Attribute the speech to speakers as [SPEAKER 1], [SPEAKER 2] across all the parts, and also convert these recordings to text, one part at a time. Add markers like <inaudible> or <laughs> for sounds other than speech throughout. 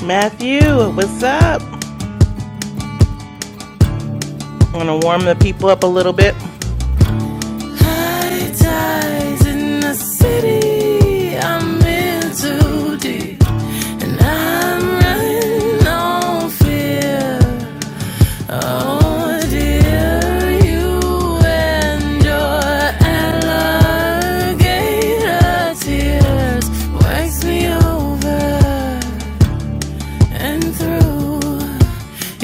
[SPEAKER 1] Matthew, what's up? I'm going to warm the people up a little bit.
[SPEAKER 2] High tides in the city. I'm in too deep, and I'm running on fear. Oh dear, you and your alligator tears wax me over and through.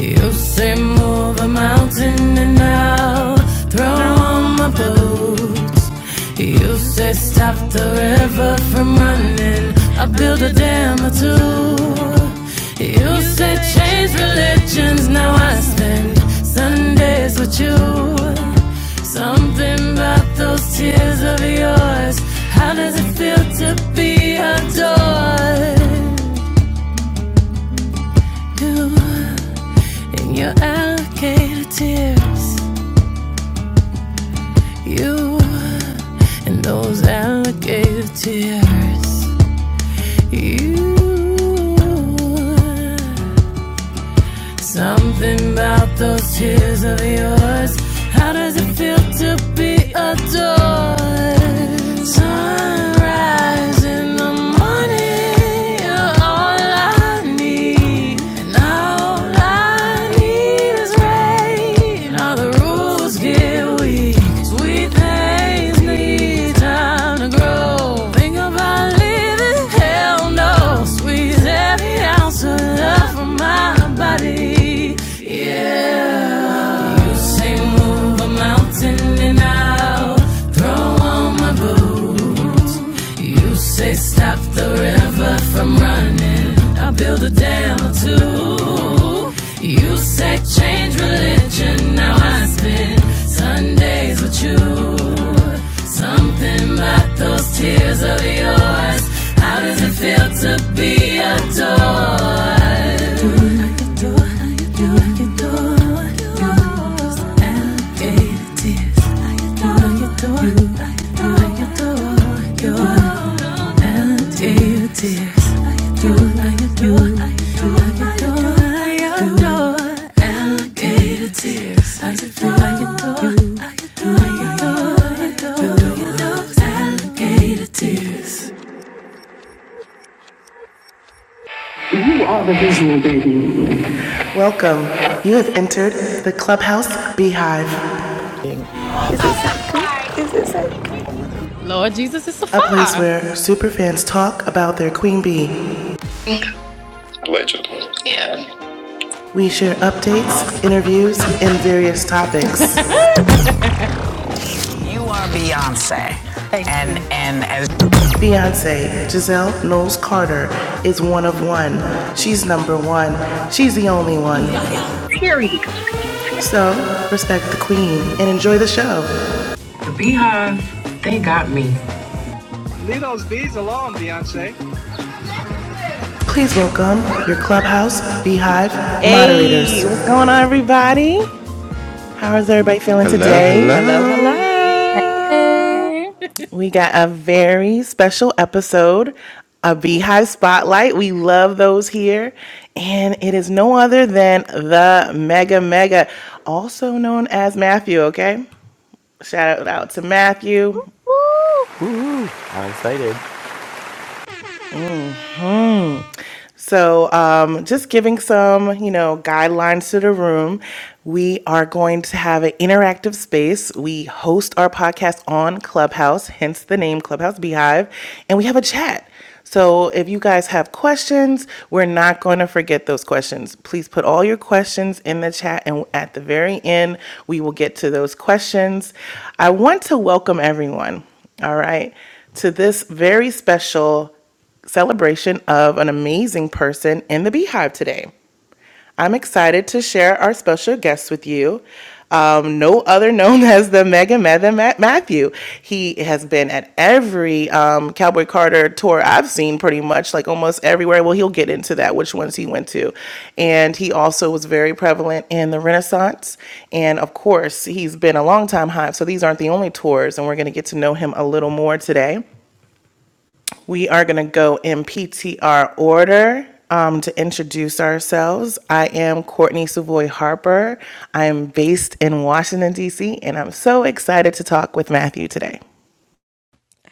[SPEAKER 2] You say move a mountain and I'll throw
[SPEAKER 3] Throw
[SPEAKER 2] on
[SPEAKER 3] on
[SPEAKER 2] my
[SPEAKER 3] my
[SPEAKER 2] boots.
[SPEAKER 3] boots.
[SPEAKER 2] You
[SPEAKER 3] You
[SPEAKER 2] say
[SPEAKER 3] said
[SPEAKER 2] stop
[SPEAKER 3] stop
[SPEAKER 2] the
[SPEAKER 3] the
[SPEAKER 2] river
[SPEAKER 3] river
[SPEAKER 2] from
[SPEAKER 3] from
[SPEAKER 2] running.
[SPEAKER 3] running.
[SPEAKER 2] I'll
[SPEAKER 3] I
[SPEAKER 2] build a
[SPEAKER 3] bit a
[SPEAKER 2] dam or
[SPEAKER 3] dam or
[SPEAKER 2] two.
[SPEAKER 3] two.
[SPEAKER 2] You
[SPEAKER 3] You
[SPEAKER 2] say
[SPEAKER 3] say
[SPEAKER 2] change
[SPEAKER 3] change
[SPEAKER 2] religions.
[SPEAKER 3] religions.
[SPEAKER 2] Now I
[SPEAKER 3] Now I
[SPEAKER 2] spend
[SPEAKER 3] spend
[SPEAKER 2] Sundays
[SPEAKER 3] Sundays
[SPEAKER 2] with you.
[SPEAKER 3] with you.
[SPEAKER 2] Something about those tears of yours. How does
[SPEAKER 3] How
[SPEAKER 2] it
[SPEAKER 3] does it
[SPEAKER 2] feel
[SPEAKER 3] feel
[SPEAKER 2] to
[SPEAKER 3] to
[SPEAKER 2] be
[SPEAKER 3] be a toy?
[SPEAKER 2] adored? You
[SPEAKER 3] <laughs>
[SPEAKER 2] in your alligator tears, you and those alligator tears, you. Something about those tears of yours. How does it feel to be adored? Sunrise in the morning, you're all I need. And all I need is rain. All the rules give Sweet things need time to grow. Think about leaving, hell no. Squeeze every ounce of love from my body. Yeah. You say move a mountain and I'll throw on my boots. You say stop the river from running. I build a dam or two. You say change religion. Now I spend Sundays with you. Something about those tears of yours. How does it feel to be a Welcome. You have entered the Clubhouse Beehive. Lord Jesus is the fire. a place where superfans talk about their queen bee. Legend. We share updates, interviews, and various topics. <laughs> You are Beyonce. And and as Beyonce, Giselle Knowles Carter, is one of one. She's number one. She's the only one. So respect the queen and enjoy the show. they got me. Leave those bees alone, Beyonce. Please welcome your clubhouse beehive moderators.
[SPEAKER 1] Hey, what's going on, everybody? How is everybody feeling
[SPEAKER 4] Hello,
[SPEAKER 1] today?
[SPEAKER 5] Hello,
[SPEAKER 4] hello.
[SPEAKER 3] Hey.
[SPEAKER 5] hello.
[SPEAKER 6] Hey.
[SPEAKER 1] We got a very special episode, a Beehive Spotlight. We love those here. And it is no other than the Mega Mega, also known as Matthew, okay? Shout out to Matthew.
[SPEAKER 6] Woo.
[SPEAKER 7] Woohoo! I'm excited.
[SPEAKER 1] Mm. So, um, just giving some, you know, guidelines to the room. We are going to have an interactive space. We host our podcast on Clubhouse, hence the name Clubhouse Beehive, and we have a chat. So, if you guys have questions, we're not going to forget those questions. Please put all your questions in the chat, and at the very end, we will get to those questions. I want to welcome everyone, all right, to this very special celebration of an amazing person in the Beehive today. I'm excited to share our special guest with you. Um, no other known <laughs> as the Mega Mega Matthew. He has been at every um, Cowboy Carter tour I've seen, pretty much like almost everywhere. Well, he'll get into that, which ones he went to. And he also was very prevalent in the Renaissance. And of course, he's been a long time hive, so these aren't the only tours, and we're going to get to know him a little more today. We are going to go in PTR order um, to introduce ourselves. I am Courtney Savoy Harper. I am based in Washington, D.C., and I'm so excited to talk with Matthew today.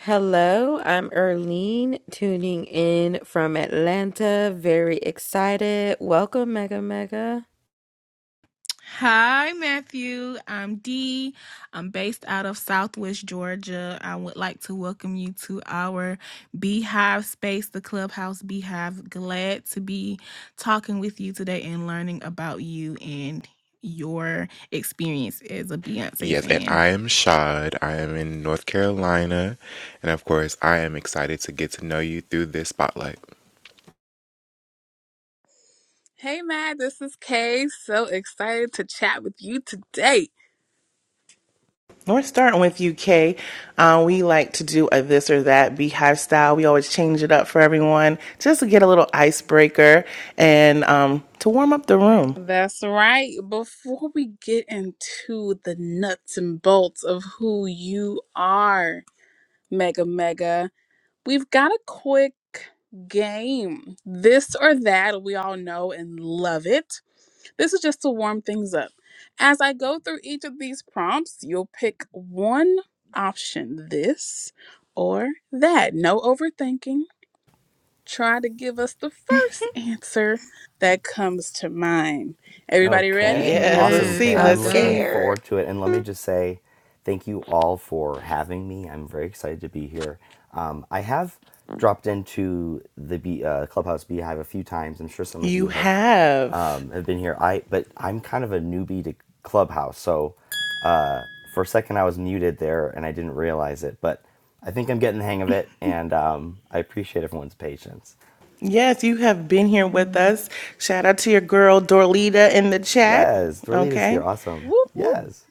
[SPEAKER 5] Hello, I'm Erlene tuning in from Atlanta. Very excited. Welcome, Mega Mega.
[SPEAKER 3] Hi, Matthew. I'm Dee. I'm based out of Southwest Georgia. I would like to welcome you to our Beehive space, the Clubhouse Beehive. Glad to be talking with you today and learning about you and your experience as a Beyonce
[SPEAKER 4] Yes, and
[SPEAKER 3] fan.
[SPEAKER 4] I am Shad. I am in North Carolina, and of course, I am excited to get to know you through this spotlight.
[SPEAKER 6] Hey, Matt. This is Kay. So excited to chat with you today.
[SPEAKER 1] We're starting with UK. Uh, we like to do a this or that beehive style. We always change it up for everyone just to get a little icebreaker and um, to warm up the room.
[SPEAKER 6] That's right. Before we get into the nuts and bolts of who you are, Mega Mega, we've got a quick game. This or that, we all know and love it. This is just to warm things up. As I go through each of these prompts, you'll pick one option this or that. No overthinking. Try to give us the first answer that comes to mind. Everybody ready?
[SPEAKER 7] Okay,
[SPEAKER 1] Yes, let's
[SPEAKER 7] awesome,
[SPEAKER 3] Yes,
[SPEAKER 1] see.
[SPEAKER 7] Kay.
[SPEAKER 5] I'm
[SPEAKER 3] let's
[SPEAKER 7] I'm
[SPEAKER 1] Let's
[SPEAKER 3] go.
[SPEAKER 7] looking
[SPEAKER 1] see.
[SPEAKER 5] scared.
[SPEAKER 7] forward to it. And let me
[SPEAKER 5] <laughs>
[SPEAKER 7] just say thank you all for having me. I'm very excited to be here. Um, I have dropped into the Bee, uh, Clubhouse Beehive a few times. I'm sure some of
[SPEAKER 1] You
[SPEAKER 7] you have
[SPEAKER 1] have
[SPEAKER 7] um, have been here. I but I'm kind of a newbie to Clubhouse, so uh, for a second I was muted there and I didn't realize it. But I think I'm getting the hang of it, and um, I appreciate everyone's patience.
[SPEAKER 1] Yes, you have been here with
[SPEAKER 3] Mm.
[SPEAKER 1] us. Shout out to your girl Dorlita in the chat.
[SPEAKER 7] Yes, Dorlita's here.
[SPEAKER 1] Okay.
[SPEAKER 7] Awesome.
[SPEAKER 6] Whoop, whoop.
[SPEAKER 7] Yes.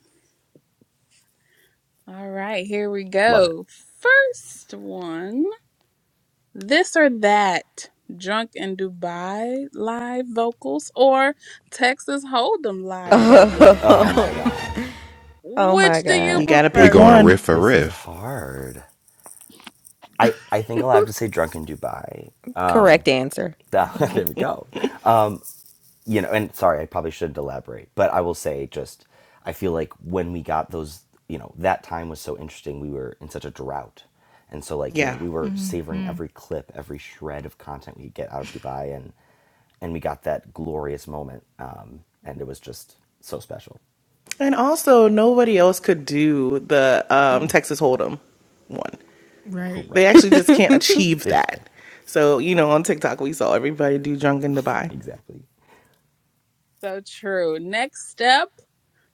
[SPEAKER 6] All right, here we
[SPEAKER 7] Love it.
[SPEAKER 6] go. First one This or That, Drunk in Dubai live vocals or Texas Hold'em live vocals?
[SPEAKER 7] Oh my
[SPEAKER 5] Oh,
[SPEAKER 3] <laughs>
[SPEAKER 7] gosh.
[SPEAKER 5] oh
[SPEAKER 6] Which
[SPEAKER 5] my
[SPEAKER 6] do you
[SPEAKER 5] God.
[SPEAKER 1] You got to
[SPEAKER 4] We
[SPEAKER 1] pick
[SPEAKER 6] prefer,
[SPEAKER 4] going
[SPEAKER 6] Matt?
[SPEAKER 1] one.
[SPEAKER 4] riff for
[SPEAKER 7] This is
[SPEAKER 4] riff.
[SPEAKER 7] hard. I, I think I'll have to say Drunken Dubai.
[SPEAKER 5] Correct answer.
[SPEAKER 7] Ah, <laughs> there we go. You know, and sorry, I probably shouldn't elaborate, but I will say just I feel like when we got those, you know, that time was so interesting. We were in such a drought. And so like, you know,
[SPEAKER 1] Yeah.
[SPEAKER 7] we were savoring
[SPEAKER 3] mm-hmm.
[SPEAKER 7] every clip, every shred of content we could get out of Dubai and and we got that glorious moment. Um, and it was just so special.
[SPEAKER 1] And also, nobody else could do the um, Texas Hold'em one.
[SPEAKER 3] Right.
[SPEAKER 1] They
[SPEAKER 7] Correct.
[SPEAKER 5] <laughs>
[SPEAKER 1] actually just can't achieve
[SPEAKER 7] They just can't.
[SPEAKER 1] that. So, you know, on TikTok, we saw everybody do Drunken Dubai.
[SPEAKER 7] Exactly.
[SPEAKER 6] So true. Next step,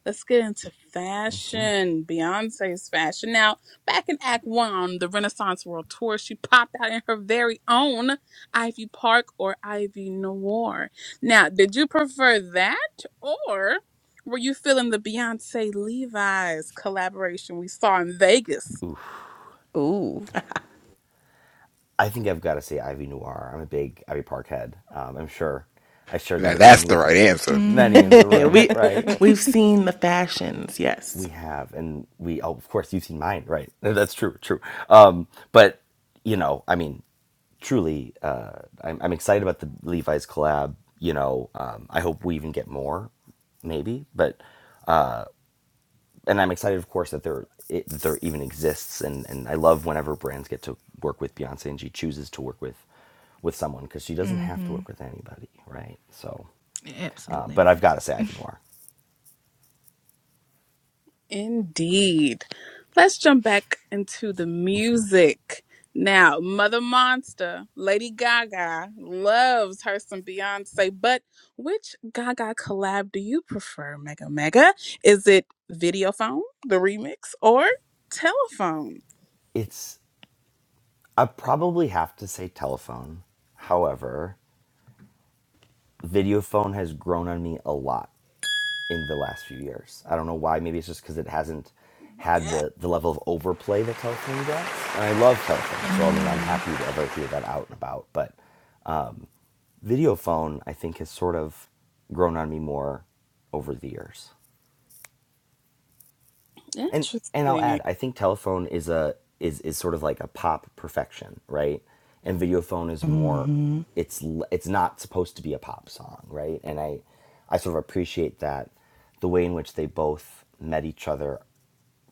[SPEAKER 6] let's get into fashion. Beyonce's fashion. Now, back in Act One on the Renaissance World Tour, she popped out in her very own Ivy Park or Ivy Noir. Now, did you prefer that or were you feeling the Beyonce Levi's collaboration we saw in Vegas?
[SPEAKER 5] Ooh.
[SPEAKER 7] I think I've got to say Ivy Noir. I'm a big Ivy Park head. Um, I'm sure I share that
[SPEAKER 4] Now that's
[SPEAKER 7] opinion
[SPEAKER 4] the
[SPEAKER 7] with
[SPEAKER 4] right answer.
[SPEAKER 5] <laughs>
[SPEAKER 7] many in
[SPEAKER 3] Mm.
[SPEAKER 7] the
[SPEAKER 1] Yeah,
[SPEAKER 7] room,
[SPEAKER 1] we,
[SPEAKER 7] right?
[SPEAKER 3] <laughs>
[SPEAKER 1] we've seen the fashions. Yes.
[SPEAKER 7] We have, and we, oh, of course, you've seen mine, right? <laughs> That's true, true. Um, but, you know, I mean, truly, uh, I'm, I'm excited about the Levi's collab. You know, um, I hope we even get more, maybe, but. and I'm excited, of course, that there it, that there even exists, and and I love whenever brands get to work with Beyonce, and she chooses to work with with someone because she doesn't have to
[SPEAKER 3] hmm
[SPEAKER 7] work with anybody, right? So, uh,
[SPEAKER 3] Absolutely
[SPEAKER 7] but I've
[SPEAKER 3] not.
[SPEAKER 7] got to say, Ivy Noir,
[SPEAKER 6] Indeed. Let's jump back into the
[SPEAKER 7] Mm-hmm.
[SPEAKER 6] music. Now, Mother Monster, Lady Gaga, loves her some Beyonce, but which Gaga collab do you prefer, Mega Mega? Is it Videophone, the remix, or Telephone?
[SPEAKER 7] it's I probably have to say telephone. However, videophone has grown on me a lot in the last few years. I don't know why. Maybe it's just because it hasn't had
[SPEAKER 6] Yeah,
[SPEAKER 7] the the level of overplay that telephone gets. And I love telephone, so I mean,
[SPEAKER 3] Mm.
[SPEAKER 7] I'm happy to ever hear that out and about, but. Videophone, I think, has sort of grown on me more over the years. And and I'll add,
[SPEAKER 6] interesting.
[SPEAKER 7] I think telephone is a is is sort of like a pop perfection, right? And videophone is more
[SPEAKER 1] Hmm.
[SPEAKER 7] it's it's not supposed to be a pop song, right? And I I sort of appreciate that the way in which they both met each other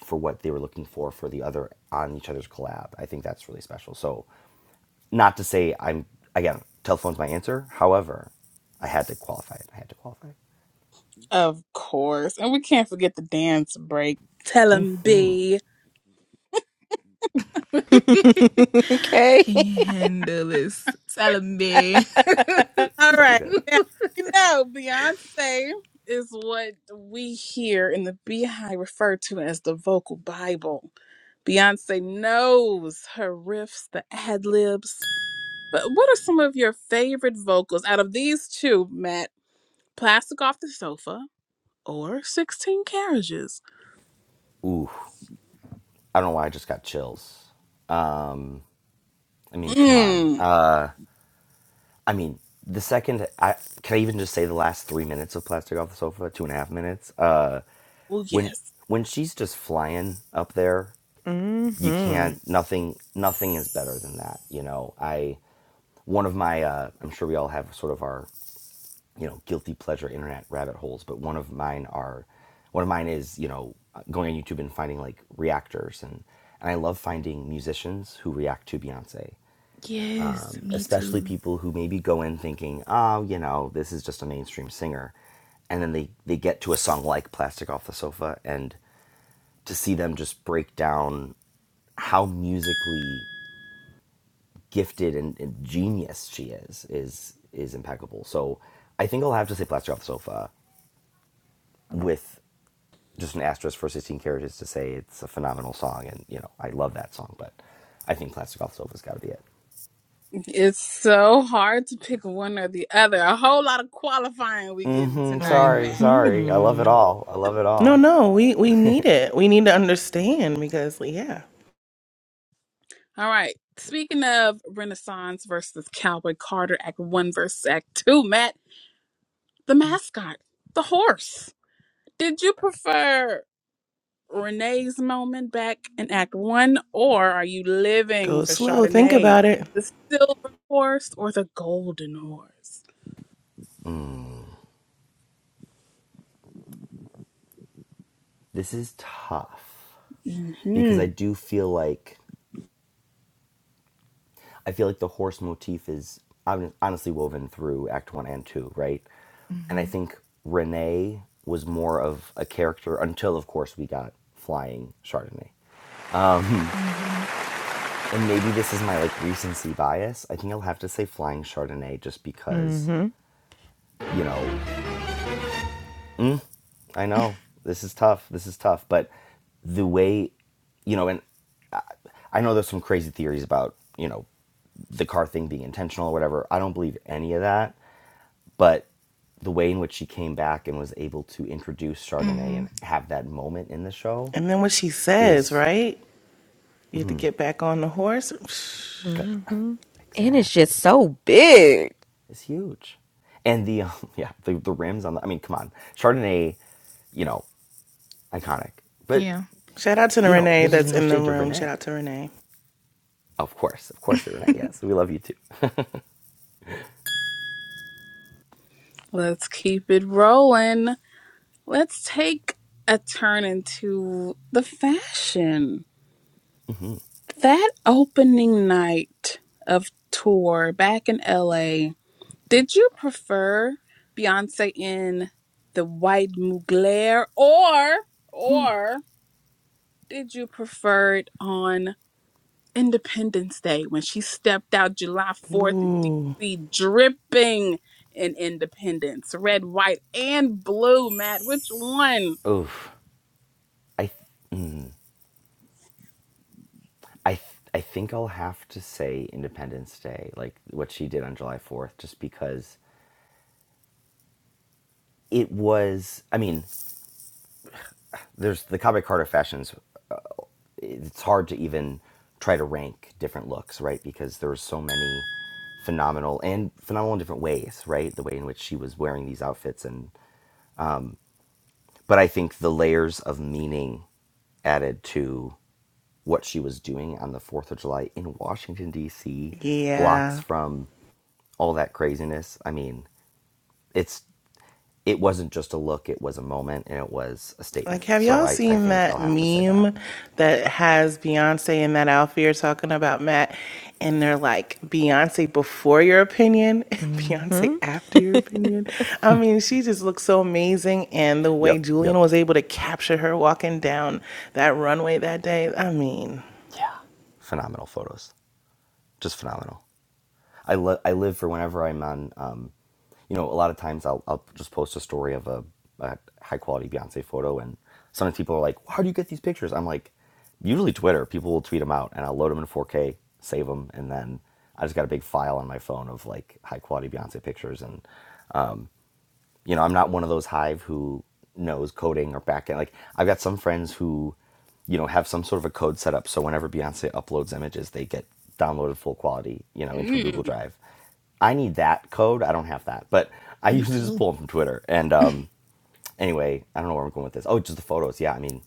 [SPEAKER 7] for what they were looking for for the other on each other's collab. I think that's really special. So, not to say I'm again, telephone's my answer. However, I had to qualify it. I had to qualify it.
[SPEAKER 6] Of course. And we can't forget the dance break. Tell 'em,
[SPEAKER 7] Mhm.
[SPEAKER 6] B.
[SPEAKER 3] <laughs>
[SPEAKER 5] okay.
[SPEAKER 3] Can you
[SPEAKER 5] <laughs>
[SPEAKER 3] handle this? Salome.
[SPEAKER 6] All
[SPEAKER 7] So
[SPEAKER 6] right.
[SPEAKER 7] good.
[SPEAKER 6] Now, you know, Beyonce is what we here in the Beehive refer to as the vocal Bible. Beyonce knows her riffs, the ad libs. But what are some of your favorite vocals out of these two, Matt? Plastic Off the Sofa or 16 Carriages?
[SPEAKER 7] Ooh, I don't know why I just got chills. Um, I mean, come on.
[SPEAKER 6] Mmm.
[SPEAKER 7] Uh, I mean, the second I can I even just say the last three minutes of plastic off the sofa, two and a half minutes. Uh,
[SPEAKER 6] Well,
[SPEAKER 7] when
[SPEAKER 6] yes.
[SPEAKER 7] when she's just flying up there, you
[SPEAKER 5] Mm-hmm.
[SPEAKER 7] can't. Nothing. Nothing is better than that. You know, I. One of my. Uh, I'm sure we all have sort of our you know guilty pleasure internet rabbit holes but one of mine are one of mine is you know going on youtube and finding like reactors and and i love finding musicians who react to beyonce
[SPEAKER 3] <laughs> yes, me
[SPEAKER 7] especially
[SPEAKER 3] too.
[SPEAKER 7] people who maybe go in thinking oh you know this is just a mainstream singer and then they they get to a song like plastic off the sofa and to see them just break down how musically gifted and, and genius she is is is impeccable. So I think I'll have to say Plastic Off the Sofa with just an asterisk for 16 carriages to say it's a phenomenal song and you know i love that song but i think plastic off sofa's got to be it
[SPEAKER 6] It's so hard to pick one or the other. A whole lot of qualifying we getting
[SPEAKER 7] hmm
[SPEAKER 6] tonight,
[SPEAKER 7] sorry sorry i love it
[SPEAKER 1] Hmm.
[SPEAKER 7] all i love it
[SPEAKER 1] No,
[SPEAKER 7] all
[SPEAKER 1] no, we, we need it. We need to understand because, yeah,
[SPEAKER 6] All right. Speaking of Renaissance versus Cowboy Carter, Act One versus Act Two, Matt, the mascot, the horse. Did you prefer Renee's moment back in Act One, or are you living
[SPEAKER 1] go
[SPEAKER 6] for
[SPEAKER 1] slow. Think
[SPEAKER 6] Chardonnay,
[SPEAKER 1] about it.
[SPEAKER 6] the silver horse or the golden horse?
[SPEAKER 7] mm. this is tough because
[SPEAKER 6] hmm
[SPEAKER 7] i do feel like i feel like the horse motif is honestly woven through act one and two right and i
[SPEAKER 3] Mm-hmm.
[SPEAKER 7] think renee was more of a character until of course we got flying chardonnay
[SPEAKER 3] Mm-hmm.
[SPEAKER 7] and maybe this is my like recency bias i think i'll have to say flying chardonnay just because
[SPEAKER 5] Mm-hmm.
[SPEAKER 7] you know, I know this is tough. This is tough. But the way, you know, and I, I know there's some crazy theories about, you know, the car thing being intentional or whatever. I don't believe any of that. But the way in which she came back and was able to introduce Chardonnay
[SPEAKER 3] Mm-hmm.
[SPEAKER 7] and have that moment in the show
[SPEAKER 1] And then what she says,
[SPEAKER 7] is
[SPEAKER 1] right? You have to get back on the horse.
[SPEAKER 7] <laughs>
[SPEAKER 5] Mm-hmm. And it's just
[SPEAKER 7] exactly
[SPEAKER 5] so big.
[SPEAKER 7] is huge. And the um, <laughs> yeah, the, the rims on the I mean, come on. Chardonnay, you know, iconic. But
[SPEAKER 3] Yeah.
[SPEAKER 1] <sniffs> Shout out to the
[SPEAKER 7] you know,
[SPEAKER 1] Renee
[SPEAKER 7] this is
[SPEAKER 1] that's
[SPEAKER 7] no
[SPEAKER 1] in the
[SPEAKER 7] shade to
[SPEAKER 1] room. Shout
[SPEAKER 7] Renee.
[SPEAKER 1] out to Renee.
[SPEAKER 7] Of course, of
[SPEAKER 3] <laughs>
[SPEAKER 7] course, Renee. Yes, we love you too.
[SPEAKER 6] Let's keep it rolling. Let's take a turn into the fashion. That opening night of tour back in LA, did you prefer Beyonce in the white Mugler or or did you prefer it on Independence Day when she stepped out July 4th in
[SPEAKER 1] Ooh,
[SPEAKER 6] DC dripping in independence, red, white, and blue, Matt? Which one?
[SPEAKER 7] Oof, I, th- I, th- I think I'll have to say Independence Day, like what she did on July Fourth, just because it was. I mean, there's the Cowboy Carter fashions. It's hard to even try to rank different looks, right? Because there were so many phenomenal and phenomenal in different ways, right? The way in which she was wearing these outfits and but I think the layers of meaning added to what she was doing on the 4th of July in Washington, D.C., blocks
[SPEAKER 1] yeah.
[SPEAKER 7] from all that craziness. I mean, it's it wasn't just a look, it was a moment and it was a
[SPEAKER 1] Like,
[SPEAKER 7] statement.
[SPEAKER 1] have
[SPEAKER 7] So
[SPEAKER 1] y'all
[SPEAKER 7] I, I
[SPEAKER 1] seen
[SPEAKER 7] think
[SPEAKER 1] that
[SPEAKER 7] I'll have to say that.
[SPEAKER 1] meme that has Beyonce and that Alfie are talking about Matt? And they're like, Beyonce before your opinion, <laughs> and
[SPEAKER 5] Mm-hmm.
[SPEAKER 1] Beyonce after your
[SPEAKER 5] <laughs>
[SPEAKER 1] opinion. I mean, she just looks so amazing. And the way
[SPEAKER 7] Yep,
[SPEAKER 1] Julian
[SPEAKER 7] yep.
[SPEAKER 1] was able to capture her walking down that runway that day, I mean,
[SPEAKER 7] Yeah. Phenomenal photos. Just phenomenal. I, li- I live for whenever I'm on, um, you know, a lot of times I'll, I'll just post a story of a, a high quality Beyonce photo, and sometimes people are like, "How do you get these pictures?" I'm like, usually Twitter. People will tweet them out, and I'll load them in 4K, save them, and then I just got a big file on my phone of like high quality Beyonce pictures, and you know, I'm not one of those hive who knows coding or backend. Like I've got some friends who, you know, have some sort of a code set up so whenever Beyonce uploads images, they get downloaded full quality, you know, into a Google
[SPEAKER 6] Mm,
[SPEAKER 7] Drive. I need that code. I don't have that, but I <laughs>
[SPEAKER 3] me
[SPEAKER 7] usually just
[SPEAKER 3] too.
[SPEAKER 7] pull them from Twitter. And um, anyway, I don't know where I'm going with this. Oh, just the photos. Yeah, I mean,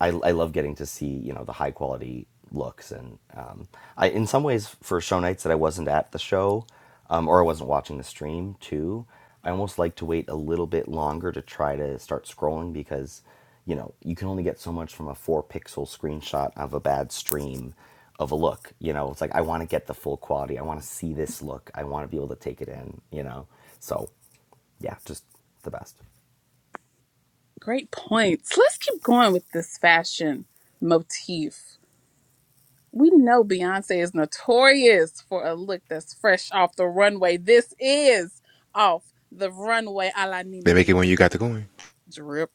[SPEAKER 7] I, I love getting to see you know the high quality looks and um, I in some ways for show nights that I wasn't at the show um, or I wasn't watching the stream too. I almost like to wait a little bit longer to try to start scrolling because you know you can only get so much from a four pixel screenshot of a bad stream of a look. You know, it's like I want to get the full quality. I want to see this look. I want to be able to take it in. You know, so yeah, just the best.
[SPEAKER 6] great points. Let's keep going with this fashion motif. We know Beyonce is notorious for a look that's fresh off the runway. This is off the runway a la
[SPEAKER 4] They make
[SPEAKER 6] Nene
[SPEAKER 4] it when you got the coin.
[SPEAKER 6] drip.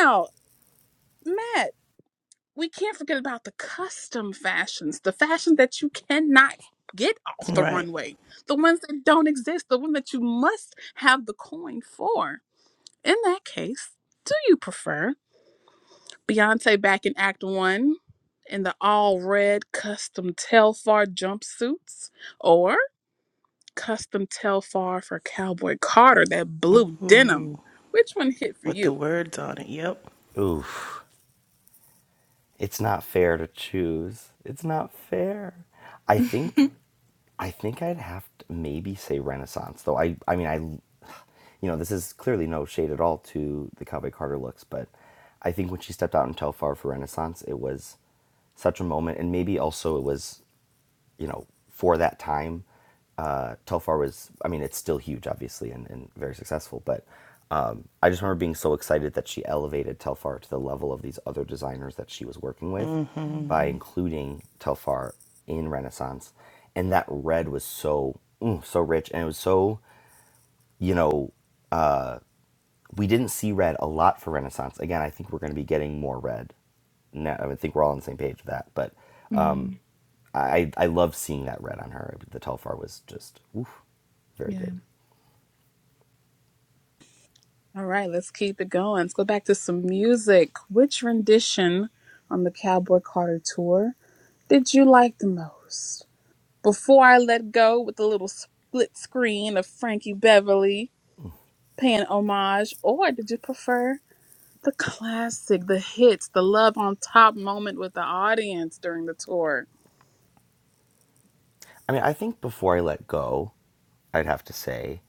[SPEAKER 6] Now, Matt, we can't forget about the custom fashions, the fashion that you cannot get off the
[SPEAKER 1] right.
[SPEAKER 6] runway, the ones that don't exist, the one that you must have the coin for. In that case, do you prefer Beyonce back in Act One in the all red custom Telfar jumpsuits? or? custom Telfar for Cowboy Carter, that blue denim. Which one hit for
[SPEAKER 1] with the
[SPEAKER 6] you?
[SPEAKER 1] words on it. Yep.
[SPEAKER 7] Oof. It's not fair to choose. It's not fair.
[SPEAKER 3] <laughs>
[SPEAKER 7] I think
[SPEAKER 3] mm-hmm.
[SPEAKER 7] I think I'd have to maybe say Renaissance, though I I mean I you know, this is clearly no shade at all to the Cowboy Carter looks, but I think when she stepped out in Telfar for Renaissance, it was such a moment and maybe also it was you know, for that time, uh, Telfar was, I mean, it's still huge, obviously, and, and very successful, but um, I just remember being so excited that she elevated Telfar to the level of these other designers that she was working with
[SPEAKER 1] hmm
[SPEAKER 7] by including Telfar in Renaissance. And that red was so, mm, so rich, and it was so, you know, we didn't see red a lot for Renaissance. Again, I think we're going to be getting more red now, I would think we're all on the same page with that. But
[SPEAKER 3] Mm-hmm.
[SPEAKER 7] I I love seeing that red on her. The Telfar was just oof, very
[SPEAKER 3] Yeah.
[SPEAKER 7] good.
[SPEAKER 6] All right, let's keep it going. Let's go back to some music. Which rendition on the Cowboy Carter tour did you like the most? Before I let go with the little split screen of Frankie Beverly paying homage, or did you prefer the classic, the hits, the love on top moment with the audience during the tour?
[SPEAKER 7] I mean, I think before I let go, I'd have to say,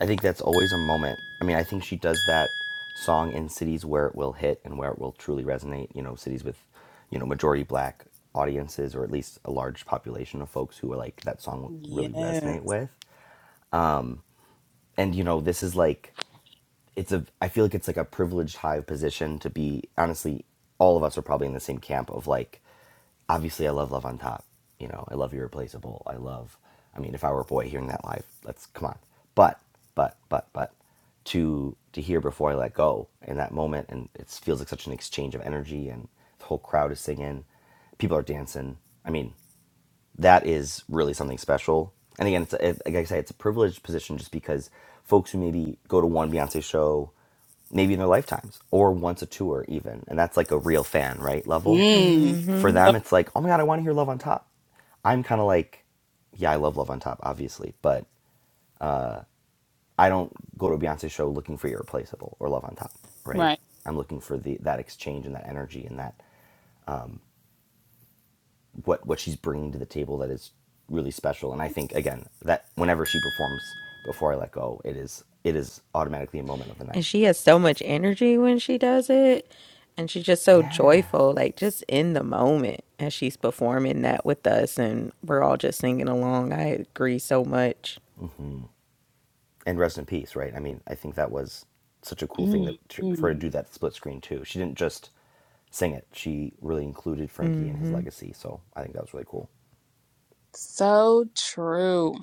[SPEAKER 7] I think that's always a moment. I mean, I think she does that song in cities where it will hit and where it will truly resonate. You know, cities with, you know, majority black audiences or at least a large population of folks who are like that song really
[SPEAKER 6] Yes.
[SPEAKER 7] resonate with. And you know, this is like it's a I feel like it's like a privileged high position to be honestly all of us are probably in the same camp of like obviously I love Love on Top. You know, I love Irreplaceable. I love I mean if I were a boy hearing that live, let's come on. But but but but to to hear before I let go in that moment and it feels like such an exchange of energy and the whole crowd is singing, people are dancing. I mean, that is really something special. And again, it's it, like I say, it's a privileged position just because folks who maybe go to one Beyonce show maybe in their lifetimes or once a tour even, and that's like a real fan right level.
[SPEAKER 6] Mm.
[SPEAKER 7] For
[SPEAKER 5] hmm
[SPEAKER 6] So-
[SPEAKER 7] them, it's like, oh my god, I want to hear Love on Top. I'm kind of like, yeah, I love Love on Top, obviously, but I don't go to a Beyonce show looking for Irreplaceable or Love on Top, right?
[SPEAKER 6] Right.
[SPEAKER 7] I'm looking for the that exchange and that energy and that what what she's bringing to the table that is really special. And I think again that whenever she performs before I let go, it is it is automatically a moment of the
[SPEAKER 5] And
[SPEAKER 7] night.
[SPEAKER 5] she has so much energy when she does it. And she's just so
[SPEAKER 7] Yeah.
[SPEAKER 5] joyful, like just in the moment as she's performing that with us. And we're all just singing along. I agree so much.
[SPEAKER 7] And rest in peace, right? I mean, I think that was such a cool thing that
[SPEAKER 6] Mm,
[SPEAKER 7] for her to
[SPEAKER 6] mm.
[SPEAKER 7] do that split screen too. She didn't just sing it. She really included Frankie and his
[SPEAKER 5] hmm
[SPEAKER 7] legacy. So I think that was really cool.
[SPEAKER 6] So true.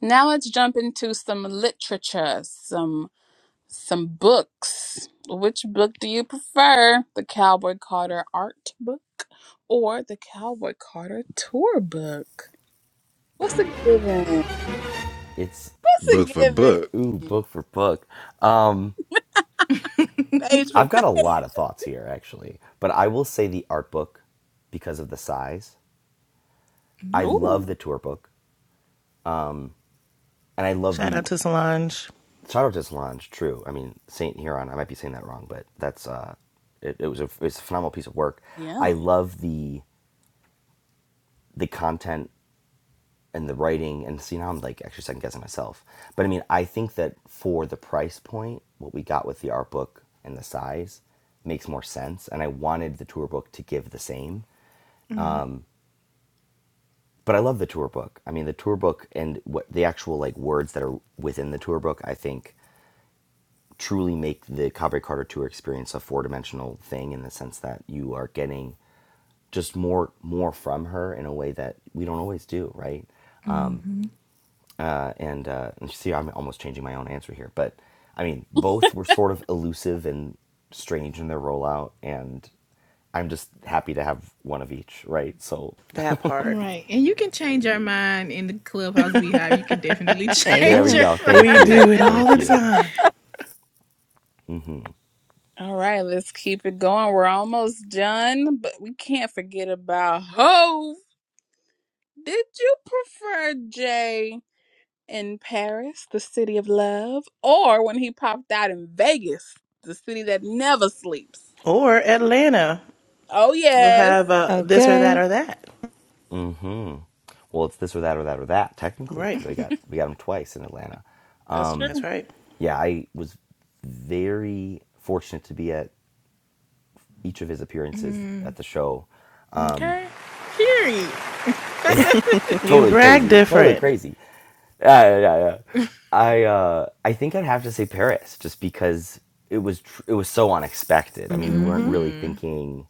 [SPEAKER 6] Now let's jump into some literature, some some books. Which book do you prefer? The Cowboy Carter art book or the Cowboy Carter tour book? What's a given?
[SPEAKER 7] It's
[SPEAKER 6] What's a
[SPEAKER 4] Book for book,
[SPEAKER 7] ooh
[SPEAKER 6] given?
[SPEAKER 7] book for book. Um,
[SPEAKER 3] <laughs>
[SPEAKER 6] Page for
[SPEAKER 7] I've got a lot
[SPEAKER 6] page.
[SPEAKER 7] of thoughts here actually, but I will say the art book because of the size. I
[SPEAKER 3] mm-hmm.
[SPEAKER 7] love
[SPEAKER 6] Ooh.
[SPEAKER 7] the tour book. and I love
[SPEAKER 1] Shout out
[SPEAKER 7] the
[SPEAKER 1] to Solange.
[SPEAKER 7] shout out to Solange. True, I mean Saint Huron. I might be saying that wrong, but that's uh, it, it was a it's a phenomenal piece of work. I
[SPEAKER 6] Yeah.
[SPEAKER 7] love the the content and the writing, and see now I'm like actually second guessing myself. But I mean, I think that for the price point, what we got with the art book and the size makes more sense. And I wanted the tour book to give the same. But I love the tour book. I mean, the tour book and what the actual like words that are within the tour book, I think truly make the Cabre Carter Tour experience a four dimensional thing in the sense that you are getting just more more from her in a way that we don't always do, right?
[SPEAKER 3] Mm-hmm.
[SPEAKER 7] Uh, and uh, and see, I'm almost changing my own answer here, but I mean, both were sort of elusive and strange in their rollout, and I'm just happy to have one of each, right? So
[SPEAKER 1] That part.
[SPEAKER 3] Right. And you can change your mind in the clubhouse beehive. You can definitely <laughs>
[SPEAKER 7] there
[SPEAKER 3] change
[SPEAKER 7] we
[SPEAKER 5] Amen.
[SPEAKER 3] your
[SPEAKER 7] go.
[SPEAKER 1] <laughs>
[SPEAKER 7] Thank
[SPEAKER 1] we
[SPEAKER 3] mind.
[SPEAKER 7] you,
[SPEAKER 1] do it all
[SPEAKER 7] thank
[SPEAKER 1] the
[SPEAKER 7] you.
[SPEAKER 1] time.
[SPEAKER 7] Mm-hmm.
[SPEAKER 6] All right, let's keep it going. We're almost done, but we can't forget about Hove. Did you prefer Jay? in Paris, the city of love, or when he popped out in Vegas, the city that never sleeps.
[SPEAKER 1] Or Atlanta.
[SPEAKER 6] Oh,
[SPEAKER 1] We'll
[SPEAKER 6] yes,
[SPEAKER 1] have uh, this or that
[SPEAKER 5] Okay.
[SPEAKER 1] or that.
[SPEAKER 7] Mm-hmm. Well, it's this or that or that or that technically
[SPEAKER 1] Right.
[SPEAKER 7] because I got we got them twice in Atlanta.
[SPEAKER 6] that's
[SPEAKER 7] Um,
[SPEAKER 1] That's
[SPEAKER 6] true.
[SPEAKER 1] right.
[SPEAKER 7] yeah, I was very fortunate to be at each of his
[SPEAKER 3] <laughs>
[SPEAKER 7] appearances
[SPEAKER 3] mm.
[SPEAKER 7] at the show. Um,
[SPEAKER 3] Okay. Period.
[SPEAKER 5] <laughs>
[SPEAKER 7] yeah, <laughs>
[SPEAKER 5] hmm
[SPEAKER 1] You
[SPEAKER 7] totally
[SPEAKER 1] brag
[SPEAKER 7] crazy, totally
[SPEAKER 1] different.
[SPEAKER 7] crazy. Yeah, yeah, yeah. yeah. I uh, I think I'd have to say Paris, just because it was tr- it was so unexpected. I mean, we weren't
[SPEAKER 5] hmm
[SPEAKER 7] really
[SPEAKER 3] Mm-hmm.
[SPEAKER 7] thinking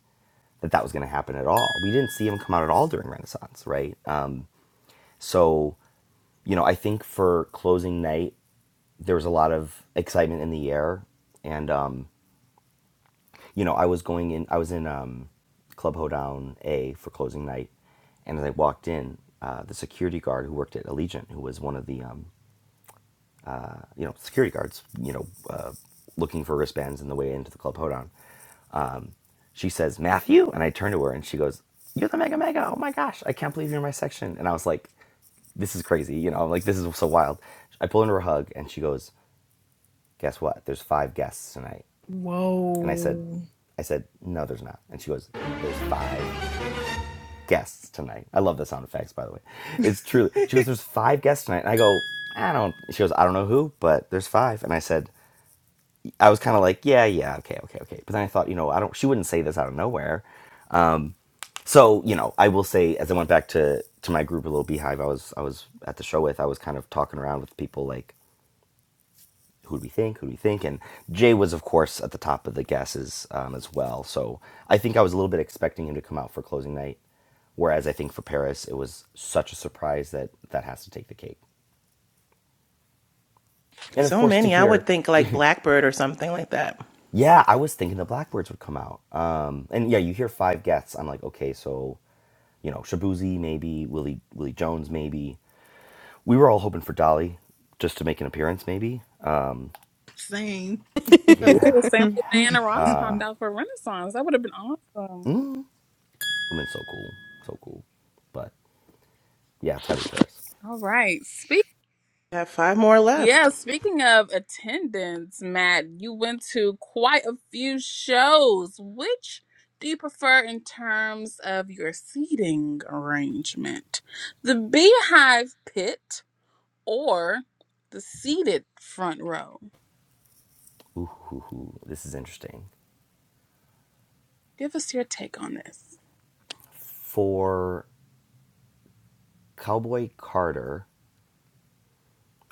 [SPEAKER 7] that that was going to happen at all. We didn't see him come out at all during Renaissance, right? Uh, so, you know, I think for closing night, there was a lot of excitement in the air, and um, you know, I was going in, I was in um, Club Hoedown A for closing night. And as I walked in, uh, the security guard who worked at Allegiant, who was one of the, um, uh, you know, security guards, you know, uh, looking for wristbands in the way into the Club Hoedown, um, she says, Matthew? And I turn to her and she goes, You're the Mega Mega. Oh my gosh, I can't believe you're in my section. And I was like, This is crazy. You know, I'm like, this is so wild. I pull into her hug and she goes, Guess what? There's five guests tonight. And I said,
[SPEAKER 3] Whoa.
[SPEAKER 7] I said, no, there's not. And she goes, there's five guests tonight. I love the sound effects, by the way. It's truly.
[SPEAKER 3] <laughs>
[SPEAKER 7] She goes, there's five guests tonight. And I go, I don't. She goes, I don't know who, but there's five. And I said, I was kind of like, yeah, yeah, okay, okay, okay. But then I thought, you know, I don't. She wouldn't say this out of nowhere. So you know, I will say, as I went back to to my group, a little beehive, I was I was at the show with, I was kind of talking around with people like. who do we think? Who do we think? And Jay was, of course, at the top of the guesses um, as well. So I think I was a little bit expecting him to come out for closing night, whereas I think for Paris it was such a surprise that that has to take the cake. And of
[SPEAKER 1] So
[SPEAKER 7] course, to
[SPEAKER 1] many. I would
[SPEAKER 7] hear,
[SPEAKER 1] think
[SPEAKER 7] <laughs>
[SPEAKER 1] like Blackbird or something like that.
[SPEAKER 7] yeah, I was thinking the Blackbirds would come out. Um, and yeah, you hear five guests. I'm like, okay, so you know, Shabuzi maybe, Willie Willie Jones maybe. We were all hoping for Dolly just to make an appearance, maybe.
[SPEAKER 3] Same.
[SPEAKER 6] Yeah,
[SPEAKER 7] Yeah,
[SPEAKER 6] the same way Diana
[SPEAKER 3] <laughs>
[SPEAKER 6] Ross
[SPEAKER 7] uh,
[SPEAKER 6] popped out for Renaissance. That would have been awesome.
[SPEAKER 7] mm, would have been so cool, so cool, but. Yeah, it's got to be Paris.
[SPEAKER 6] All right. Speak.
[SPEAKER 1] We have five more
[SPEAKER 6] Yeah,
[SPEAKER 1] left.
[SPEAKER 6] speaking of attendance, Matt, you went to quite a few shows. Which do you prefer in terms of your seating arrangement? The Beehive Pit or the seated front row?
[SPEAKER 7] Ooh, hoo, hoo. this is interesting.
[SPEAKER 6] Give us your take on this.
[SPEAKER 7] For Cowboy Carter,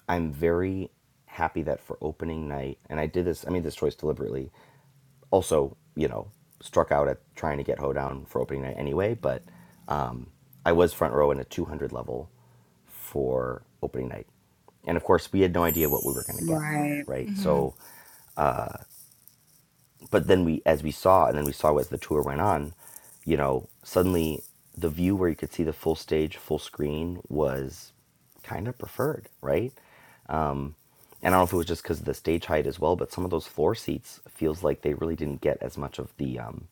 [SPEAKER 7] I'm very happy that for opening night, and I did this, I made this choice deliberately. Also, you know, struck out at trying to get Hoedown for opening night anyway, but um, I was front row in a 200 level for opening night. And of course, we had no idea what we were going to get,
[SPEAKER 6] Right.
[SPEAKER 7] right?
[SPEAKER 3] hmm
[SPEAKER 7] So but then we as we saw and then we saw as the tour went on you know suddenly the view where you could see the full stage full screen was kind of preferred right and I don't know if it was just because of the stage height as well, but some of those floor seats feels like they really didn't get as much of the um,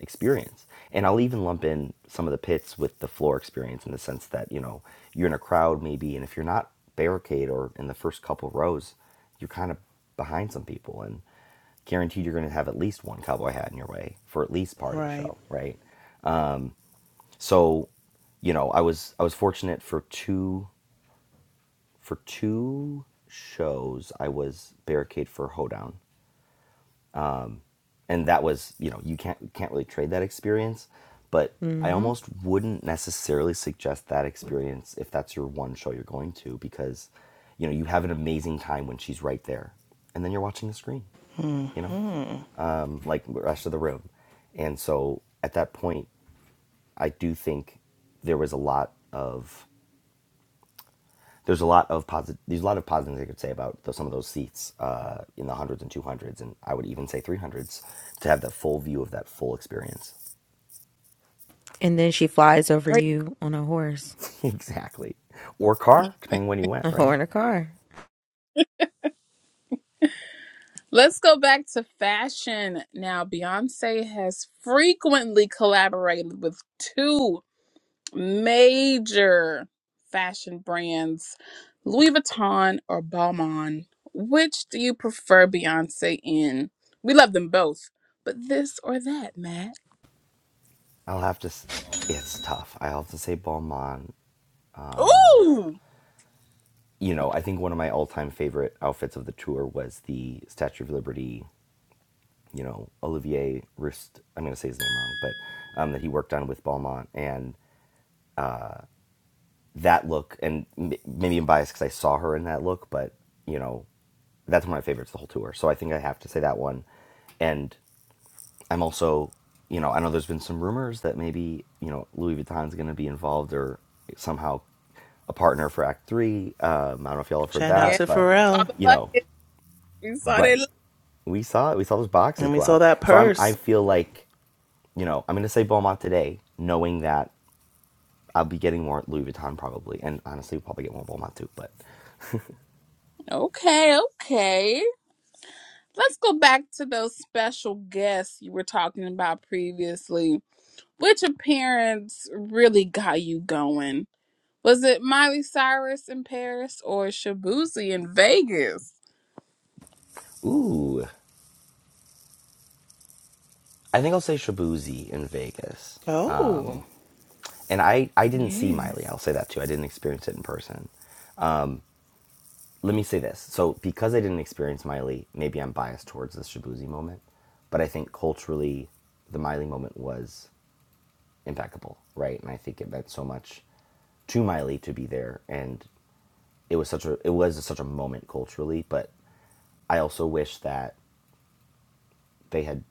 [SPEAKER 7] experience. And I'll even lump in some of the pits with the floor experience in the sense that you know you're in a crowd maybe, and if you're not barricade or in the first couple rows, you're kind of behind some people, and guaranteed you're going to have at least one cowboy hat in your way for at least part of the
[SPEAKER 1] Right.
[SPEAKER 7] show, right? So, you know, I was I was fortunate for two for two shows I was barricade for hoedown and that was you know you can't you can't really trade that experience but i
[SPEAKER 5] Mhm.
[SPEAKER 7] almost wouldn't necessarily suggest that experience if that's your one show you're going to because you know you have an amazing time when she's right there and then you're watching the screen
[SPEAKER 1] hmm
[SPEAKER 7] you know um, like the rest of the room and so at that point i do think there was a lot of there's a lot of positive there's a lot of positive things i could say about the, some of those seats uh, in the hundreds and 200s and i would even say 300s to have that full view of that full experience
[SPEAKER 5] And then she flies over
[SPEAKER 6] Great.
[SPEAKER 5] you on a horse,
[SPEAKER 7] <laughs> exactly. Or car, depending when you went,
[SPEAKER 5] a
[SPEAKER 7] right?
[SPEAKER 5] horse in a car.
[SPEAKER 6] Let's go back to fashion now. Beyonce has frequently collaborated with two major fashion brands, Louis Vuitton or Balmain. Which do you prefer Beyonce in? We love them both, but this or that, Matt?
[SPEAKER 7] I'll have to. s- It's tough. I will have to say Balmain. Uh,
[SPEAKER 6] Ooh,
[SPEAKER 7] you know, I think one of my all-time favorite outfits of the tour was the Statue of Liberty. You know, Olivier Rist. I'm going to say his name wrong, but um, that he worked on with Balmain, and uh, that look. And m- maybe I'm biased because I saw her in that look, but you know, that's one of my favorites the whole tour. So I think I have to say that one. And I'm also, you know, I know there's been some rumors that maybe, you know, Louis Vuitton's going to be involved or somehow a partner for Act Three. Um, I don't know if y'all have heard
[SPEAKER 1] Shout out
[SPEAKER 6] yeah,
[SPEAKER 1] to
[SPEAKER 7] that, but
[SPEAKER 6] saw
[SPEAKER 1] Pharrell.
[SPEAKER 6] the
[SPEAKER 7] you know,
[SPEAKER 6] bucket. We saw
[SPEAKER 7] right?
[SPEAKER 6] that.
[SPEAKER 7] We saw it. We saw those boxes
[SPEAKER 1] And we
[SPEAKER 7] go
[SPEAKER 1] saw
[SPEAKER 7] out.
[SPEAKER 1] that
[SPEAKER 7] So I'm. I
[SPEAKER 1] purse.
[SPEAKER 7] feel like, you know, I'm going to say Beaumont today, knowing that I'll be getting more Louis Vuitton probably, and honestly, we'll probably get more Beaumont too. But
[SPEAKER 6] Okay, okay. Let's go back to those special guests you were talking about previously. Which appearance really got you going? Was it Miley Cyrus in Paris or Shabuzi in Vegas?
[SPEAKER 7] ooh, I think I'll say Shabuzi in Vegas. Um,
[SPEAKER 1] Oh.
[SPEAKER 7] and I, I didn't see
[SPEAKER 3] Yes.
[SPEAKER 7] Miley. I'll say that too. I didn't experience it in person. let me say this. So, because I didn't experience Miley, maybe I'm biased towards the Shabuzi moment, but I think culturally, the Miley moment was impeccable, right? And I think it meant so much to Miley to be there, and it was such a it was such a moment culturally. But I also wish that they had,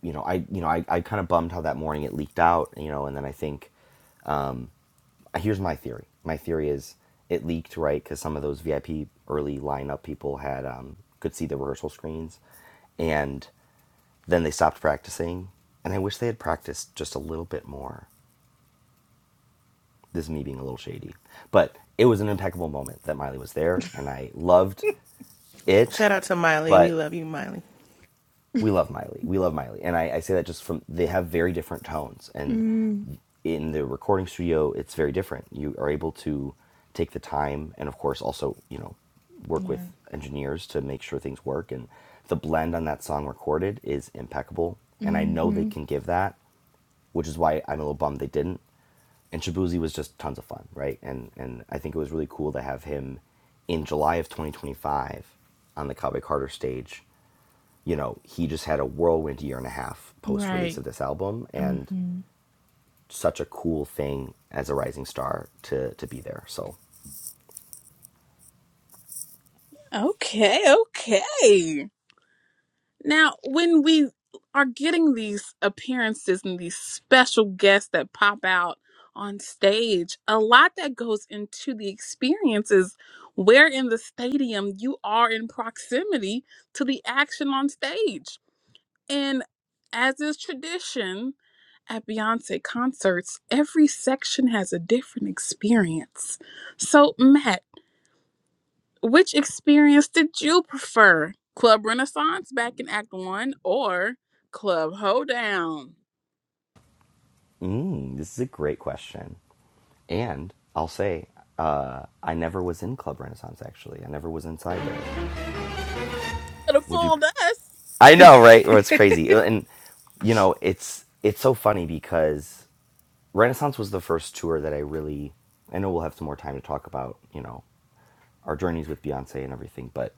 [SPEAKER 7] you know, I you know I I kind of bummed how that morning it leaked out, you know, and then I think here's my theory. My theory is it leaked right because some of those VIP early lineup people had um, could see the rehearsal screens, and then they stopped practicing. And I wish they had practiced just a little bit more. This is me being a little shady, but it was an impeccable moment that Miley was there, and I loved it.
[SPEAKER 1] Shout out to Miley. We
[SPEAKER 7] But
[SPEAKER 1] love you, Miley.
[SPEAKER 7] we love Miley. We love Miley, and I, I say that just from they have very different tones, and
[SPEAKER 3] Mm,
[SPEAKER 7] in the recording studio, it's very different. You are able to take the time, and of course, also you know, work
[SPEAKER 3] yeah.
[SPEAKER 7] with engineers to make sure things work. And the blend on that song recorded is impeccable, and I know they
[SPEAKER 3] hmm
[SPEAKER 7] can give that, which is why I'm a little bummed they didn't and Shabuzi was just tons of fun, right? And and I think it was really cool to have him in July of 2025 on the Cowboy Carter stage. You know, he just had a whirlwind year and a half post release
[SPEAKER 3] Right.
[SPEAKER 7] of this album, and
[SPEAKER 3] hmm
[SPEAKER 7] such a cool thing as a rising star to to be there. So,
[SPEAKER 6] Okay, okay. Now, when we are getting these appearances and these special guests that pop out on stage, a lot that goes into the experiences where in the stadium you are in proximity to the action on stage. And as is tradition at Beyonce concerts, every section has a different experience. So, Matt, which experience did you prefer? Club Renaissance back in Act One or Club Hoedown?
[SPEAKER 7] mm, this is a great question, and I'll say. Uh, I never was in Club Renaissance. Actually, I never was inside there.
[SPEAKER 6] Could have
[SPEAKER 7] Would you?
[SPEAKER 6] fooled us.
[SPEAKER 7] I know, right? Or it's crazy, and you know, it's it's so funny because Renaissance was the first tour that I really. I know we'll have some more time to talk about, you know, our journeys with Beyonce and everything, but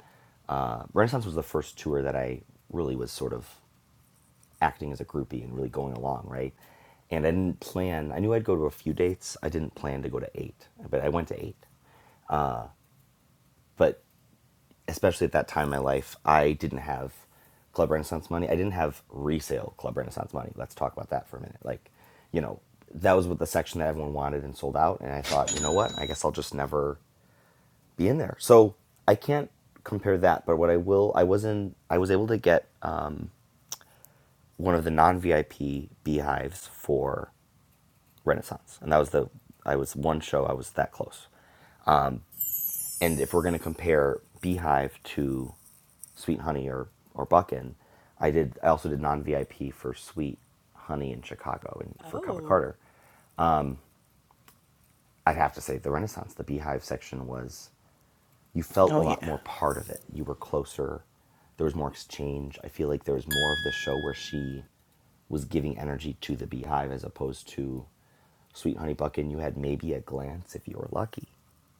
[SPEAKER 7] uh, Renaissance was the first tour that I really was sort of acting as a groupie and really going along, right? And I didn't plan. I knew I'd go to a few dates. I didn't plan to go to eight, but I went to eight. But especially at that time in my life, I didn't have Club Renaissance money. I didn't have resale Club Renaissance money. Let's talk about that for a minute. Like, you know, that was what the section that everyone wanted and sold out. And I thought, you know what? I guess I'll just never be in there. So I can't compare that. But what I will, I was in, I was able to get uh, one of the non VIP beehives for Renaissance, and that was the, I was one show. I was that close. and if we're going to compare Beehive to Sweet Honey or or Buckin, I did. I also did non VIP for Sweet Honey in Chicago and for Cava
[SPEAKER 6] Oh.
[SPEAKER 7] Carter. I'd have to say the Renaissance, the Beehive section was you felt a
[SPEAKER 1] Oh, yeah.
[SPEAKER 7] lot more part of it. You were closer. There was more exchange. I feel like there was more of the show where she was giving energy to the beehive as opposed to Sweet Honey Buckin. You had maybe a glance if you were lucky,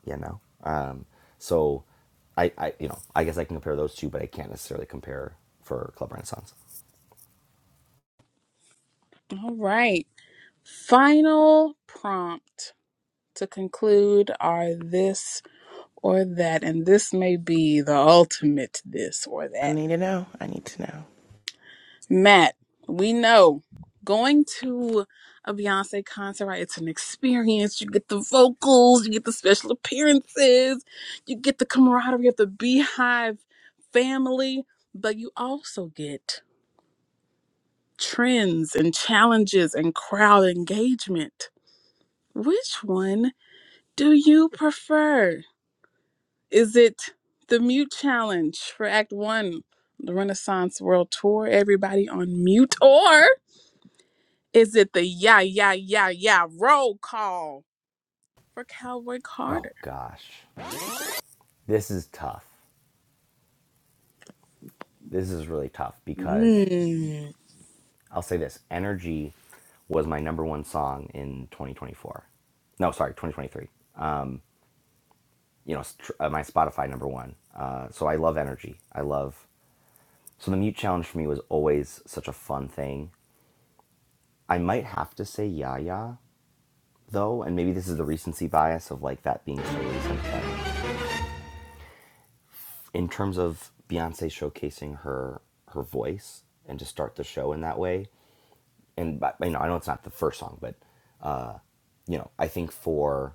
[SPEAKER 7] you know. Um, so, I, I, you know, I guess I can compare those two, but I can't necessarily compare for Club Renaissance.
[SPEAKER 6] All right. Final prompt to conclude are this or that, and this may be the ultimate this or
[SPEAKER 1] I
[SPEAKER 6] that.
[SPEAKER 1] need to know. I need to know.
[SPEAKER 6] Matt, we know going to a Beyonce concert, right? It's an experience. You get the vocals, you get the special appearances, you get the camaraderie of the Beehive family, but you also get trends and challenges and crowd engagement. Which one do you prefer? Is it the mute challenge for Act One, the Renaissance World Tour, everybody on mute, or? Is it the yeah, yeah, yeah, yeah roll call for Cowboy
[SPEAKER 7] Oh
[SPEAKER 6] Carter?
[SPEAKER 7] gosh, this is tough. This is really tough because
[SPEAKER 6] Mm,
[SPEAKER 7] I'll say this Energy was my number one song in 2024. No, sorry, 2023. You know, st- uh, my Spotify number one. Uh, so I love Energy. I love. So the Mute Challenge for me was always such a fun thing. I might have to say Yaya, though, and maybe this is the recency bias of like that being so recent, but in terms of Beyonce showcasing her her voice and to start the show in that way, and but, you know, I know it's not the first song, but uh, you know, I think for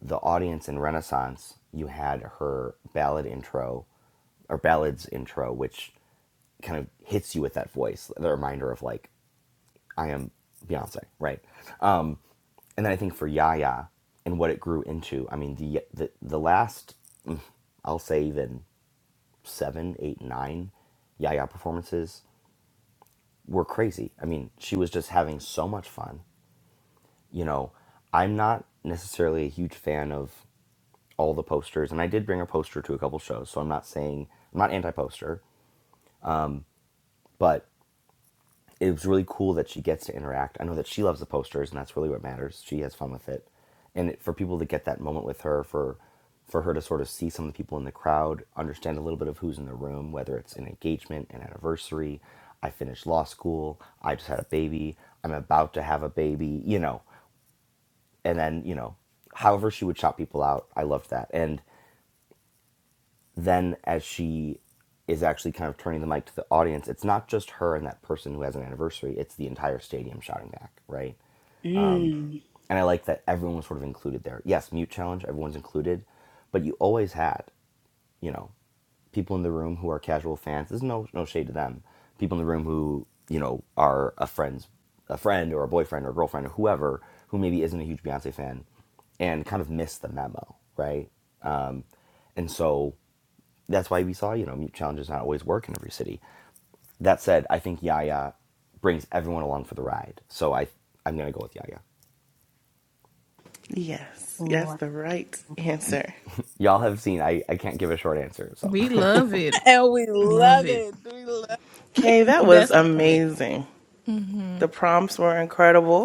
[SPEAKER 7] the audience in Renaissance, you had her ballad intro or ballads intro, which kind of hits you with that voice, the reminder of like, I am Beyonce, right? Um, and then I think for Yaya and what it grew into, I mean, the, the, the last, I'll say even seven, eight, nine Yaya performances were crazy. I mean, she was just having so much fun. You know, I'm not necessarily a huge fan of all the posters, and I did bring a poster to a couple shows, so I'm not saying I'm not anti poster, but it was really cool that she gets to interact. I know that she loves the posters, and that's really what matters. She has fun with it, and it, for people to get that moment with her, for for her to sort of see some of the people in the crowd, understand a little bit of who's in the room, whether it's an engagement, an anniversary. I finished law school. I just had a baby. I'm about to have a baby. You know, and then you know however she would shout people out i loved that and then as she is actually kind of turning the mic to the audience, it's not just her and that person who has an anniversary, it's the entire stadium shouting back, right?
[SPEAKER 6] mm.
[SPEAKER 7] And I like that everyone was sort of included there. Yes, mute challenge, everyone's included, but you always had, you know, people in the room who are casual fans. There's no no shade to them. People in the room who, you know, are a friend's a friend or a boyfriend or a girlfriend or whoever who maybe isn't a huge Beyonce fan and kind of miss the memo, right? Um, and so that's why we saw, you know, challenges not always work in every city. That said, I think Yaya brings everyone along for the ride. So I, I'm going to go with Yaya.
[SPEAKER 1] Yes. Yes,
[SPEAKER 6] Ooh.
[SPEAKER 1] the right answer.
[SPEAKER 7] Y'all have seen, I, I can't give a short answer. So <laughs>
[SPEAKER 3] We love it.
[SPEAKER 6] And we
[SPEAKER 3] Love
[SPEAKER 6] love
[SPEAKER 3] it.
[SPEAKER 6] it. We love it.
[SPEAKER 1] Okay,
[SPEAKER 3] <laughs>
[SPEAKER 1] that
[SPEAKER 6] <laughs>
[SPEAKER 1] was
[SPEAKER 3] That's the point.
[SPEAKER 1] amazing.
[SPEAKER 3] hmm
[SPEAKER 1] The prompts were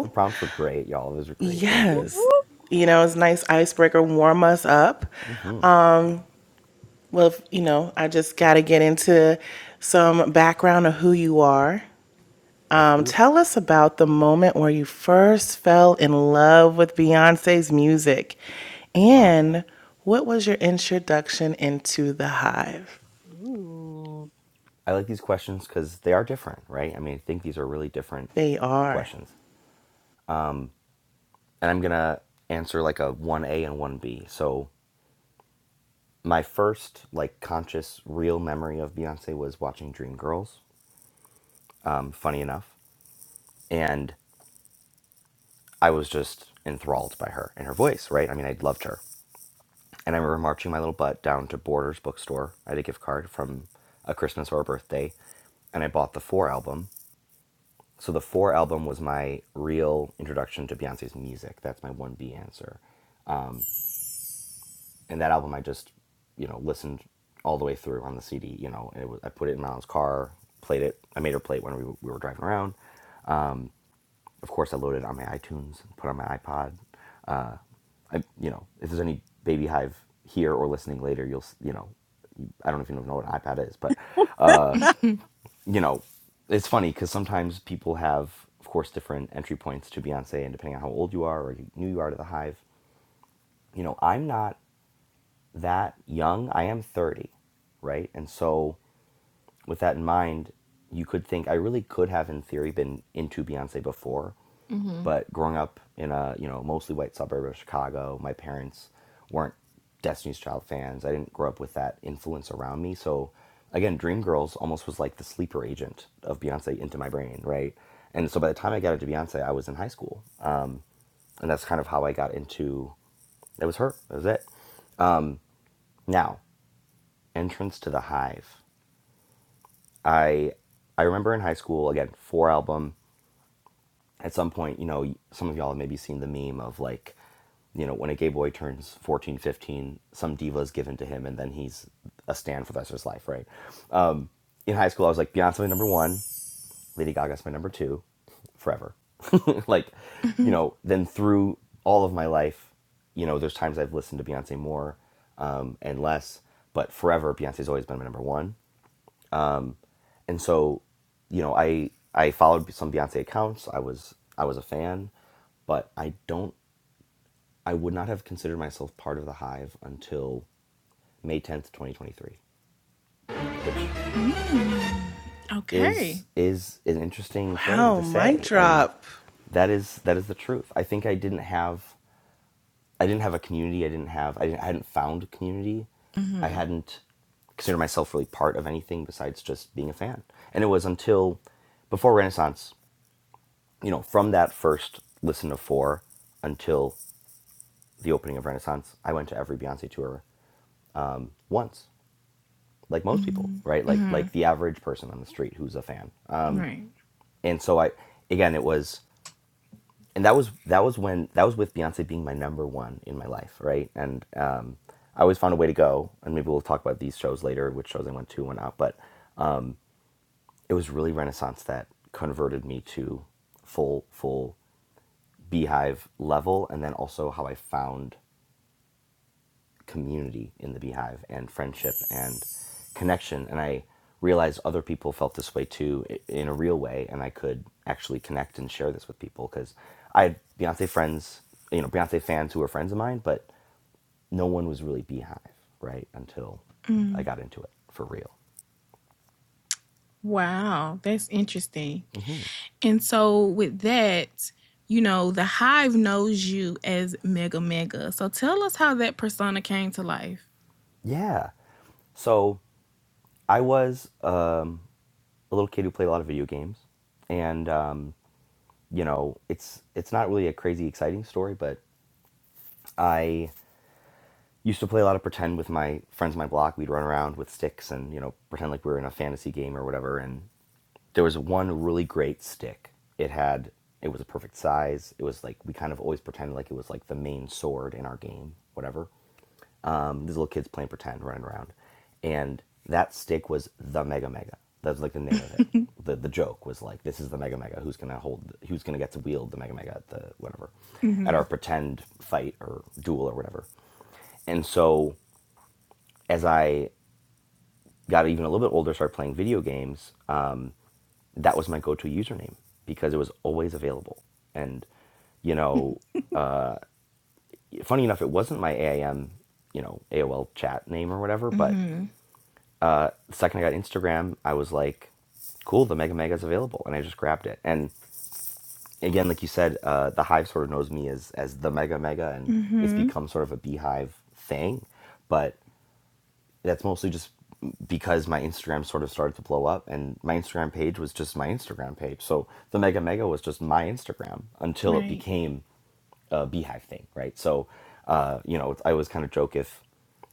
[SPEAKER 7] the prompts were great. Y'all, those were great. Thank
[SPEAKER 6] Whoop,
[SPEAKER 7] you.
[SPEAKER 1] Yes.
[SPEAKER 6] whoop.
[SPEAKER 1] You know, it's a nice icebreaker, warm us up.
[SPEAKER 7] hmm
[SPEAKER 1] Um, well, you know, I just got to get into some background of who you are.
[SPEAKER 7] Let's
[SPEAKER 1] Um,
[SPEAKER 7] do it.
[SPEAKER 1] tell us about the moment where you first fell in love with Beyonce's music
[SPEAKER 7] Wow.
[SPEAKER 1] and what was your introduction into the hive?
[SPEAKER 6] Ooh.
[SPEAKER 7] I like these questions because they are different, right? I mean, I think these are really different
[SPEAKER 1] They are.
[SPEAKER 7] questions. Um, and I'm gonna answer like a one A and one B. So my first like conscious, real memory of Beyonce was watching Dreamgirls. Um, funny enough, and I was just enthralled by her and her voice, right? I mean, I loved her. And I remember marching my little butt down to Borders bookstore. I had a gift card from a Christmas or a birthday, and I bought the Four album. So the Four album was my real introduction to Beyonce's music. That's my 1B answer. And that album I just, you know, listened all the way through on the CD, you know, and it was, I put it in my car, played it. I made her play it when we, we were driving around. Of course, I loaded it on my iTunes, put it on my iPod, I, you know, if there's any baby hive here or listening later, you'll, you know, I don't know if you know what an iPad is, but, uh,
[SPEAKER 3] hmm
[SPEAKER 7] you know, it's funny because sometimes people have, of course, different entry points to Beyonce, and depending on how old you are or new you are to the hive, you know, I'm not that young. I am 30, right? And so with that in mind, you could think I really could have, in theory, been into Beyonce before, but growing up in a you know mostly white suburb of Chicago, my parents weren't Destiny's Child fans. I didn't grow up with that influence around me. So again, Dreamgirls almost was like the sleeper agent of Beyonce into my brain, right? And so by the time I got into Beyonce, I was in high school, and that's kind of how I got into it was her. That was it. Now, entrance to the hive. I I remember in high school again, four album. at some point, you know, some of y'all have maybe seen the meme of like, you know, when a gay boy turns 14, 15, some diva is given to him and then he's a stand for the rest of his life, right? In high school, I was like, Beyonce my number one, Lady Gaga's my number two, forever. <laughs> like, you know, then through all of my life, you know, there's times I've listened to Beyonce more um, and less, but forever, Beyonce's always been my number one. And so, you know, I I followed some Beyonce accounts. I was I was a fan, but I don't I would not have considered myself part of the hive until May 10th, 2023, which
[SPEAKER 3] mm <laughs> Okay.
[SPEAKER 7] is is an interesting thing
[SPEAKER 1] Wow,
[SPEAKER 7] to
[SPEAKER 1] mic
[SPEAKER 7] say and
[SPEAKER 1] drop.
[SPEAKER 7] that is that is the truth. I think I didn't have I didn't have a community. I didn't have I, didn't, I hadn't found a community. I
[SPEAKER 3] hmm
[SPEAKER 7] hadn't considered myself really part of anything besides just being a fan. And it was until before Renaissance, you know, from that first listen to four until the opening of Renaissance, I went to every Beyonce tour once like most people,
[SPEAKER 3] hmm
[SPEAKER 7] right? Like
[SPEAKER 3] hmm
[SPEAKER 7] like the average person on the street who's a fan.
[SPEAKER 3] Right.
[SPEAKER 7] And so I again it was and that was that was when that was with Beyonce being my number one in my life, right? And um I always found a way to go and maybe we'll talk about these shows later, which shows I went to and out, but it was really Renaissance that converted me to full full beehive level and then also how I found community in the beehive and friendship and connection and i realized other people felt this way too in a real way and i could actually connect and share this with people because i had beyonce friends you know beyonce fans who were friends of mine but no one was really beehive right until i
[SPEAKER 3] Mm.
[SPEAKER 7] got into it for real
[SPEAKER 3] Wow. That's interesting. And so with that, you know, the hive knows you as Mega Mega. So tell us how that persona came to life.
[SPEAKER 7] yeah so i was um, a little kid who played a lot of video games and um, you know it's it's not really a crazy exciting story but i used to play a lot of pretend with my friends on my block. We'd run around with sticks and, you know, pretend like we were in a fantasy game or whatever. And there was one really great stick. It had, it was a perfect size. It was like, we kind of always pretended like it was like the main sword in our game, whatever um, these little kids playing pretend, running around. And that stick was the Mega Mega. That was like the name of it. The the joke was like, this is the Mega Mega. Who's gonna hold? Who's gonna get to wield the Mega Mega at the whatever,
[SPEAKER 3] Mm-hmm.
[SPEAKER 7] at our pretend fight or duel or whatever. And so as I got even a little bit older, started playing video games, um, that was my go-to username because it was always available. And, you know, uh, funny enough, it wasn't my AIM, you know, AOL chat name or whatever, but
[SPEAKER 3] Mhm.
[SPEAKER 7] uh, the second I got Instagram, I was like, cool, the Mega Mega is available. And I just grabbed it. And again, like you said, uh, the hive sort of knows me as, as the Mega Mega, and it's
[SPEAKER 3] Mhm.
[SPEAKER 7] become sort of a beehive thing. But that's mostly just because my Instagram sort of started to blow up and my Instagram page was just my Instagram page. So the Mega Mega was just my Instagram until it
[SPEAKER 3] Right.
[SPEAKER 7] became a beehive thing, right? So, uh, you know, I always kind of joke if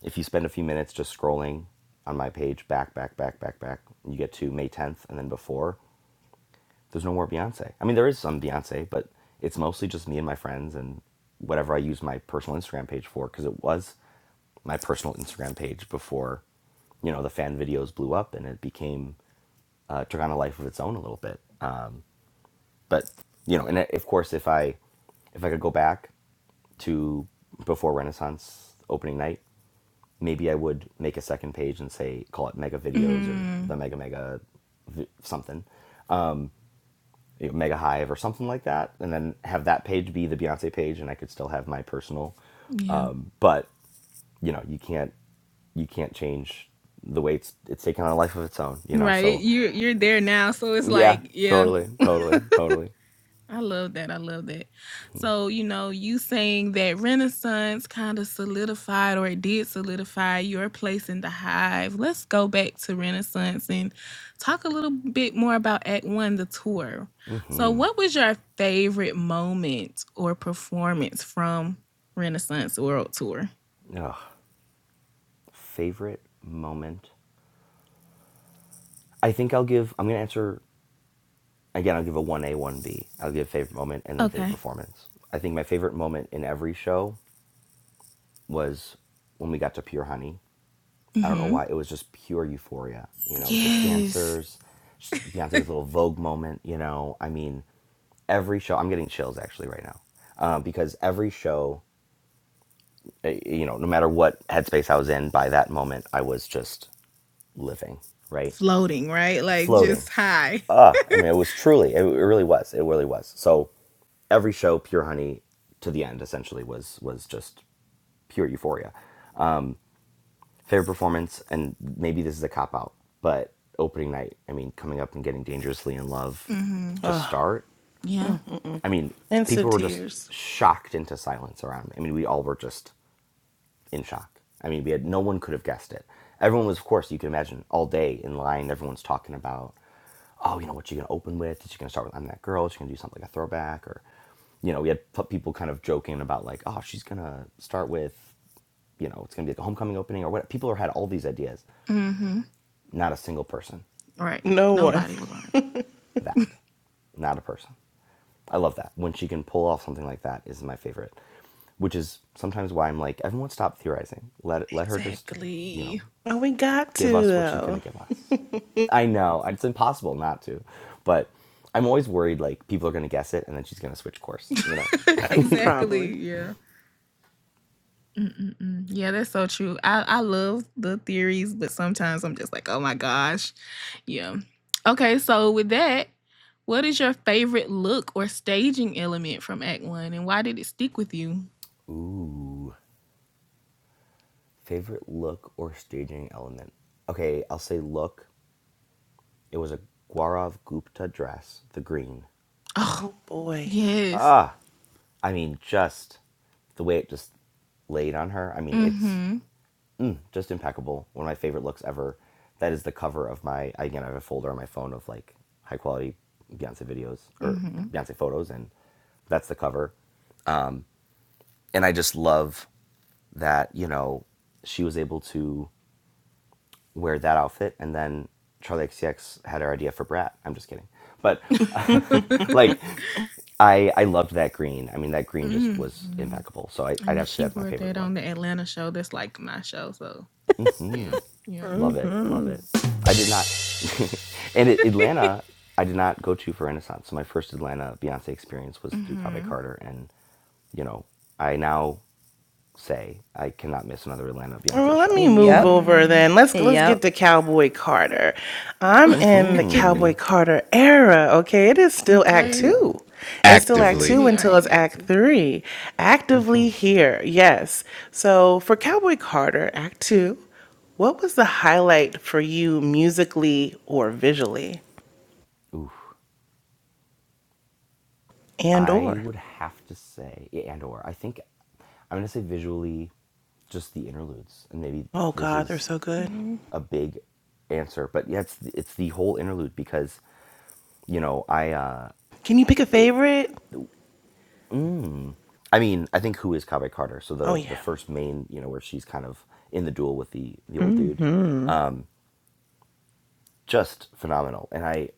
[SPEAKER 7] if you spend a few minutes just scrolling on my page back, back, back, back, back, you get to May 10th and then before, there's no more Beyonce. I mean, there is some Beyonce, but it's mostly just me and my friends and whatever I use my personal Instagram page for because it was my personal Instagram page before, you know, the fan videos blew up and it became uh, took on a life of its own a little bit. Uh, but you know, and uh, of course, if I if I could go back to before Renaissance opening night, maybe I would make a second page and say call it Mega Videos or
[SPEAKER 3] Mm.
[SPEAKER 7] the Mega Mega v- something you know, Mega Hive or something like that, and then have that page be the Beyonce page, and I could still have my personal.
[SPEAKER 3] Yeah.
[SPEAKER 7] But you know, you can't you can't change the way it's it's taken on a life of its own. You know,
[SPEAKER 3] Right.
[SPEAKER 7] so
[SPEAKER 3] You you're there now, so it's
[SPEAKER 7] yeah,
[SPEAKER 3] like, yeah.
[SPEAKER 7] totally, totally, totally.
[SPEAKER 3] I love that. I love that. So, you know, you saying that Renaissance kind of solidified or it did solidify your place in the hive. Let's go back to Renaissance and talk a little bit more about Act One, the tour. So, what was your favorite moment or performance from Renaissance World Tour?
[SPEAKER 7] Ugh. Favorite moment? I think I'll give. I'm gonna answer again. I'll give a one A, one B. I'll give favorite moment and then favorite
[SPEAKER 3] Okay.
[SPEAKER 7] performance. I think my favorite moment in every show was when we got to Pure Honey I don't know why. It was just pure euphoria. You know, the
[SPEAKER 3] Yes.
[SPEAKER 7] dancers,
[SPEAKER 3] <laughs>
[SPEAKER 7] Beyonce's little Vogue moment. You know, I mean, every show. I'm getting chills actually right now uh, because every show, uh, you know, no matter what headspace I was in by that moment, I was just living, right,
[SPEAKER 3] Floating, right? Like
[SPEAKER 7] floating.
[SPEAKER 3] just high.
[SPEAKER 7] Ah, I mean, it was truly. It, it really was. It really was. So every show, pure honey to the end, essentially was was just pure euphoria. fair performance, and maybe this is a cop out, but opening night, I mean, coming up and getting dangerously in love
[SPEAKER 3] Mm-hmm.
[SPEAKER 7] to
[SPEAKER 1] Oh,
[SPEAKER 7] start.
[SPEAKER 3] Yeah.
[SPEAKER 1] mm, mm, mm.
[SPEAKER 7] I mean, people
[SPEAKER 1] Instant
[SPEAKER 7] were just
[SPEAKER 1] tears.
[SPEAKER 7] shocked into silence around me. I mean, we all were just in shock. I mean, we had no one could have guessed it. Everyone was, of course, you can imagine, all day in line. Everyone's talking about, oh, you know, what you gonna open with? Is she gonna start with "I'm That Girl"? Is she gonna do something like a throwback? Or, you know, we had people kind of joking about like, oh, she's gonna start with, you know, it's gonna be like a homecoming opening or what. People had all these ideas,
[SPEAKER 3] Mm-hmm.
[SPEAKER 7] not a single person
[SPEAKER 3] Right.
[SPEAKER 1] No one.
[SPEAKER 3] Nobody
[SPEAKER 7] guessed
[SPEAKER 3] was right.
[SPEAKER 7] that. Not a person. I love that. When she can pull off something like that is my favorite. Which is sometimes why I'm like, everyone stop theorizing. Let let her just, you know,
[SPEAKER 3] Exactly.
[SPEAKER 1] Oh, we got
[SPEAKER 7] give
[SPEAKER 1] to,
[SPEAKER 7] us what she's gonna
[SPEAKER 1] though.
[SPEAKER 7] give us. I know. It's impossible not to. But I'm always worried like people are gonna guess it and then she's gonna switch course,
[SPEAKER 3] <laughs>
[SPEAKER 7] you know.
[SPEAKER 1] <laughs>
[SPEAKER 3] exactly.
[SPEAKER 1] Probably.
[SPEAKER 3] Yeah. Mm-mm-mm. Yeah, that's so true. I, I love the theories, but sometimes I'm just like, oh my gosh. Yeah. Okay, so with that, what is your favorite look or staging element from Act One and why did it stick with you?
[SPEAKER 7] Ooh. Favorite look or staging element? Okay, I'll say look. It was a Gaurav Gupta dress, the green.
[SPEAKER 3] Oh,
[SPEAKER 1] Oh, boy.
[SPEAKER 3] yes.
[SPEAKER 7] Ah. I mean, just the way it just laid on her. I mean, it's
[SPEAKER 3] Mm-hmm.
[SPEAKER 7] just impeccable. One of my favorite looks ever. That is the cover of my. Again, I have a folder on my phone of like high quality Beyonce videos or Beyonce photos, and that's the cover. And I just love that you know she was able to wear that outfit, and then Charlie XCX had her idea for Brat. I'm just kidding, but uh, <laughs>
[SPEAKER 3] Mm-hmm. <laughs>
[SPEAKER 7] like I I loved that green. I mean, that green just
[SPEAKER 3] Mhm.
[SPEAKER 7] was impeccable. So I,
[SPEAKER 3] And
[SPEAKER 7] I'd
[SPEAKER 3] then
[SPEAKER 7] have to say
[SPEAKER 3] she
[SPEAKER 7] that's my
[SPEAKER 3] wore
[SPEAKER 7] favorite
[SPEAKER 3] that on
[SPEAKER 7] look.
[SPEAKER 3] the Atlanta show. That's like my show. So yeah, yeah.
[SPEAKER 7] Love it. Love
[SPEAKER 5] hmm
[SPEAKER 7] it. I did not. <laughs> and it, Atlanta,
[SPEAKER 3] <laughs>
[SPEAKER 7] I did not go to for Renaissance. So my first Atlanta Beyonce experience was through Cave
[SPEAKER 3] hmm
[SPEAKER 7] Carter. And, you know, I now say I cannot miss another Atlanta Beyonce
[SPEAKER 1] Well, let
[SPEAKER 7] show.
[SPEAKER 1] me
[SPEAKER 7] You
[SPEAKER 1] move
[SPEAKER 7] know,
[SPEAKER 5] Yep.
[SPEAKER 1] over
[SPEAKER 3] Mm.
[SPEAKER 1] then. Let's let's
[SPEAKER 5] Yep.
[SPEAKER 1] get to Cowboy Carter. I'm
[SPEAKER 7] mm
[SPEAKER 1] in the
[SPEAKER 3] <laughs>
[SPEAKER 7] hmm
[SPEAKER 1] Cowboy Carter era. Okay, it is still Act
[SPEAKER 7] Yes,
[SPEAKER 3] okay,
[SPEAKER 7] we are.
[SPEAKER 1] Two. It's still
[SPEAKER 7] Yes, it
[SPEAKER 1] Act
[SPEAKER 4] actively.
[SPEAKER 1] Two
[SPEAKER 3] we
[SPEAKER 7] is.
[SPEAKER 3] are
[SPEAKER 1] until it's Act
[SPEAKER 3] inactive.
[SPEAKER 1] Three. Actively here, yes. So for Cowboy Carter, Act Two, what was the highlight for you musically or visually, and
[SPEAKER 7] I
[SPEAKER 1] or?
[SPEAKER 7] would have to say, yeah, and or I think I'm going to say visually just the interludes. And maybe
[SPEAKER 1] Oh
[SPEAKER 7] this
[SPEAKER 1] God, they're
[SPEAKER 7] is
[SPEAKER 1] so good.
[SPEAKER 3] hmm
[SPEAKER 7] a big answer, but yeah, it's, it's the whole interlude because, you know, I, uh,
[SPEAKER 1] Can you pick a favorite?
[SPEAKER 7] I mean, I think who is Kaveh Carter? So
[SPEAKER 1] Oh
[SPEAKER 7] the the
[SPEAKER 1] yeah,
[SPEAKER 7] first main, you know, where she's kind of in the duel with the the old dude,
[SPEAKER 5] hmm
[SPEAKER 7] just phenomenal. And I,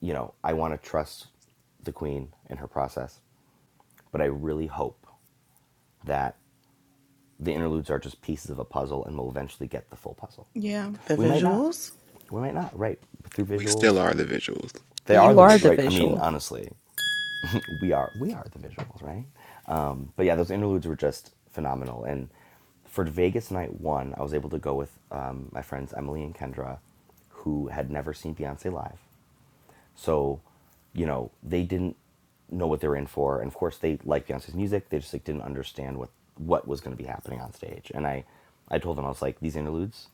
[SPEAKER 7] you know, I want to trust the queen and her process, but I really hope that the interludes are just pieces of a puzzle, and we'll eventually get the full puzzle.
[SPEAKER 3] Yeah.
[SPEAKER 1] the
[SPEAKER 7] We might not.
[SPEAKER 1] visuals.
[SPEAKER 7] We might not. Right through
[SPEAKER 4] We still
[SPEAKER 7] visuals,
[SPEAKER 4] are the visuals.
[SPEAKER 7] they are
[SPEAKER 5] You
[SPEAKER 7] the
[SPEAKER 5] are
[SPEAKER 7] vid.
[SPEAKER 5] the
[SPEAKER 7] Right. I mean,
[SPEAKER 5] visual.
[SPEAKER 7] honestly. we are we are the visuals, right? Um, but yeah, those interludes were just phenomenal. And for Vegas night one, I was able to go with um, my friends Emily and Kendra, who had never seen Beyonce live. So, you know, they didn't know what they were in for, and of course, they liked Beyonce's music. They just like didn't understand what what was going to be happening on stage. And I, I told them I was like, these interludes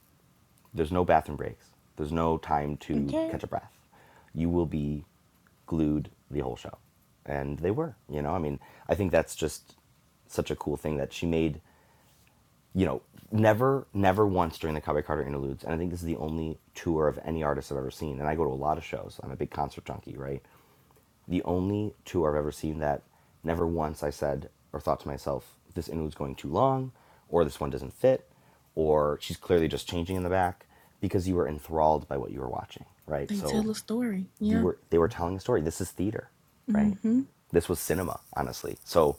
[SPEAKER 7] there's no bathroom breaks. There's no time to
[SPEAKER 3] Okay.
[SPEAKER 7] catch a breath. You will be glued the whole show. And they were, you know, I mean, I think that's just such a cool thing that she made, you know, never, never once during the Cowboy Carter interludes. And I think this is the only tour of any artist I've ever seen. And I go to a lot of shows. I'm a big concert junkie, right? The only tour I've ever seen that never once I said or thought to myself, this interlude's going too long, or this one doesn't fit, or she's clearly just changing in the back, because you were enthralled by what you were watching, right?
[SPEAKER 3] They
[SPEAKER 7] So
[SPEAKER 3] tell a story.
[SPEAKER 7] you
[SPEAKER 3] Yeah.
[SPEAKER 7] were they were telling a story. This is theater, right?
[SPEAKER 3] Mm-hmm.
[SPEAKER 7] This was cinema, honestly. So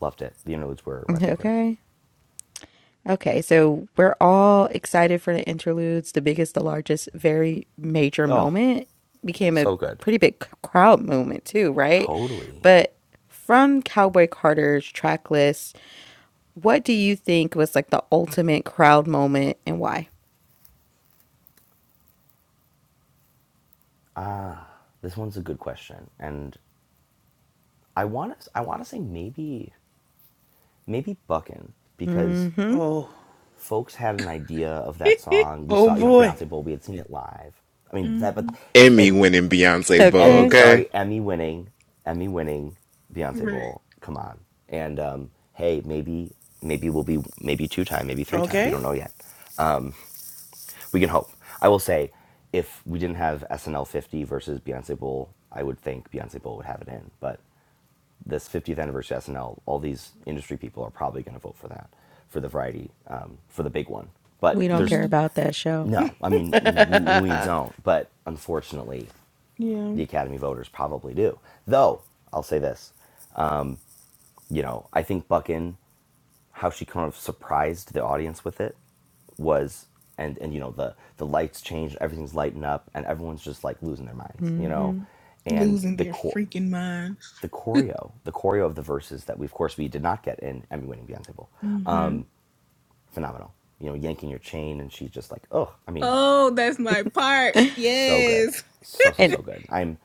[SPEAKER 7] loved it. The interludes were my favorite.
[SPEAKER 5] Okay. Okay, so we're all excited for the interludes. The biggest, the largest, very major
[SPEAKER 7] Oh,
[SPEAKER 5] moment became a
[SPEAKER 7] so good.
[SPEAKER 5] pretty big c- crowd moment too, right?
[SPEAKER 7] Totally.
[SPEAKER 5] But from Cowboy Carter's track list, what do you think was like the ultimate crowd moment and why?
[SPEAKER 7] This one's a good question, and I want to. I want to say maybe, maybe Buckin because
[SPEAKER 5] Mm-hmm.
[SPEAKER 1] Oh,
[SPEAKER 7] folks had an idea of that
[SPEAKER 3] <laughs>
[SPEAKER 7] song. We
[SPEAKER 1] oh
[SPEAKER 7] saw, you know,
[SPEAKER 1] boy.
[SPEAKER 7] Beyonce Bowl. We had seen it live. I mean that, but
[SPEAKER 3] mm-hmm.
[SPEAKER 4] Emmy
[SPEAKER 7] and
[SPEAKER 4] winning Beyonce ball,
[SPEAKER 7] Emmy,
[SPEAKER 5] Okay.
[SPEAKER 4] okay?
[SPEAKER 7] sorry, Emmy winning, Emmy winning Beyonce
[SPEAKER 3] Right.
[SPEAKER 7] Bowl. Come on, and um, hey, maybe maybe we'll be maybe two time, maybe three time. We
[SPEAKER 1] Okay.
[SPEAKER 7] don't know yet. We can hope. I will say, if we didn't have SNL 50 versus Beyonce Bowl, I would think Beyonce Bowl would have it in. But this 50th anniversary SNL, all these industry people are probably going to vote for that, for the variety, um, for the big one. But
[SPEAKER 5] We don't
[SPEAKER 7] there's
[SPEAKER 5] care
[SPEAKER 3] Mm.
[SPEAKER 5] about that show.
[SPEAKER 3] <laughs>
[SPEAKER 7] No, I mean we
[SPEAKER 1] <laughs>
[SPEAKER 7] don't, but unfortunately,
[SPEAKER 3] Yeah.
[SPEAKER 7] the Academy voters probably do. Though I'll say this, you know, I think Buckin, how she kind of surprised the audience with it was, and and you know the the lights changed, everything's lighting up, and everyone's just like losing their minds, you know,
[SPEAKER 5] Mm-hmm.
[SPEAKER 7] and
[SPEAKER 3] Losing
[SPEAKER 7] the
[SPEAKER 3] their
[SPEAKER 7] core.
[SPEAKER 3] freaking minds.
[SPEAKER 7] The choreo, the choreo of the verses that we, of course, we did not get in Emmy-winning Beyonce Bowl,
[SPEAKER 3] Mm-hmm.
[SPEAKER 7] phenomenal. You know, yanking your chain, and she's just like, oh, I mean,
[SPEAKER 3] Oh, that's my part.
[SPEAKER 7] So good.
[SPEAKER 3] Yes.
[SPEAKER 7] So, so,
[SPEAKER 5] And
[SPEAKER 7] so good. I'm,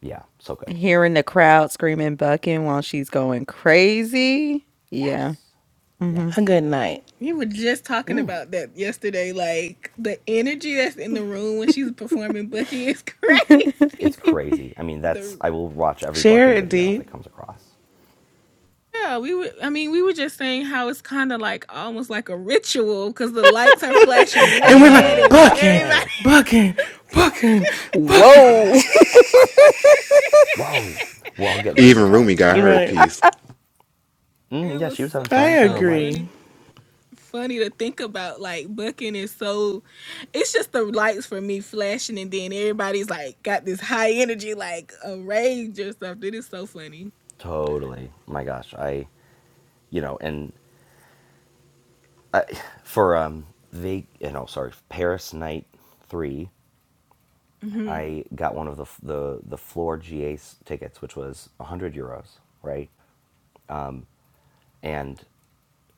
[SPEAKER 7] yeah, so good.
[SPEAKER 5] hearing the crowd screaming bucking while she's going crazy. Yeah.
[SPEAKER 7] Yes.
[SPEAKER 5] Mm-hmm.
[SPEAKER 1] a
[SPEAKER 7] Yes.
[SPEAKER 1] good night.
[SPEAKER 3] We were just talking about that yesterday. Like the energy that's in the room when she's performing Bucky is <laughs>
[SPEAKER 7] It's
[SPEAKER 3] crazy.
[SPEAKER 7] crazy. I mean, that's,
[SPEAKER 3] the
[SPEAKER 7] I will watch every
[SPEAKER 1] Share
[SPEAKER 7] Buckin
[SPEAKER 1] it,
[SPEAKER 7] video
[SPEAKER 1] D.
[SPEAKER 7] that comes across.
[SPEAKER 3] yeah, we were. I mean, we were just saying how it's kind of like almost like a ritual because the lights are
[SPEAKER 1] <laughs>
[SPEAKER 3] flashing
[SPEAKER 1] and we're
[SPEAKER 3] red
[SPEAKER 1] like,
[SPEAKER 7] Hmm.
[SPEAKER 3] and
[SPEAKER 1] bucking,
[SPEAKER 3] everybody. <laughs>
[SPEAKER 7] Yes.
[SPEAKER 1] bucking, bucking, bucking.
[SPEAKER 5] Whoa. <laughs>
[SPEAKER 7] Whoa. We're all getting
[SPEAKER 3] it's
[SPEAKER 4] Even
[SPEAKER 3] just,
[SPEAKER 4] Rumi
[SPEAKER 7] hypnotized.
[SPEAKER 4] got
[SPEAKER 1] <laughs>
[SPEAKER 4] her a
[SPEAKER 1] right.
[SPEAKER 4] piece.
[SPEAKER 3] it
[SPEAKER 7] Mm, yeah,
[SPEAKER 3] was
[SPEAKER 7] she was
[SPEAKER 3] so,
[SPEAKER 7] having
[SPEAKER 1] I
[SPEAKER 3] it's
[SPEAKER 7] fun, having her
[SPEAKER 3] so
[SPEAKER 1] agree.
[SPEAKER 3] funny
[SPEAKER 7] life.
[SPEAKER 3] funny to think about. Like Bucking is so it's just the lights for me flashing and then everybody's like got this high energy like a rage or something. It's so funny.
[SPEAKER 7] Totally. My gosh. I, you know, and for, um, they, you know, sorry, Paris Night 3,
[SPEAKER 3] hmm
[SPEAKER 7] I got one of the, the, the floor GA tickets, which was 100 euros, right? And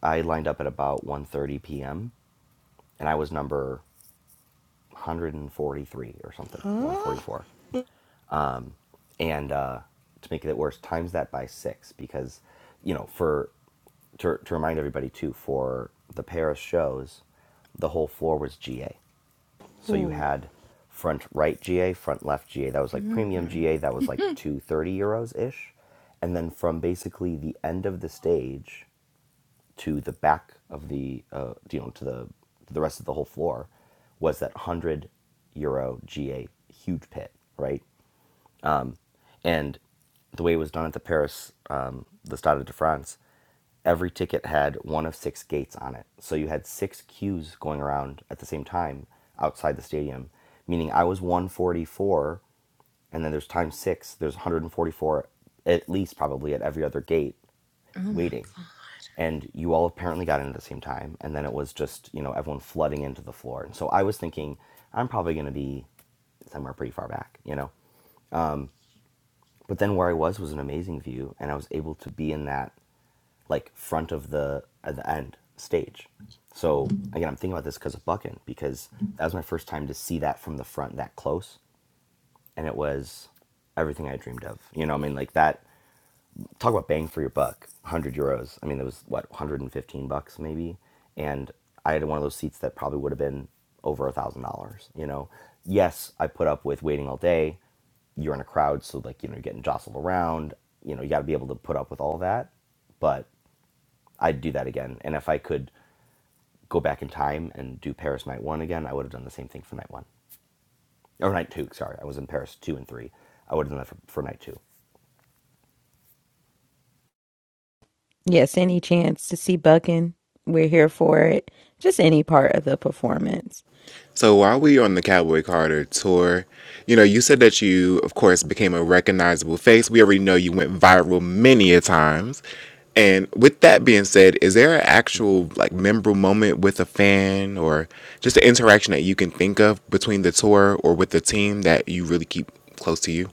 [SPEAKER 7] I lined up at about 1:30 p.m. and I was number 143 or something, 144. And uh, to make it worse, times that by six because, you know, for to, to remind everybody too, for the Paris shows, the whole floor was GA. So you
[SPEAKER 1] Oh.
[SPEAKER 7] had front right GA, front left GA. That was like
[SPEAKER 3] hmm
[SPEAKER 7] premium GA. That was like 230 euros ish. And then from basically the end of the stage to the back of the uh, you know to the to the rest of the whole floor was that 100 euro GA huge pit, right? And the way it was done at the Paris, um, the Stade de France, every ticket had one of six gates on it. So you had six queues going around at the same time outside the stadium, meaning I was 144, and then there's times six, there's 144 at least probably at every other gate
[SPEAKER 3] Oh my
[SPEAKER 7] waiting. And you all apparently got in at the same time. And then it was just, you know, everyone flooding into the floor. And so I was thinking, I'm probably going to be somewhere pretty far back, you know? But then where I was was an amazing view, and I was able to be in that like front of the at the end stage. So again, I'm thinking about this because of Buckin because that was my first time to see that from the front that close, and it was everything I dreamed of. You know, I mean, like that talk about bang for your buck 100 euros i mean it was what 115 bucks maybe and i had one of those seats that probably would have been over a thousand dollars you know yes i put up with waiting all day you're in a crowd so like you know you're getting jostled around you know you got to be able to put up with all that but i'd do that again and if i could go back in time and do paris night one again i would have done the same thing for night one or night two sorry i was in paris two and three i would have done that for, for night two <laughs>
[SPEAKER 5] Yes, any chance to see Buckin, we're here for it. Just any part of the performance.
[SPEAKER 4] So while we on the Cowboy Carter tour, you know, you said that you, of course, became a recognizable face. We already know you went viral many a times. And with that being said, is there an
[SPEAKER 7] Mm-hmm.
[SPEAKER 4] actual like memorable moment with a fan or just an interaction that you can think of between the tour or with the team that you really keep close to you?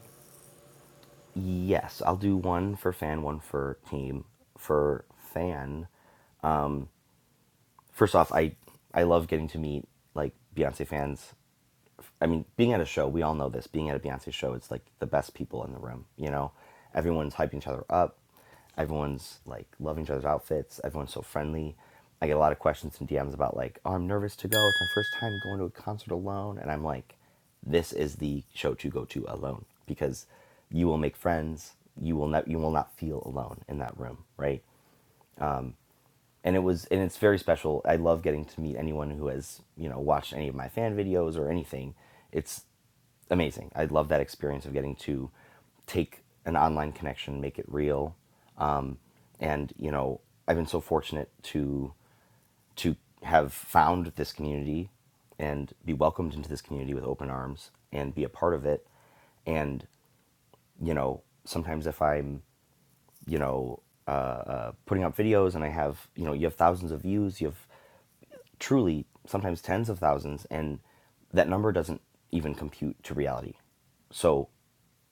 [SPEAKER 7] Yes, I'll do one for fan, one for team. For fan, first off, I I love getting to meet like Beyonce fans have, I mean, being at a show, we all know this. Being at a Beyonce show, it's like the best people in the room. You know, everyone's hyping each other up. Everyone's like loving each other's outfits. Everyone's so friendly. I get a lot of questions and DMs about like, oh, I'm nervous to go. It's my first time going to a concert alone, and I'm like, this is the show to go to alone because you will make friends. You will not. You will not feel alone in that room, right? and it was and it's very special i love getting to meet anyone who has you know watched any of my fan videos or anything it's amazing i love that experience of getting to take an online connection make it real um, and you know i've been so fortunate to to have found this community and be welcomed into this community with open arms and be a part of it and you know sometimes if i'm you know uh, uh, putting up videos and i have you know you have thousands of views you have truly sometimes tens of thousands and that number doesn't even compute to reality so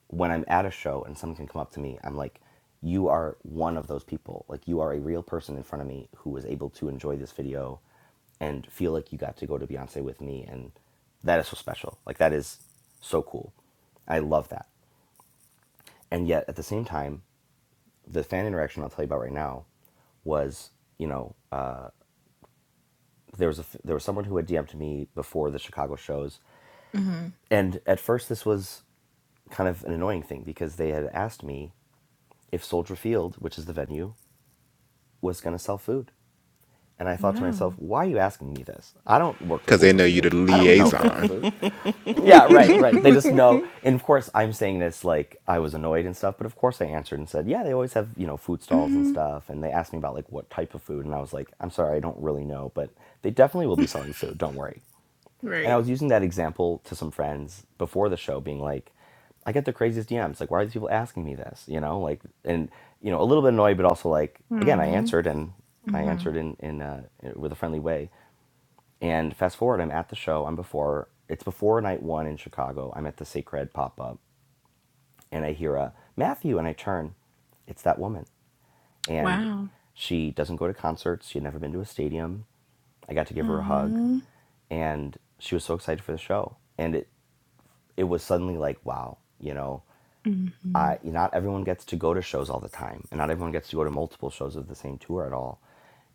[SPEAKER 7] when i'm at a show and someone can come up to me i'm like you are one of those people like you are a real person in front of me who was able to enjoy this video and feel like you got to go to beyonce with me and that is so special like that is so cool i love that and yet at the same time the fan interaction i'll tell you about right now was you know uh, there was a, there was someone who had DM'd me before the Chicago shows,
[SPEAKER 3] hmm
[SPEAKER 7] and at first this was kind of an annoying thing because they had asked me if Soldier Field, which is the venue, was going to sell food. And I thought to
[SPEAKER 3] wow.
[SPEAKER 7] myself, why are you asking me this? I don't work for
[SPEAKER 4] Because they
[SPEAKER 7] Soldier
[SPEAKER 4] know you're the
[SPEAKER 7] Field. I don't know if they have
[SPEAKER 4] liaison.
[SPEAKER 7] food.
[SPEAKER 5] <laughs>
[SPEAKER 7] Yeah, right,
[SPEAKER 1] <laughs>
[SPEAKER 7] right. They
[SPEAKER 3] <laughs>
[SPEAKER 7] just know. And of course, I'm saying this like I was annoyed and stuff, but of course I answered and said, yeah, they always have, you know, food stalls and
[SPEAKER 3] hmm
[SPEAKER 7] stuff. And they asked me about like what type of food. And I was like, I'm sorry, I don't really know, but they definitely will be selling food. Don't worry. And I
[SPEAKER 3] Right.
[SPEAKER 7] was using that example to some friends before the show, being like, I get the craziest DMs. Like, why are these people asking me this? You know, like, and you know, a little bit annoyed, but also like, again, I
[SPEAKER 3] Mm-hmm.
[SPEAKER 7] answered and I
[SPEAKER 3] hmm
[SPEAKER 7] answered in in uh, with a friendly way. And fast forward, I'm at the show. I'm before it's before night one in Chicago. I'm at the Sacred pop up, and I hear a Matthew, and I turn. It's that woman and
[SPEAKER 3] Wow.
[SPEAKER 7] she doesn't go to concerts. She had never been to a stadium. I got to give her a hug,
[SPEAKER 3] mm
[SPEAKER 7] and she was so excited for the show. And it it was suddenly like, wow, you know,
[SPEAKER 3] hmm
[SPEAKER 7] I not everyone gets to go to shows all the time, and not everyone gets to go to multiple shows of the same tour at all.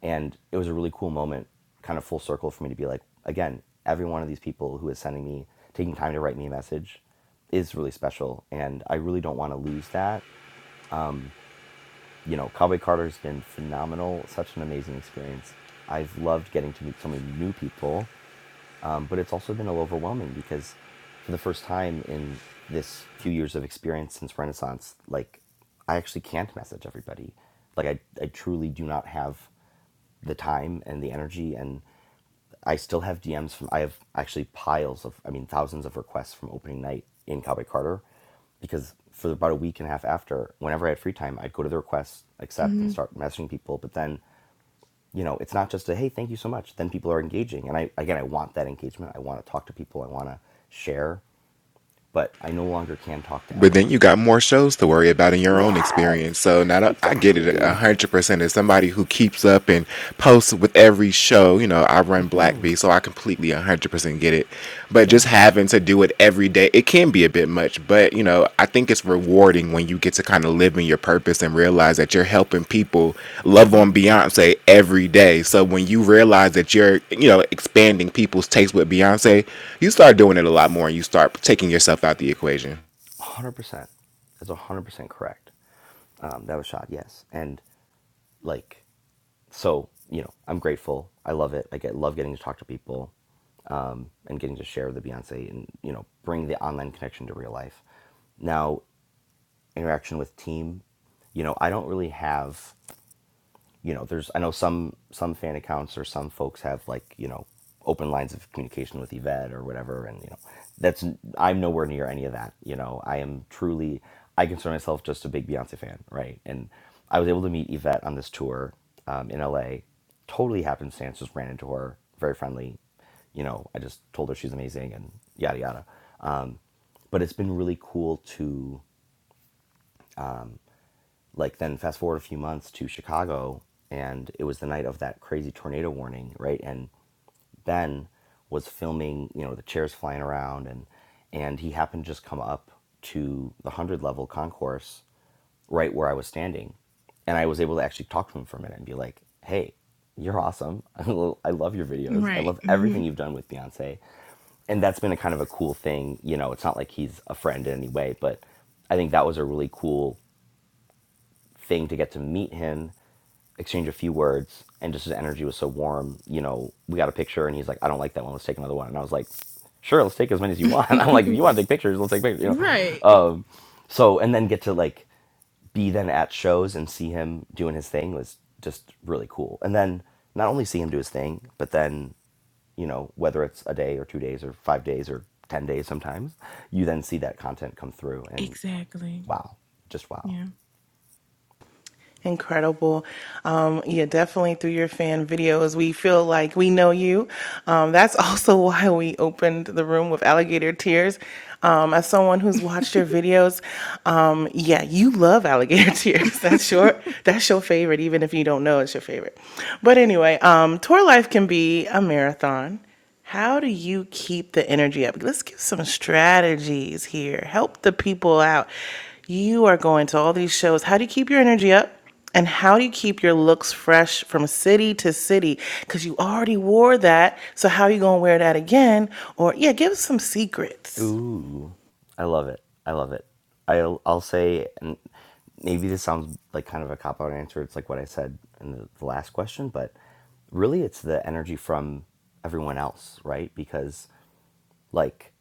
[SPEAKER 7] And it was a really cool moment, kind of full circle for me to be like, again, every one of these people who is sending me, taking time to write me a message, is really special, and I really don't want to lose that you know, Cowboy Carter has been phenomenal, such an amazing experience. I've loved getting to meet so many new people um, but it's also been a little overwhelming because for the first time in this few years of experience since Renaissance, like I actually can't message everybody. Like I, I truly do not have the time and the energy and I still have DMs from I have actually piles of I mean thousands of requests from opening night in Cowboy Carter because for about a week and a half after, whenever I had free time, I'd go to the requests, accept and
[SPEAKER 3] hmm
[SPEAKER 7] start messaging people. But then you know it's not just a hey thank you so much then people are engaging and i again i want that engagement i want to talk to people i want to share but i no longer can talk to
[SPEAKER 4] But then
[SPEAKER 7] everyone
[SPEAKER 4] you got more shows to worry about in your own
[SPEAKER 7] yeah
[SPEAKER 4] experience. So now I get it a
[SPEAKER 7] exactly
[SPEAKER 4] hundred percent. As somebody who keeps up and posts with every show, you know, I run Black Bee, so I completely a hundred percent get it. But just
[SPEAKER 7] yes
[SPEAKER 4] having to do it every day, it can be a bit much. But you know, I think it's rewarding when you get to kind of live in your purpose and realize that you're helping people love on Beyonce every day. So when you realize that you're, you know, expanding people's taste with Beyonce, you start doing it a lot more and you start taking yourself out the equation.
[SPEAKER 7] 100% that's 100% correct um, that was shot yes and like so you know i'm grateful i love it Like, i get love getting to talk to people um, and getting to share the beyonce and you know bring the online connection to real life now interaction with team you know i don't really have you know there's i know some some fan accounts or some folks have like you know open lines of communication with yvette or whatever and you know that's i'm nowhere near any of that you know i am truly i consider myself just a big beyonce fan right and i was able to meet yvette on this tour um, in la totally happenstance just ran into her very friendly you know i just told her she's amazing and yada yada um, but it's been really cool to like then fast forward a few months to Chicago and it was the night of that crazy tornado warning, right? And Ben was filming, you know, the chairs flying around and and he happened to just come up to the 100 level concourse right where I was standing. And I was able to actually talk to him for a minute and be like, "Hey, you're awesome. <laughs> I love your videos. I
[SPEAKER 3] Right.
[SPEAKER 7] love
[SPEAKER 3] hmm
[SPEAKER 7] everything you've done with Beyonce." And that's been a kind of a cool thing, you know, it's not like he's a friend in any way, but I think that was a really cool thing to get to meet him, exchange a few words, and just his energy was so warm. You know, we got a picture, and he's like, "I don't like that one. Let's take another one." And I was like, "Sure, let's take as many as you want." <laughs> I'm like, "If
[SPEAKER 3] <laughs>
[SPEAKER 7] you want to take pictures, let's take pictures." You
[SPEAKER 3] right.
[SPEAKER 7] know, um, so and then get to like be then at shows and see him doing his thing was just really cool. And then not only see him do his thing, but then, you know, whether it's a day or two days or five days or 10 days sometimes, you then see that content come through and
[SPEAKER 3] Exactly.
[SPEAKER 7] wow, just wow.
[SPEAKER 3] Yeah.
[SPEAKER 1] Incredible. Um, yeah, definitely through your fan videos, we feel like we know you. Um, that's <laughs> also why we opened the room with alligator tears. Um, as someone who's watched your videos, um, yeah, you love alligator <laughs> tears. That's your that's your favorite, even if you don't know it's your favorite. But anyway, um, tour life can be a marathon. How do you keep the energy up? Let's give some strategies here. Help the people out. You are going to all these shows. How do you keep your energy up? And how do you keep your looks fresh from city to city? Because you already wore that. So how are you going to wear that again? Or, yeah, give us some secrets.
[SPEAKER 7] Ooh, I love it. I love it. I'll, I'll say, and maybe this sounds like kind of a cop out answer. It's like what I said in the, the last question, but really it's the energy from everyone else, right? Because, like,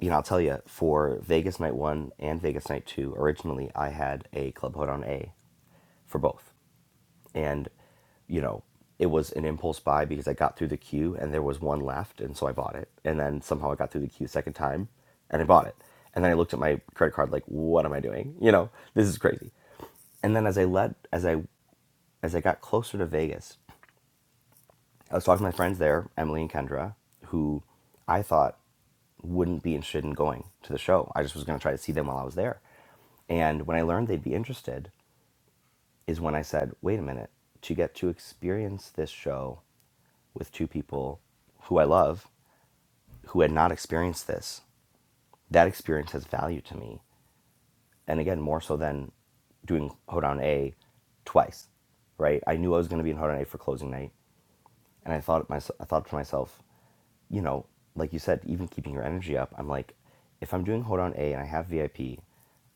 [SPEAKER 7] you know, I'll tell you for Vegas Night 1 and Vegas Night 2, originally I had a Club Hoedown A for both and you know it was an impulse buy because I got through the queue and there was one left and so I bought it and then somehow I got through the queue a second time and I bought it and then I looked at my credit card like what am I doing <laughs> you know this is crazy and then as I led as I as I got closer to Vegas I was talking to my friends there Emily and Kendra who I thought wouldn't be interested in going to the show I just was going to try to see them while I was there and when I learned they'd be interested is when I said, wait a minute, to get to experience this show with two people who I love who had not experienced this, that experience has value to me. And again, more so than doing Hoedown A twice, right? I knew I was going to be in Hoedown A for closing night. And I thought, my, I thought to myself, you know, like you said, even keeping your energy up, I'm like, if I'm doing Hold on A and I have VIP,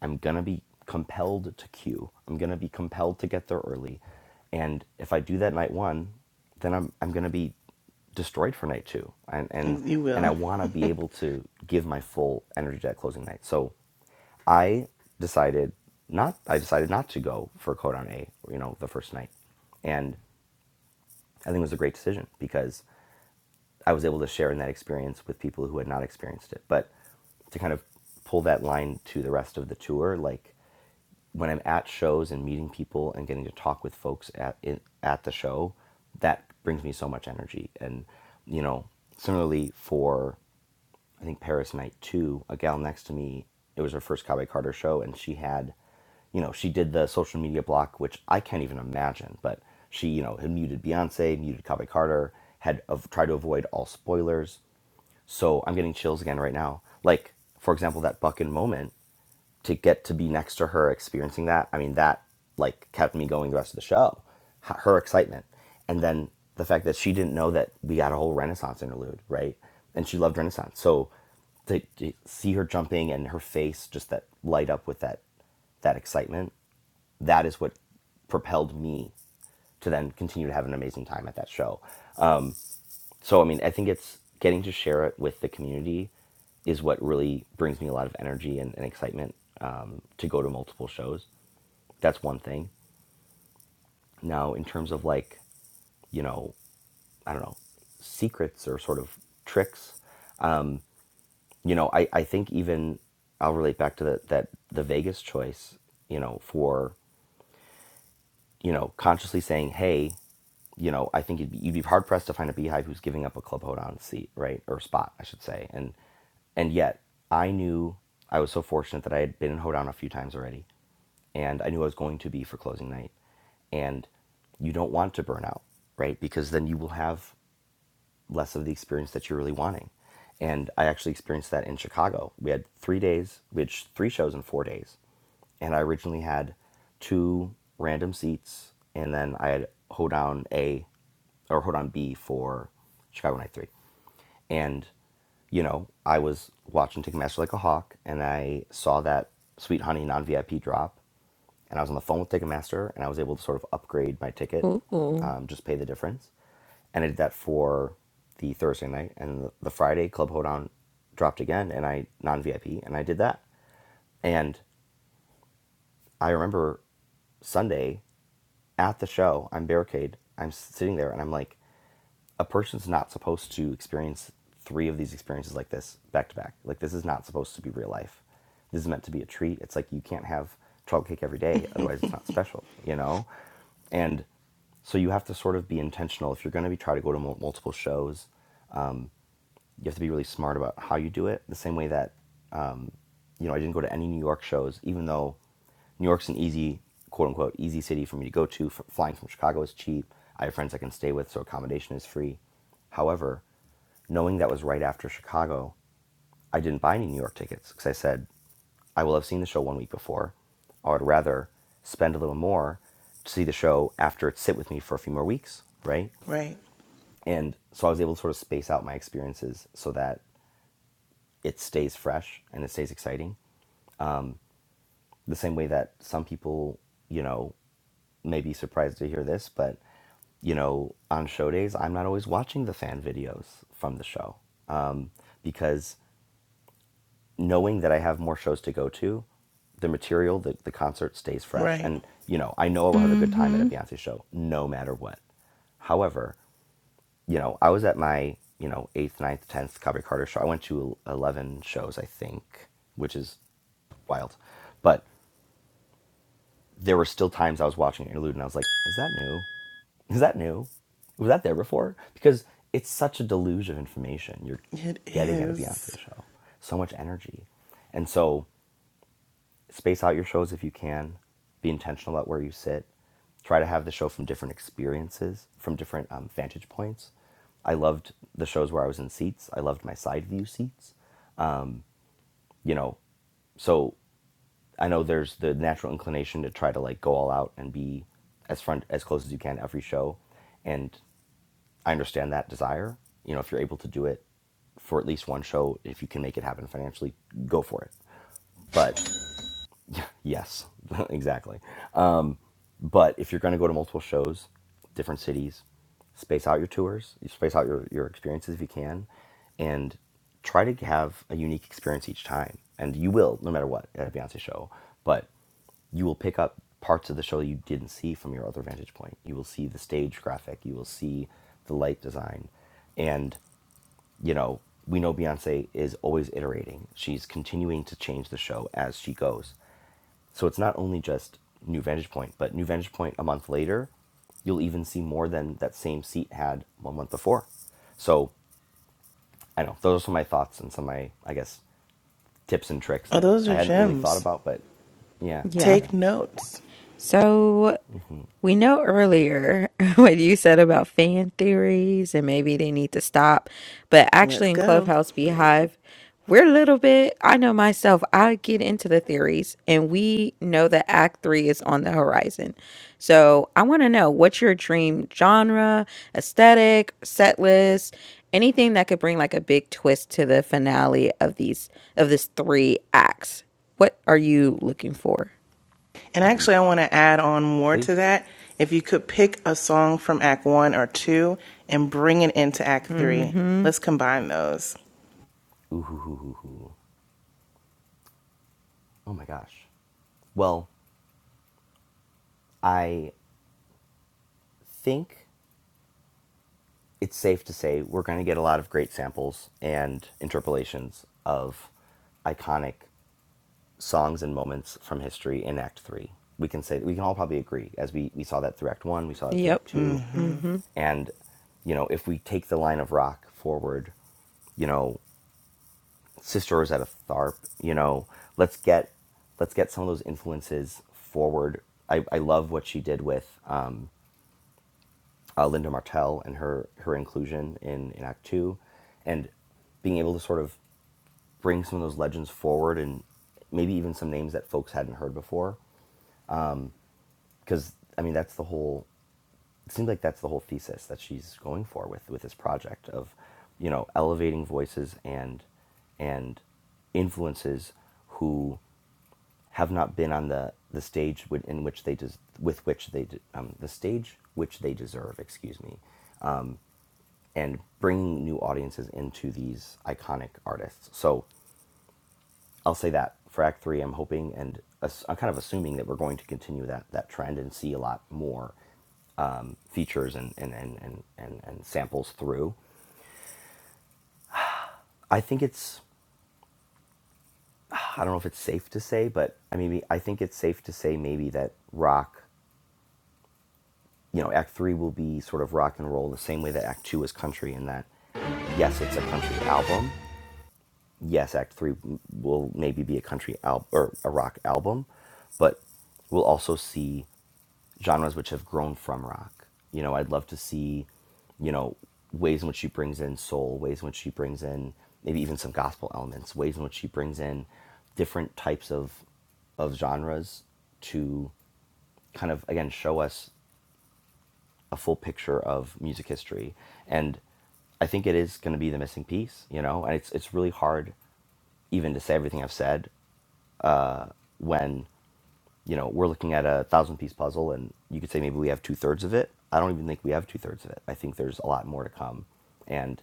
[SPEAKER 7] I'm going to be compelled to queue. I'm going to be compelled to get there early. And if I do that night one, then I'm, I'm going to be destroyed for night two. And, and,
[SPEAKER 1] You
[SPEAKER 7] and I
[SPEAKER 1] will.
[SPEAKER 7] want to be able to give my full energy to that closing night. So I decided not I decided not to go for Codon A, you know, the first night. And I think it was a great decision because I was able to share in that experience with people who had not experienced it. But to kind of pull that line to the rest of the tour, like when I'm at shows and meeting people and getting to talk with folks at in, at the show, that brings me so much energy. And you know, similarly for I think Paris night two, a gal next to me, it was her first Cowboy Carter show, and she had, you know, she did the social media block, which I can't even imagine, but she, you know, had muted Beyonce, muted Cowboy Carter, had of, tried to avoid all spoilers. So I'm getting chills again right now. Like, for example, that Buckin moment to get to be next to her experiencing that i mean that like kept me going the rest of the show her excitement and then the fact that she didn't know that we got a whole renaissance interlude right and she loved renaissance so to, to see her jumping and her face just that light up with that that excitement that is what propelled me to then continue to have an amazing time at that show so I mean, I think it's getting to share it with the community is what really brings me a lot of energy and, and excitement um, to go to multiple shows. That's one thing. Now, in terms of like, you know, I don't know, secrets or sort of tricks, you know, I, I think even I'll relate back to the, that the Vegas choice, you know, for you know, consciously saying, hey, you know, I think you'd be, you'd be hard pressed to find a beehive who's giving up a clubhouse seat, right, or spot, I should say. And and yet, I knew I was so fortunate that I had been in hoedown a few times already, and I knew I was going to be for closing night. And you don't want to burn out, right? Because then you will have less of the experience that you're really wanting. And I actually experienced that in Chicago. We had three days, we had three shows in four days. And I originally had two random seats, and then I had Hoedown A or Hoedown B for Chicago Night 3. And, you know, I was watching Ticketmaster like a hawk, and I saw that Sweet Honey non VIP drop and I was on the phone with Ticketmaster, and I was able to sort of upgrade my ticket,
[SPEAKER 5] Ooh.
[SPEAKER 7] um, just pay the difference, and I did that for the Thursday night, and the, the Friday Club Hold On dropped again, and I non VIP, and I did that, and I remember Sunday at the show, I'm barricade, I'm sitting there, and I'm like a person's not supposed to experience three of these experiences like this back to back. Like this is not supposed to be real life. This is meant to be a treat. It's like you can't have chocolate cake every day, otherwise it's not special, you know? And so you have to sort of be intentional if you're going to be try to go to multiple shows you have to be really smart about how you do it. The same way that, um, you know, I didn't go to any New York shows, even though New York's an easy, quote unquote, easy city for me to go to. F- flying from Chicago is cheap. I have friends I can stay with, so accommodation is free. However, knowing that was right after Chicago, I didn't buy any New York tickets because I said, I will have seen the show one week before. I would rather spend a little more to see the show after it sit with me for a few more weeks, right?
[SPEAKER 1] Right.
[SPEAKER 7] And so I was able to sort of space out my experiences so that it stays fresh and it stays exciting. The same way that some people, you know, may be surprised to hear this, but you know, on show days, I'm not always watching the fan videos from the show um, because knowing that I have more shows to go to, the material, the, the concert stays fresh.
[SPEAKER 1] Right.
[SPEAKER 7] And, you know, I know I will have a good time at a
[SPEAKER 3] hmm
[SPEAKER 7] Beyonce show no matter what. However, you know, I was at my, you know, eighth, ninth, tenth Copy Carter show. I went to 11 shows, I think, which is wild. But there were still times I was watching an interlude and I was like, is that new? Is that new? Was that there before? Because it's such a deluge of information you're
[SPEAKER 1] It
[SPEAKER 7] getting at a
[SPEAKER 1] is.
[SPEAKER 7] Beyonce show. So much energy. And so space out your shows if you can be intentional about where you sit try to have the show from different experiences from different um, vantage points i loved the shows where i was in seats i loved my side view seats you know so i know there's the natural inclination to try to like go all out and be as front as close as you can every show and i understand that desire you know if you're able to do it for at least one show if you can make it happen financially go for it but Yes, <laughs> exactly. Um, but if you're going to go to multiple shows, different cities, space out your tours, you space out your, your experiences if you can, and try to have a unique experience each time. And you will, no matter what, at a Beyonce show. But you will pick up parts of the show you didn't see from your other vantage point. You will see the stage graphic, you will see the light design. And, you know, we know Beyonce is always iterating. She's continuing to change the show as she goes. So it's not only just New Vantage Point, but New Vantage Point a month later, you'll even see more than that same seat had one month before. So I know those are some of my thoughts and some of my, I guess, tips and tricks
[SPEAKER 1] Oh,
[SPEAKER 7] that
[SPEAKER 1] those
[SPEAKER 7] I
[SPEAKER 1] are
[SPEAKER 7] hadn't really thought
[SPEAKER 1] gems.
[SPEAKER 7] about, but yeah, yeah.
[SPEAKER 5] Yeah.
[SPEAKER 1] Take
[SPEAKER 7] yeah.
[SPEAKER 1] notes.
[SPEAKER 5] So We know earlier <laughs> what you said about fan theories and maybe they need to stop, but
[SPEAKER 1] Let's
[SPEAKER 5] actually in
[SPEAKER 1] go.
[SPEAKER 5] Clubhouse Beehive, we're a little bit, I know myself, I get into the theories and we know that Act 3 is on the horizon. So I want to know what's your dream genre, aesthetic, set list, anything that could bring like a big twist to the finale of these, of this three acts. What are you looking for?
[SPEAKER 1] And
[SPEAKER 7] Oof.
[SPEAKER 1] actually, I want to add on more
[SPEAKER 7] Please.
[SPEAKER 1] to that. If you could pick a song from Act One or Two and bring it into Act Three,
[SPEAKER 5] Mm-hmm.
[SPEAKER 1] let's combine those.
[SPEAKER 7] Ooh, hoo, hoo, hoo, hoo. Oh my gosh. Well, I think it's safe to say we're going to get a lot of great samples and interpolations of iconic songs and moments from history in Act Three. We can say we can all probably agree, as we we saw that through Act One, we saw that through Act
[SPEAKER 5] Yep.
[SPEAKER 7] Two,
[SPEAKER 1] Mm-hmm.
[SPEAKER 5] Mm-hmm.
[SPEAKER 7] and you know if we take the line of rock forward, you know Sister Rosetta Tharp, you know let's get let's get some of those influences forward. I, I love what she did with um, uh, Linda Martell and her her inclusion in in Act Two, and being able to sort of bring some of those legends forward and maybe even some names that folks hadn't heard before because I mean that's the whole. It seems like that's the whole thesis that she's going for with with this project of, you know, elevating voices and and influences who have not been on the the stage in which they des- with which they de- um, the stage which they deserve. Excuse me, and bringing new audiences into these iconic artists. So I'll say that for Act Three, I'm hoping and ass- I'm kind of assuming that we're going to continue that that trend and see a lot more um, features and and, and and and and samples through. I think it's I don't know if it's safe to say, but I mean I think it's safe to say maybe that rock, you know, Act Three will be sort of rock and roll the same way that Act Two is country in that yes, it's a country album, yes, Act Three will maybe be a country album or a rock album, but we'll also see genres which have grown from rock. You know, I'd love to see, you know, ways in which she brings in soul, ways in which she brings in maybe even some gospel elements, ways in which she brings in different types of of genres to kind of again show us a full picture of music history and i think it is going to be the missing piece you know and it's it's really hard even to say everything I've said, uh, when you know we're looking at a thousand piece puzzle, and you could say maybe we have two thirds of it. I don't even think we have two thirds of it. I think there's a lot more to come, and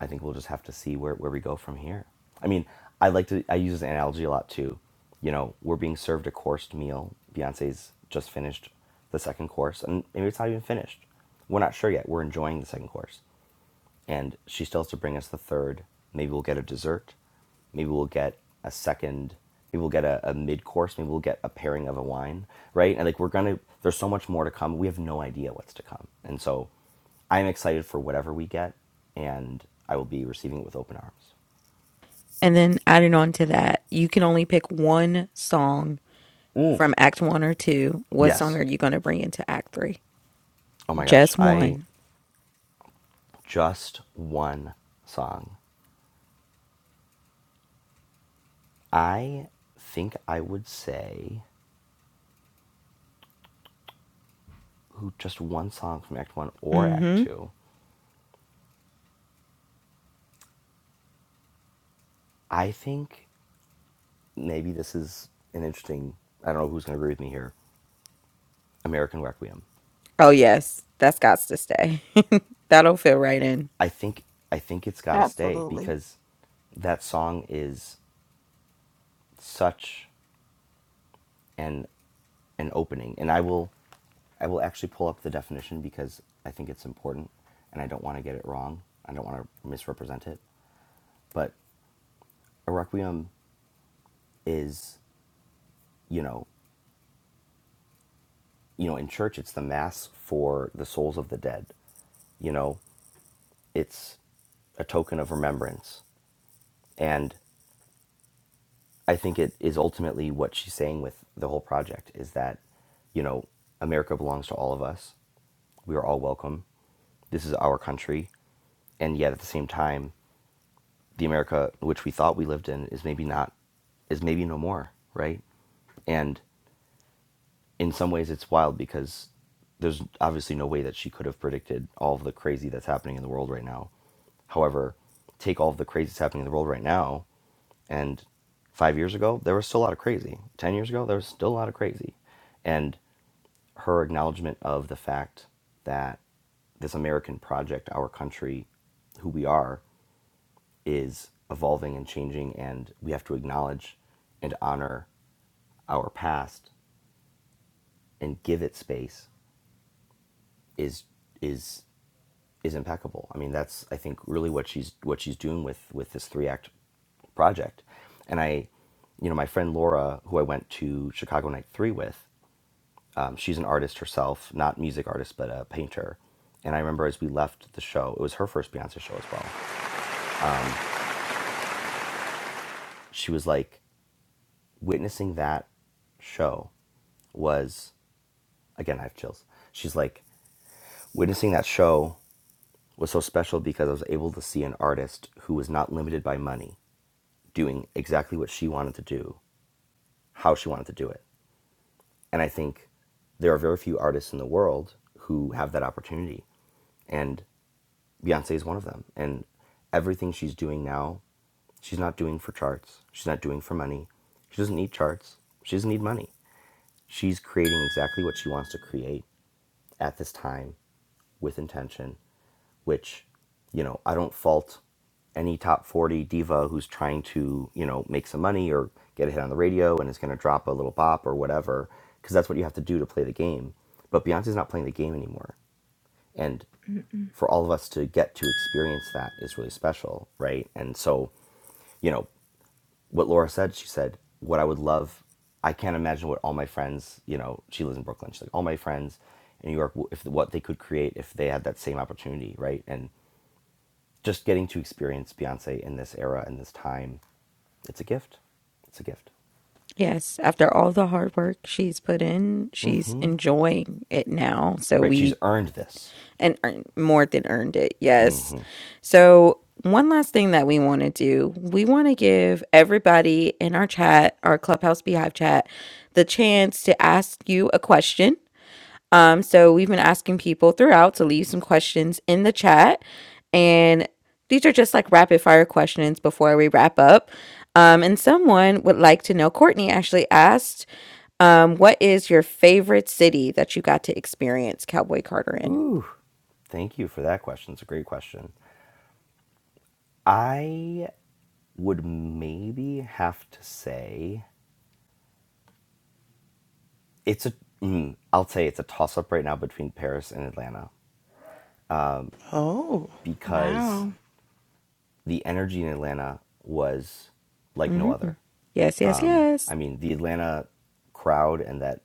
[SPEAKER 7] I think we'll just have to see where where we go from here. I mean, I like to I use this analogy a lot too. You know, we're being served a coursed meal. Beyonce's just finished the second course, and maybe it's not even finished. We're not sure yet. We're enjoying the second course and she still has to bring us the third. Maybe we'll get a dessert. Maybe we'll get a second. Maybe we'll get a, a mid course. Maybe we'll get a pairing of a wine, right? And like we're gonna, there's so much more to come. We have no idea what's to come, and so I'm excited for whatever we get, and I will be receiving it with open arms.
[SPEAKER 5] And then adding on to that, you can only pick one song
[SPEAKER 7] Mm.
[SPEAKER 5] from Act One or Two. What song
[SPEAKER 7] Yes.
[SPEAKER 5] are you going to bring into Act Three?
[SPEAKER 7] Oh my gosh,
[SPEAKER 5] Just
[SPEAKER 7] I
[SPEAKER 5] one.
[SPEAKER 7] just one song. I think I would say ooh, just one song from Act One or Act
[SPEAKER 5] Mm-hmm.
[SPEAKER 7] Two. I think maybe this is an interesting i don't know who's going to agree with me here american requiem
[SPEAKER 5] Oh yes, that's got to stay. <laughs> That'll fit right in.
[SPEAKER 7] i think i think it's got to stay
[SPEAKER 3] Absolutely.
[SPEAKER 7] because that song is such an an opening and i will i will actually pull up the definition because i think it's important and i don't want to get it wrong i don't want to misrepresent it but a requiem is you know you know in church it's the mass for the souls of the dead you know it's a token of remembrance and i think it is ultimately what she's saying with the whole project is that you know america belongs to all of us we are all welcome this is our country and yet at the same time the america which we thought we lived in is maybe not is maybe no more right and in some ways it's wild because there's obviously no way that she could have predicted all of the crazy that's happening in the world right now. However, take all of the crazy that's happening in the world right now, and five years ago there was still a lot of crazy. Ten years ago there was still a lot of crazy, and her acknowledgement of the fact that this American project, our country, who we are, is evolving and changing, and we have to acknowledge and honor our past and give it space is is is impeccable. I mean, that's I think really what she's what she's doing with with this three act project. And I, you know, my friend Laura, who I went to Chicago Night Three with, um, she's an artist herself, not music artist, but a painter. And I remember as we left the show, it was her first Beyonce show as well. She was like, witnessing that show was again, I have chills. She's like, witnessing that show was so special because I was able to see an artist who was not limited by money doing exactly what she wanted to do, how she wanted to do it. And I think there are very few artists in the world who have that opportunity. And Beyonce is one of them. And everything she's doing now, she's not doing for charts. She's not doing for money. She doesn't need charts. She doesn't need money. She's creating exactly what she wants to create at this time with intention, which, you know, I don't fault any top 40 diva who's trying to, you know, make some money or get a hit on the radio and is going to drop a little bop or whatever, because that's what you have to do to play the game. But Beyonce's not playing the game anymore. And for all of us to get to experience that is really special, right? And so, you know, what Laura said, she said, what I would love, I can't imagine what all my friends, you know, she lives in Brooklyn. She's like, all my friends in New York, if what they could create if they had that same opportunity, right? And just getting to experience Beyonce in this era and this time, it's a gift. It's a gift,
[SPEAKER 5] Yes, after all the hard work she's put in, she's
[SPEAKER 7] Mm-hmm.
[SPEAKER 5] enjoying it now. So
[SPEAKER 7] right?
[SPEAKER 5] we
[SPEAKER 7] She's earned this.
[SPEAKER 5] and earn more than earned it. Yes.
[SPEAKER 7] Mm-hmm.
[SPEAKER 5] So, one last thing that we want to do, we want to give everybody in our chat, our Clubhouse Beehive chat, the chance to ask you a question. Um, so we've been asking people throughout to leave some questions in the chat, and these are just like rapid fire questions before we wrap up. Um, and someone would like to know. Courtney actually asked, um, "What is your favorite city that you got to experience Cowboy Carter in?"
[SPEAKER 7] Ooh, thank you for that question. It's a great question. I would maybe have to say it's a. Mm, I'll say it's a toss up right now between Paris and Atlanta. Um."
[SPEAKER 1] Oh,
[SPEAKER 7] because
[SPEAKER 3] Wow.
[SPEAKER 7] the energy in Atlanta was like no
[SPEAKER 5] Mm-hmm.
[SPEAKER 7] other.
[SPEAKER 5] Yes, yes, yes.
[SPEAKER 7] I mean, the Atlanta crowd and that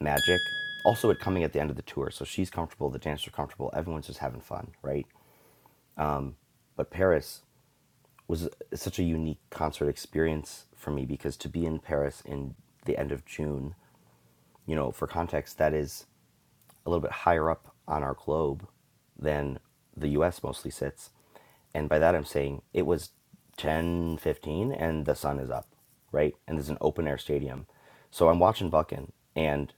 [SPEAKER 7] magic. Also, it coming at the end of the tour, so she's comfortable, the dancers are comfortable, everyone's just having fun, right? But Paris was such a unique concert experience for me because to be in Paris in the end of June, you know, for context, that is a little bit higher up on our globe than the US mostly sits. And by that, I'm saying it was 10 15, and the sun is up, right? And there's an open air stadium. So I'm watching Buckin, and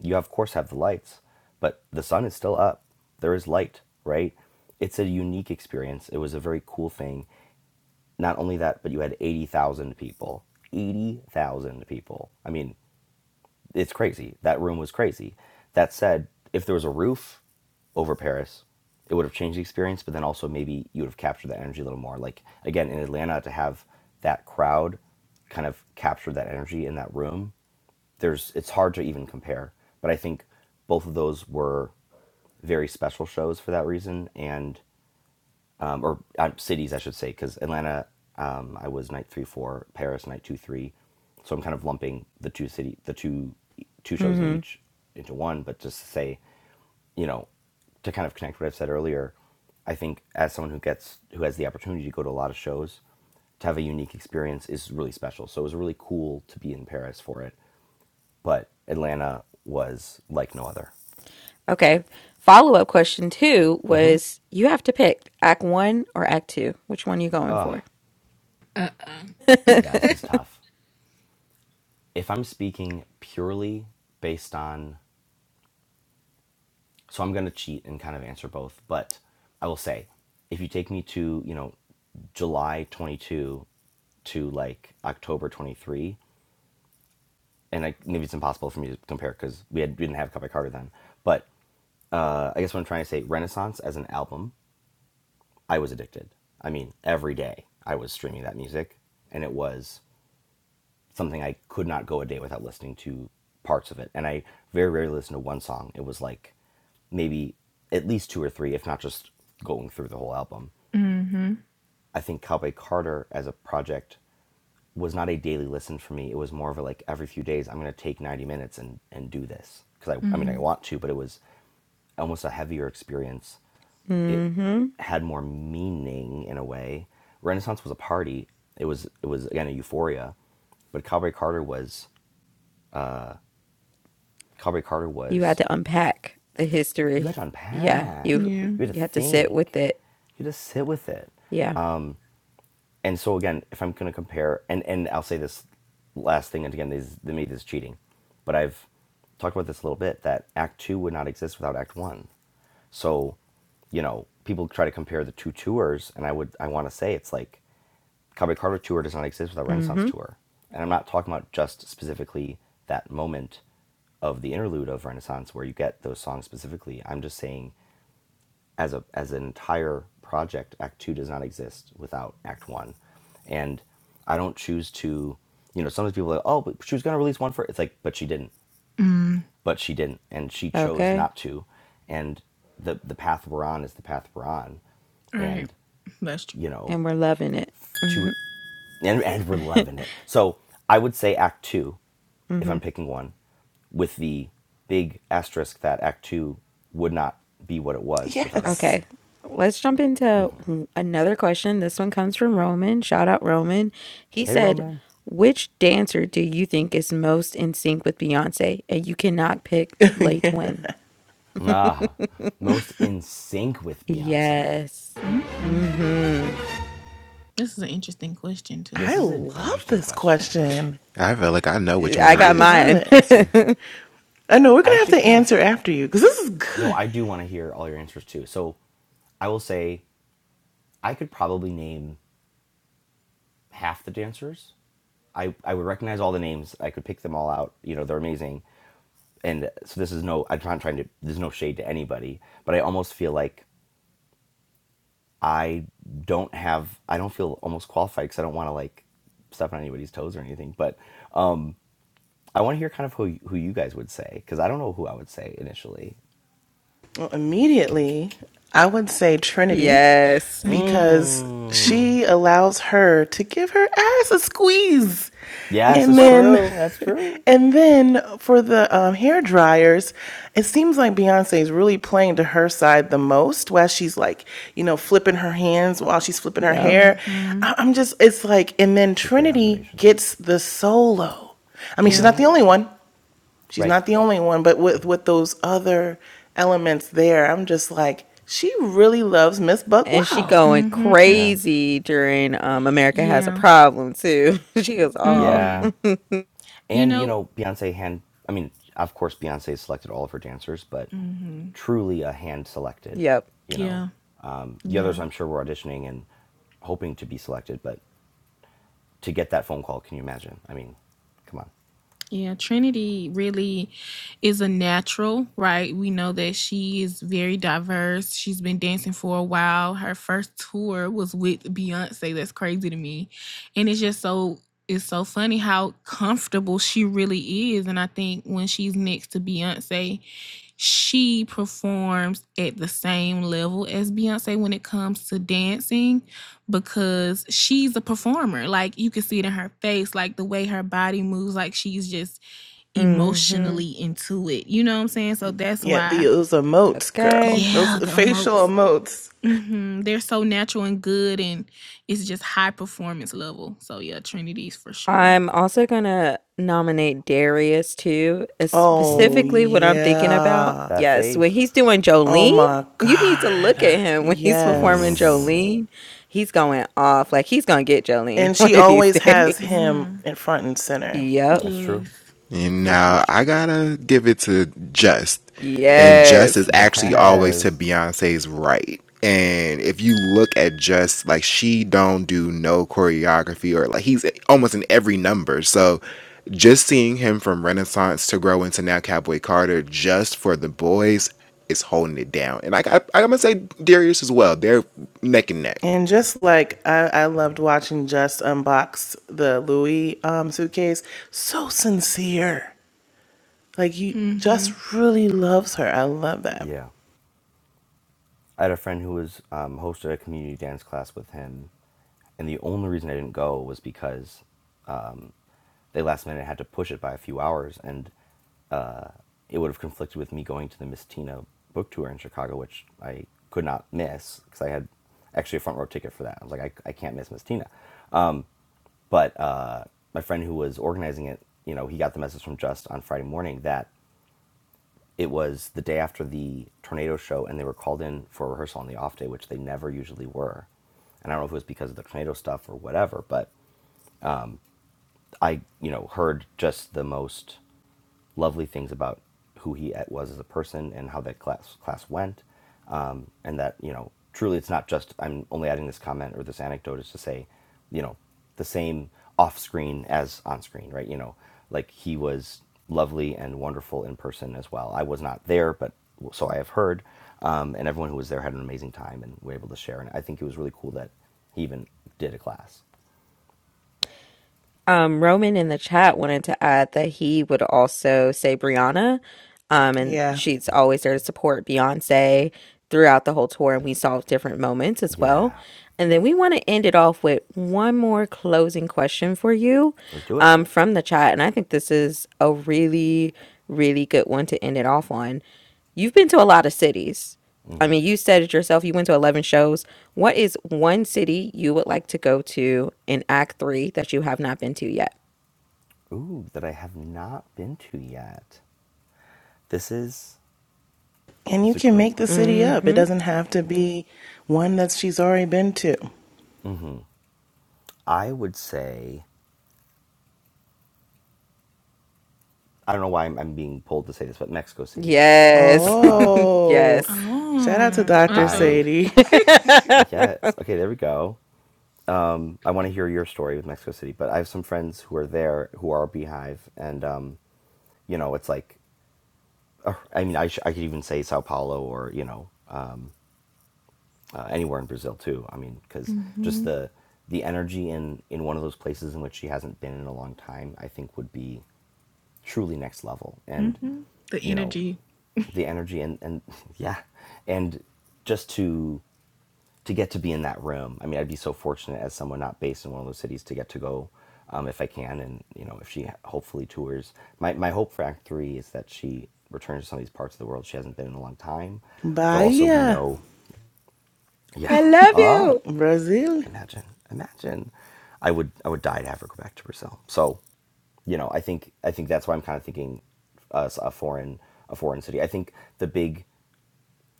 [SPEAKER 7] you, of course, have the lights, but the sun is still up. There is light, right? It's a unique experience. It was a very cool thing. Not only that, but you had 80,000 people. 80,000 people. I mean, it's crazy. That room was crazy. That said, if there was a roof over Paris, it would have changed the experience, but then also maybe you would have captured that energy a little more. Like, again, in Atlanta, to have that crowd kind of capture that energy in that room, there's it's hard to even compare. But I think both of those were very special shows for that reason. And um, or uh, cities, I should say, because Atlanta, um, I was night three four, Paris night two three, so I'm kind of lumping the two city, the two two shows in
[SPEAKER 5] Mm-hmm.
[SPEAKER 7] each into one. But just to say, you know, to kind of connect what I've said earlier, I think as someone who gets who has the opportunity to go to a lot of shows, to have a unique experience is really special. So it was really cool to be in Paris for it, but Atlanta was like no other.
[SPEAKER 5] Okay. Follow up question two was you have to pick act one or act two. Which one you going
[SPEAKER 7] Ugh,
[SPEAKER 5] for? <laughs>
[SPEAKER 7] yeah, this is tough. If I'm speaking purely based on So I'm going to cheat and kind of answer both. But I will say, if you take me to, you know, July 22 to like October 23, and I, maybe it's impossible for me to compare because we, had, we didn't have Cowboy Carter then. But uh, I guess what I'm trying to say, Renaissance as an album, I was addicted. I mean, every day I was streaming that music, and it was something I could not go a day without listening to parts of it. And I very rarely listened to one song. It was like maybe at least two or three, if not just going through the whole album.
[SPEAKER 3] Mm-hmm.
[SPEAKER 7] I think Cowboy Carter as a project was not a daily listen for me. It was more of a like every few days, I'm going to take 90 minutes and, and do this. Because I, I mean, I
[SPEAKER 3] Mm-hmm.
[SPEAKER 7] want to, but it was almost a heavier experience. It
[SPEAKER 5] mm-hmm.
[SPEAKER 7] had more meaning in a way. Renaissance was a party. It was, it was again, a euphoria. But Cowboy Carter was Carberry Carter
[SPEAKER 5] You had
[SPEAKER 7] was
[SPEAKER 5] to unpack the
[SPEAKER 7] you had
[SPEAKER 5] history.
[SPEAKER 7] to
[SPEAKER 5] Yeah.
[SPEAKER 7] unpack,
[SPEAKER 5] You
[SPEAKER 3] Yeah.
[SPEAKER 7] you had
[SPEAKER 5] you
[SPEAKER 7] to
[SPEAKER 5] had to sit with
[SPEAKER 7] think,
[SPEAKER 5] it.
[SPEAKER 7] you had to sit with it
[SPEAKER 5] Yeah.
[SPEAKER 7] and so again, if I'm going to compare, and and I'll say this last thing, and again, these the meat is cheating, but I've talked about this a little bit that Act Two would not exist without Act One. So, you know, people try to compare the two tours, and I would I want to say it's like Cowboy Carter tour does not exist without Renaissance
[SPEAKER 5] Mm-hmm.
[SPEAKER 7] tour, and I'm not talking about just specifically that moment of the interlude of Renaissance where you get those songs specifically. I'm just saying as a as an entire project act 2 does not exist without act 1 and i don't choose to you know sometimes people are like oh but she was going to release one for it's like but she didn't
[SPEAKER 3] Mm.
[SPEAKER 7] but she didn't and she chose
[SPEAKER 5] Okay.
[SPEAKER 7] not to and the the path we're on is the path we're on
[SPEAKER 3] All right.
[SPEAKER 7] and
[SPEAKER 3] That's
[SPEAKER 7] you know
[SPEAKER 5] And we're loving it. Mm-hmm.
[SPEAKER 7] to and, and we're loving it so i would say act 2
[SPEAKER 5] Mm-hmm.
[SPEAKER 7] if i'm picking one with the big asterisk that act 2 would not be what it was without act 1
[SPEAKER 1] yes.
[SPEAKER 5] Okay,
[SPEAKER 1] <laughs>
[SPEAKER 5] let's jump into w- another question. This one comes from Roman. Shout out Roman. He
[SPEAKER 7] hey
[SPEAKER 5] said,
[SPEAKER 7] roman
[SPEAKER 5] Which dancer do you think is most in sync with Beyonce? And you cannot pick Lay
[SPEAKER 1] Yeah.
[SPEAKER 5] Twin.
[SPEAKER 7] Ah,
[SPEAKER 5] <laughs>
[SPEAKER 7] most in sync with Beyonce.
[SPEAKER 5] Yes.
[SPEAKER 3] mm-hmm.
[SPEAKER 5] Mm-hmm.
[SPEAKER 3] This is an interesting question too.
[SPEAKER 7] This
[SPEAKER 1] I
[SPEAKER 7] is an
[SPEAKER 1] love
[SPEAKER 7] interesting
[SPEAKER 1] this
[SPEAKER 7] question.
[SPEAKER 1] question.
[SPEAKER 4] I feel like I know which one
[SPEAKER 5] I
[SPEAKER 4] it
[SPEAKER 1] I
[SPEAKER 5] got
[SPEAKER 4] is,
[SPEAKER 1] love
[SPEAKER 4] but
[SPEAKER 5] mine.
[SPEAKER 1] it.
[SPEAKER 4] let's see.
[SPEAKER 5] <laughs>
[SPEAKER 1] I know we're
[SPEAKER 7] I
[SPEAKER 1] going to
[SPEAKER 7] actually
[SPEAKER 1] have to
[SPEAKER 7] kind of
[SPEAKER 1] answer after you because this is
[SPEAKER 7] no,
[SPEAKER 1] good.
[SPEAKER 7] I do want to hear all your answers too. So, I will say I could probably name half the dancers. I I would recognize all the names. I could pick them all out. You know, they're amazing. And so this is no I'm not trying to there's no shade to anybody, but I almost feel like I don't have I don't feel almost qualified cuz I don't want to like step on anybody's toes or anything, but um, I want to hear kind of who who you guys would say because I don't know who I would say initially.
[SPEAKER 1] Well, immediately, I would say Trinity
[SPEAKER 5] Yes.
[SPEAKER 3] Same. <laughs>
[SPEAKER 1] because
[SPEAKER 7] Mm.
[SPEAKER 1] she allows her to give her ass a squeeze.
[SPEAKER 7] Yes,
[SPEAKER 1] And
[SPEAKER 7] that's
[SPEAKER 1] then,
[SPEAKER 7] true. That's true.
[SPEAKER 1] <laughs> and then for the um, hair dryers, it seems like Beyonce is really playing to her side the most, while she's like, you know, flipping her hands while she's flipping her
[SPEAKER 5] Yep.
[SPEAKER 1] hair.
[SPEAKER 3] Mm-hmm.
[SPEAKER 1] I- I'm just, it's like, and then
[SPEAKER 7] These are great
[SPEAKER 1] Trinity
[SPEAKER 7] observations.
[SPEAKER 1] gets the solo. I mean, she's
[SPEAKER 3] Yep.
[SPEAKER 1] not the only one. She's
[SPEAKER 7] Right.
[SPEAKER 1] not the only one, but with with those other elements there, I'm just like, she really loves Miss Buck
[SPEAKER 5] And she
[SPEAKER 1] Wow.
[SPEAKER 5] going
[SPEAKER 3] Mm-hmm. And
[SPEAKER 7] Yeah.
[SPEAKER 5] crazy during um America Has a
[SPEAKER 3] yeah.
[SPEAKER 5] Problem too. <laughs> she was off.
[SPEAKER 3] Mm-hmm.
[SPEAKER 7] Yeah.
[SPEAKER 5] <laughs>
[SPEAKER 3] You
[SPEAKER 7] And you
[SPEAKER 3] know.
[SPEAKER 7] know, Beyonce hand. I mean, of course, Beyonce selected all of her dancers, but
[SPEAKER 3] Mm-hmm.
[SPEAKER 7] truly a hand selected.
[SPEAKER 5] Yep.
[SPEAKER 7] You know,
[SPEAKER 3] Yeah.
[SPEAKER 7] um, the others
[SPEAKER 3] Yeah.
[SPEAKER 7] I'm sure were auditioning and hoping to be selected, but to get that phone call, can you imagine? I mean, come on,
[SPEAKER 3] Yeah, Trinity really is a natural, right? We know that she is very diverse. She's been dancing for a while. Her first tour was with Beyonce. That's crazy to me. And it's just so it's so funny how comfortable she really is. And I think when she's next to Beyonce, she performs at the same level as Beyonce when it comes to dancing because she's a performer. Like you can see it in her face, like the way her body moves, like she's just
[SPEAKER 5] Mm-hmm.
[SPEAKER 3] emotionally into it. You know what I'm saying? So that's
[SPEAKER 1] Yet
[SPEAKER 3] why,
[SPEAKER 1] yeah, those emotes,
[SPEAKER 5] Okay.
[SPEAKER 1] girl, those
[SPEAKER 3] yeah, the
[SPEAKER 1] facial
[SPEAKER 3] emotes.
[SPEAKER 1] emotes.
[SPEAKER 3] hmm They're so natural and good, and it's just high performance level. So yeah, Trinity's for sure.
[SPEAKER 5] I'm also gonna nominate Darius too, uh,
[SPEAKER 1] Oh
[SPEAKER 7] Mm,
[SPEAKER 5] specifically what I'm thinking about.
[SPEAKER 1] yeah.
[SPEAKER 7] that
[SPEAKER 5] Yes, when
[SPEAKER 7] face.
[SPEAKER 5] he's doing
[SPEAKER 1] Oh
[SPEAKER 5] Jolene,
[SPEAKER 1] my
[SPEAKER 5] you need to look at
[SPEAKER 1] God.
[SPEAKER 5] him when he's performing
[SPEAKER 1] Yes.
[SPEAKER 7] Mm-hmm.
[SPEAKER 5] Jolene. He's going off like he's gonna get Jolene <laughs>
[SPEAKER 1] And
[SPEAKER 5] one
[SPEAKER 1] she
[SPEAKER 5] of these
[SPEAKER 1] always has
[SPEAKER 5] days. <laughs>
[SPEAKER 1] him
[SPEAKER 3] hmm
[SPEAKER 1] in front and center.
[SPEAKER 5] Yep.
[SPEAKER 7] That's true.
[SPEAKER 3] Yes,
[SPEAKER 7] It's
[SPEAKER 4] And
[SPEAKER 7] very true.
[SPEAKER 4] now
[SPEAKER 3] that's
[SPEAKER 4] I
[SPEAKER 3] true.
[SPEAKER 4] gotta give it to Just. And Just
[SPEAKER 5] Yes.
[SPEAKER 4] is actually always to
[SPEAKER 7] Yes.
[SPEAKER 4] Beyonce's right. And if you look at Just, like she don't do no choreography or like he's almost in every number. So just seeing him from Renaissance to grow into now Cowboy Carter, just for the boys, is holding it down. And like, I got, I'm gonna say Darius as well. They're neck and neck.
[SPEAKER 1] And just like I, I loved watching Just unbox the Louis um, suitcase, so sincere. Like you
[SPEAKER 3] hmm
[SPEAKER 1] just really loves her. I love that.
[SPEAKER 7] Yeah. I had a friend who was um, hosted a community dance class with him, and the only reason I didn't go was because um, they last minute had to push it by a few hours, and uh, it would have conflicted with me going to the Miss Tina book tour in Chicago, which I could not miss because I had actually a front row ticket for that. I was like, I, I can't miss Miss Tina. But uh, my friend who was organizing it, you know, he got the message from Just on Friday morning that it was the day after the tornado show and they were called in for rehearsal on the off day which they never usually were and i don't know if it was because of the tornado stuff or whatever but i you know heard just the most lovely things about who he was as a person and how that class class went and that you know truly it's not just i'm only adding this comment or this anecdote is to say you know the same off screen as on screen right you know like he was lovely and wonderful in person as well i was not there but so i have heard um, and everyone who was there had an amazing time and were able to share and i think it was really cool that he even did a class
[SPEAKER 5] Um, Roman in the chat wanted to add that he would also say Brianna. Um, and
[SPEAKER 1] Yeah.
[SPEAKER 5] she's always there to support Beyonce throughout the whole tour, and we saw different moments as well.
[SPEAKER 7] yeah
[SPEAKER 5] And then we want to end it off with one more closing question for you
[SPEAKER 7] let's do it
[SPEAKER 5] um, from the chat. And I think this is a really, really good one to end it off on. You've been to a lot of cities. I mean, you said it yourself, you went to 11 shows. What is one city you would like to go to in Act Three that you have not been to yet?
[SPEAKER 7] ooh that i have not been to yet this is
[SPEAKER 1] And
[SPEAKER 7] this
[SPEAKER 1] you
[SPEAKER 7] is a
[SPEAKER 1] can
[SPEAKER 7] great
[SPEAKER 1] make the
[SPEAKER 7] question
[SPEAKER 1] city up. It
[SPEAKER 5] hmm
[SPEAKER 1] doesn't have to be one that she's already been to.
[SPEAKER 7] i would say I don't know why I'm, I'm being pulled to say this, but Mexico City.
[SPEAKER 5] Yes. <laughs>
[SPEAKER 1] Oh.
[SPEAKER 5] yes.
[SPEAKER 1] Shout out to
[SPEAKER 3] Oh, uh
[SPEAKER 1] Dr.
[SPEAKER 3] oh.
[SPEAKER 7] I,
[SPEAKER 1] Sadie.
[SPEAKER 5] <laughs>
[SPEAKER 7] yes. Okay, there we go. I want to hear your story with Mexico City, but I have some friends who are there who are Beehive, and, um, you know, it's like, uh, I mean, I, sh- I could even say Sao Paulo or, you know, uh, uh, anywhere in Brazil too. I mean, because just
[SPEAKER 3] hmm
[SPEAKER 7] the, the energy in, in one of those places in which she hasn't been in a long time, I think would be truly next level. And,
[SPEAKER 3] hmm The
[SPEAKER 7] you know,
[SPEAKER 3] energy.
[SPEAKER 7] the energy and, and <laughs> yeah and just to to get to be in that room. I mean, I'd be so fortunate as someone not based in one of those cities to get to go um, if I can, and you know, if she hopefully tours. My my hope for Act Three is that she returns to some of these parts of the world she hasn't been in a long time.
[SPEAKER 1] <laughs>
[SPEAKER 7] Though also we
[SPEAKER 1] Bahia,
[SPEAKER 7] know, yeah,
[SPEAKER 5] I
[SPEAKER 7] uh,
[SPEAKER 5] love
[SPEAKER 3] <laughs>
[SPEAKER 5] you.
[SPEAKER 1] Brazil.
[SPEAKER 7] imagine, imagine, I would I would die to have her go back to Brazil. So, you know, I think I think that's why I'm kind of thinking us a foreign a foreign city. I think the big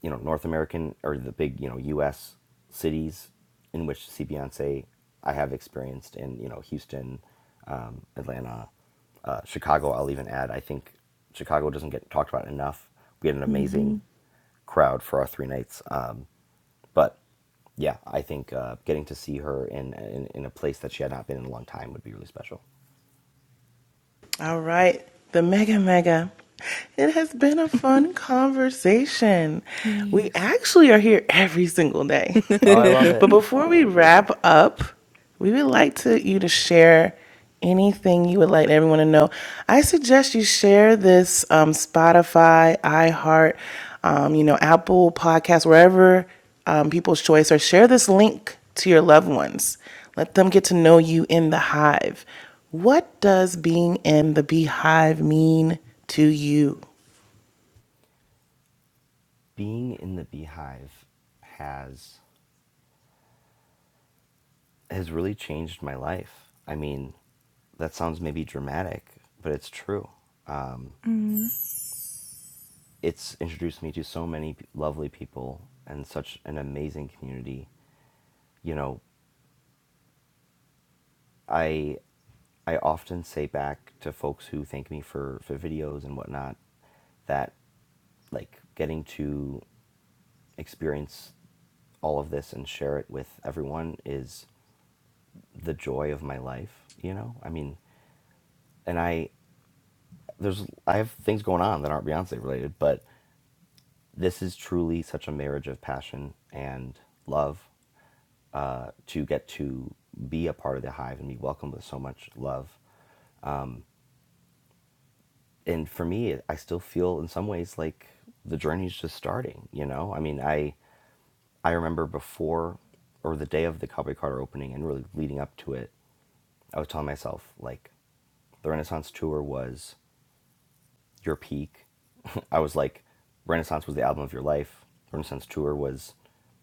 [SPEAKER 7] you know North American or the big you know U.S. cities in which to see Beyonce. I have experienced in you know Houston, um, Atlanta, uh, Chicago. I'll even add. I think Chicago doesn't get talked about enough. We had an
[SPEAKER 3] hmm
[SPEAKER 7] amazing crowd for our three nights, um, but yeah, I think uh, getting to see her in, in in a place that she had not been in a long time would be really special.
[SPEAKER 1] All right, the mega mega. It has been a fun conversation. We
[SPEAKER 3] Yes.
[SPEAKER 1] actually are here every single day.
[SPEAKER 7] Oh,
[SPEAKER 1] <laughs>
[SPEAKER 7] I love
[SPEAKER 5] <laughs>
[SPEAKER 7] it.
[SPEAKER 1] but before we wrap up, we would like to you to share anything you would like everyone to know. I suggest you share this um, Spotify, iHeart, um, you know, Apple Podcast, wherever um, people's choice, or share this link to your loved ones. Let them get to know you in the hive. What does being in the beehive mean to you?
[SPEAKER 7] Being in the Beehive has has really changed my life. I mean, that sounds maybe dramatic, but it's true.
[SPEAKER 3] hmm
[SPEAKER 7] It's introduced me to so many p- lovely people and such an amazing community. You know, I I often say back to folks who thank me for for videos and whatnot that like getting to experience all of this and share it with everyone is the joy of my life, you know? I mean, and I there's I have things going on that aren't Beyonce related, but this is truly such a marriage of passion and love uh, to get to be a part of the hive and be welcomed with so much love. And for me, I still feel in some ways like the journey's just starting. You know, I mean, I I remember before or the day of the Cowboy Carter opening and really leading up to it, I was telling myself like the Renaissance tour was your peak. <laughs> I was like, Renaissance was the album of your life. Renaissance tour was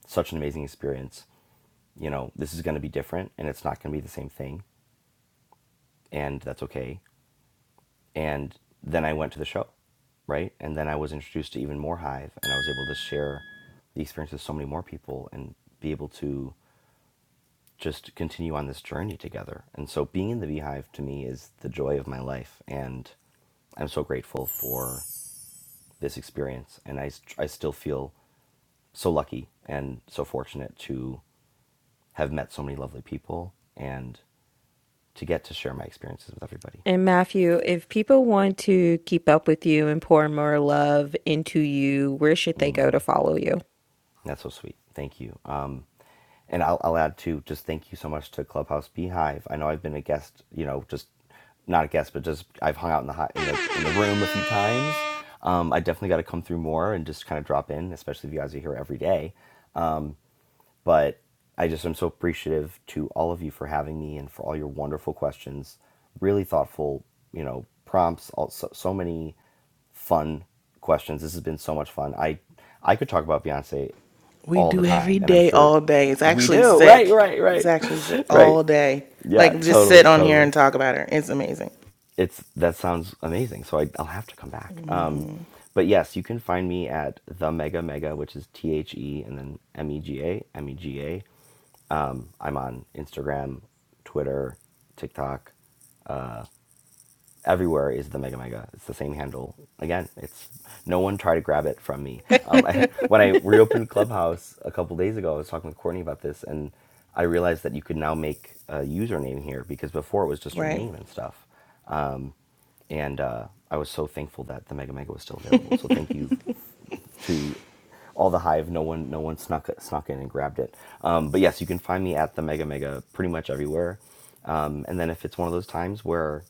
[SPEAKER 7] such an amazing experience. You know, this is going to be different and it's not going to be the same thing. And that's okay. And then I went to the show, right? And then I was introduced to even more Hive and I was able to share the experience with so many more people and be able to just continue on this journey together. And so being in the Beehive to me is the joy of my life. And I'm so grateful for this experience. And I, I still feel so lucky and so fortunate to have met so many lovely people and to get to share my experiences with everybody.
[SPEAKER 5] And Matthew, if people want to keep up with you and pour more love into you, where should they go to follow you?
[SPEAKER 7] And that's so sweet. Thank you. Um, and I'll, I'll add to just thank you so much to Clubhouse Beehive. I know I've been a guest, you know, just not a guest, but just I've hung out in the hot, in the in the room a few times. Um, I definitely got to come through more and just kind of drop in, especially if you guys are here every day. but I just am so appreciative to all of you for having me and for all your wonderful questions, really thoughtful, you know, prompts, all, so, so many fun questions. This has been so much fun. I I could talk about Beyonce
[SPEAKER 1] We
[SPEAKER 7] all the
[SPEAKER 1] do every
[SPEAKER 7] time, and I'm
[SPEAKER 1] day,
[SPEAKER 7] sure
[SPEAKER 1] all day. It's
[SPEAKER 7] we
[SPEAKER 1] actually
[SPEAKER 7] do. <laughs> Right,
[SPEAKER 1] sick.
[SPEAKER 7] right,
[SPEAKER 1] It's
[SPEAKER 7] right,
[SPEAKER 1] actually sick
[SPEAKER 7] <laughs> right.
[SPEAKER 1] all day.
[SPEAKER 7] Yeah,
[SPEAKER 1] Like, just sit
[SPEAKER 7] totally,
[SPEAKER 1] on here
[SPEAKER 7] totally.
[SPEAKER 1] and talk about her. It's amazing,
[SPEAKER 7] It's that sounds amazing. So I, I'll have to come back. Um,
[SPEAKER 1] hmm
[SPEAKER 7] but yes, you can find me at the Mega Mega, which is T H E and then M E G A M E G A um, I'm on Instagram, Twitter, TikTok. Everywhere is the Mega Mega. It's the same handle. Again, it's no one tried to grab it from me.
[SPEAKER 3] hmm
[SPEAKER 7] Um, <laughs> I, when I reopened Clubhouse a couple days ago, I was talking with Courtney about this, and I realized that you could now make a username here because before it was just your
[SPEAKER 1] right?
[SPEAKER 7] name and stuff and uh, I was so thankful that the Mega Mega was still available. So thank you to all the hive. No one, no one snuck snuck in and grabbed it. Um, but yes, you can find me at the Mega Mega pretty much everywhere. Um, and then if it's one of those times where,